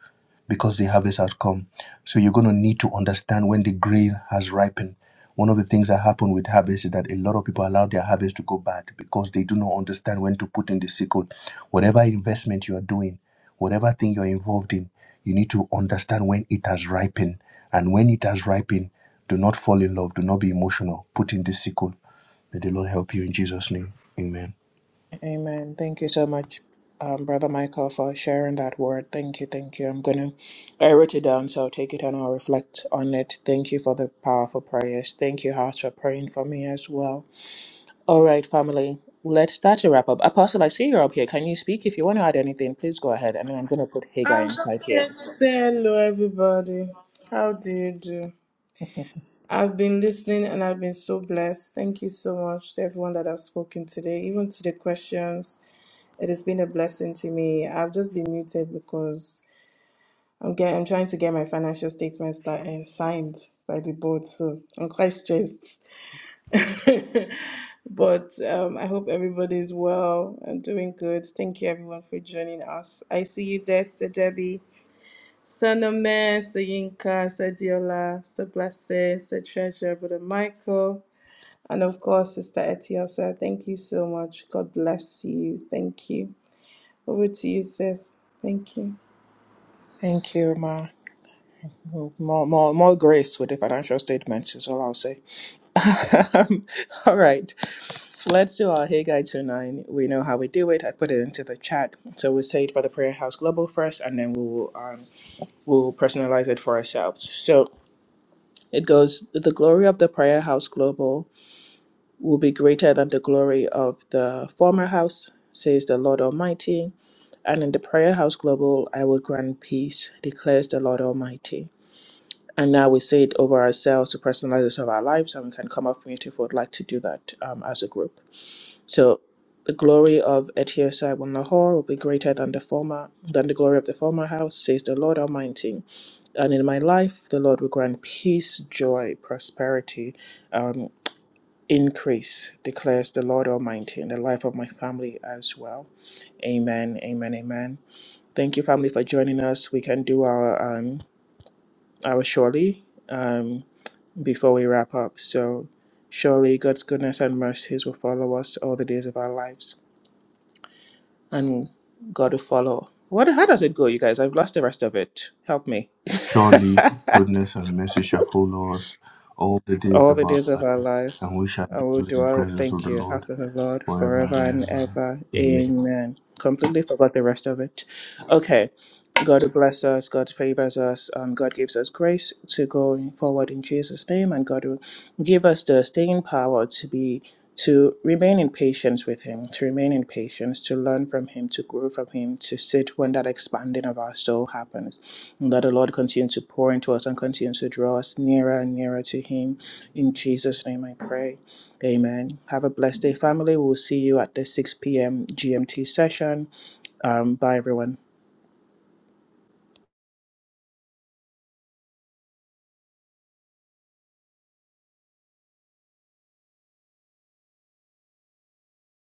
Speaker 6: because the harvest has come. So you're going to need to understand when the grain has ripened. One of the things that happen with harvest is that a lot of people allow their harvest to go bad because they do not understand when to put in the sickle. Whatever investment you are doing, whatever thing you're involved in, you need to understand when it has ripened. And when it has ripened, do not fall in love, do not be emotional. Put in the sickle. May the Lord help you in Jesus' name. Amen.
Speaker 1: Amen. Thank you so much, um, Brother Michael, for sharing that word. Thank you. Thank you. I'm going to, I wrote it down, so I'll take it and I'll reflect on it. Thank you for the powerful prayers. Thank you, Hearts, for praying for me as well. All right, family, let's start to wrap up. Apostle, I see you're up here. Can you speak? If you want to add anything, please go ahead. And then I'm going to put Hagar
Speaker 7: I'm
Speaker 1: inside
Speaker 7: just here
Speaker 1: here.
Speaker 7: to say hello, everybody. How do you do?
Speaker 1: [laughs]
Speaker 7: I've been listening and I've been so blessed. Thank you so much to everyone that has spoken today, even to the questions. It has been a blessing to me. I've just been muted because I'm getting, I'm trying to get my financial statements that are signed by the board, so I'm quite stressed. [laughs] but um, I hope everybody's well and doing good. Thank you everyone for joining us. I see you there, Sister Debbie. Sanaman, Sayinka, Sadiola, Sir Blessed, Sir Treasure, Brother Michael, and of course, Sister Etiosa. Thank you so much. God bless you. Thank you. Over to you, sis. Thank you.
Speaker 1: Thank you, Ma. More, more, more grace with the financial statements is all I'll say. Um, [laughs] all right. Let's do our Hey Guide to Nine. We know how we do it. I put it into the chat. So we say it for the Prayer House Global first, and then we will um, we'll personalize it for ourselves. So it goes: the glory of the Prayer House Global will be greater than the glory of the former house, says the Lord Almighty. And in the Prayer House Global, I will grant peace, declares the Lord Almighty. And now we say it over ourselves to personalize it of our lives, and we can come off mute if we would like to do that um, as a group. So the glory of Etiosai will Nahor will be greater than the former than the glory of the former house, says the Lord Almighty. And in my life the Lord will grant peace, joy, prosperity, um, increase, declares the Lord Almighty, in the life of my family as well. Amen. Amen. Amen. Thank you, family, for joining us. We can do our um our surely um before we wrap up. So surely God's goodness and mercies will follow us all the days of our lives and got to follow. What? How does it go, you guys? I've lost the rest of it. Help me. [laughs]
Speaker 6: Surely goodness and mercy shall follow us all the days
Speaker 1: All
Speaker 6: of
Speaker 1: the
Speaker 6: our
Speaker 1: days of our
Speaker 6: life,
Speaker 1: lives,
Speaker 6: and we shall
Speaker 1: I will
Speaker 6: dwell in the
Speaker 1: dwell.
Speaker 6: presence of
Speaker 1: Thank
Speaker 6: the
Speaker 1: you,
Speaker 6: Lord
Speaker 1: house of the Lord,
Speaker 6: forever
Speaker 1: forever
Speaker 6: and
Speaker 1: and
Speaker 6: ever.
Speaker 1: ever.
Speaker 6: Amen.
Speaker 1: Amen. Completely forgot the rest of it. Okay. God bless us, God favors us, um, God gives us grace to go forward in Jesus' name, and God will give us the staying power to be to remain in patience with Him, to remain in patience, to learn from Him, to grow from Him, to sit when that expanding of our soul happens. And that the Lord continue to pour into us and continue to draw us nearer and nearer to Him. In Jesus' name I pray. Amen. Have a blessed day, family. We'll see you at the 6 p.m. GMT session. Um, bye, everyone.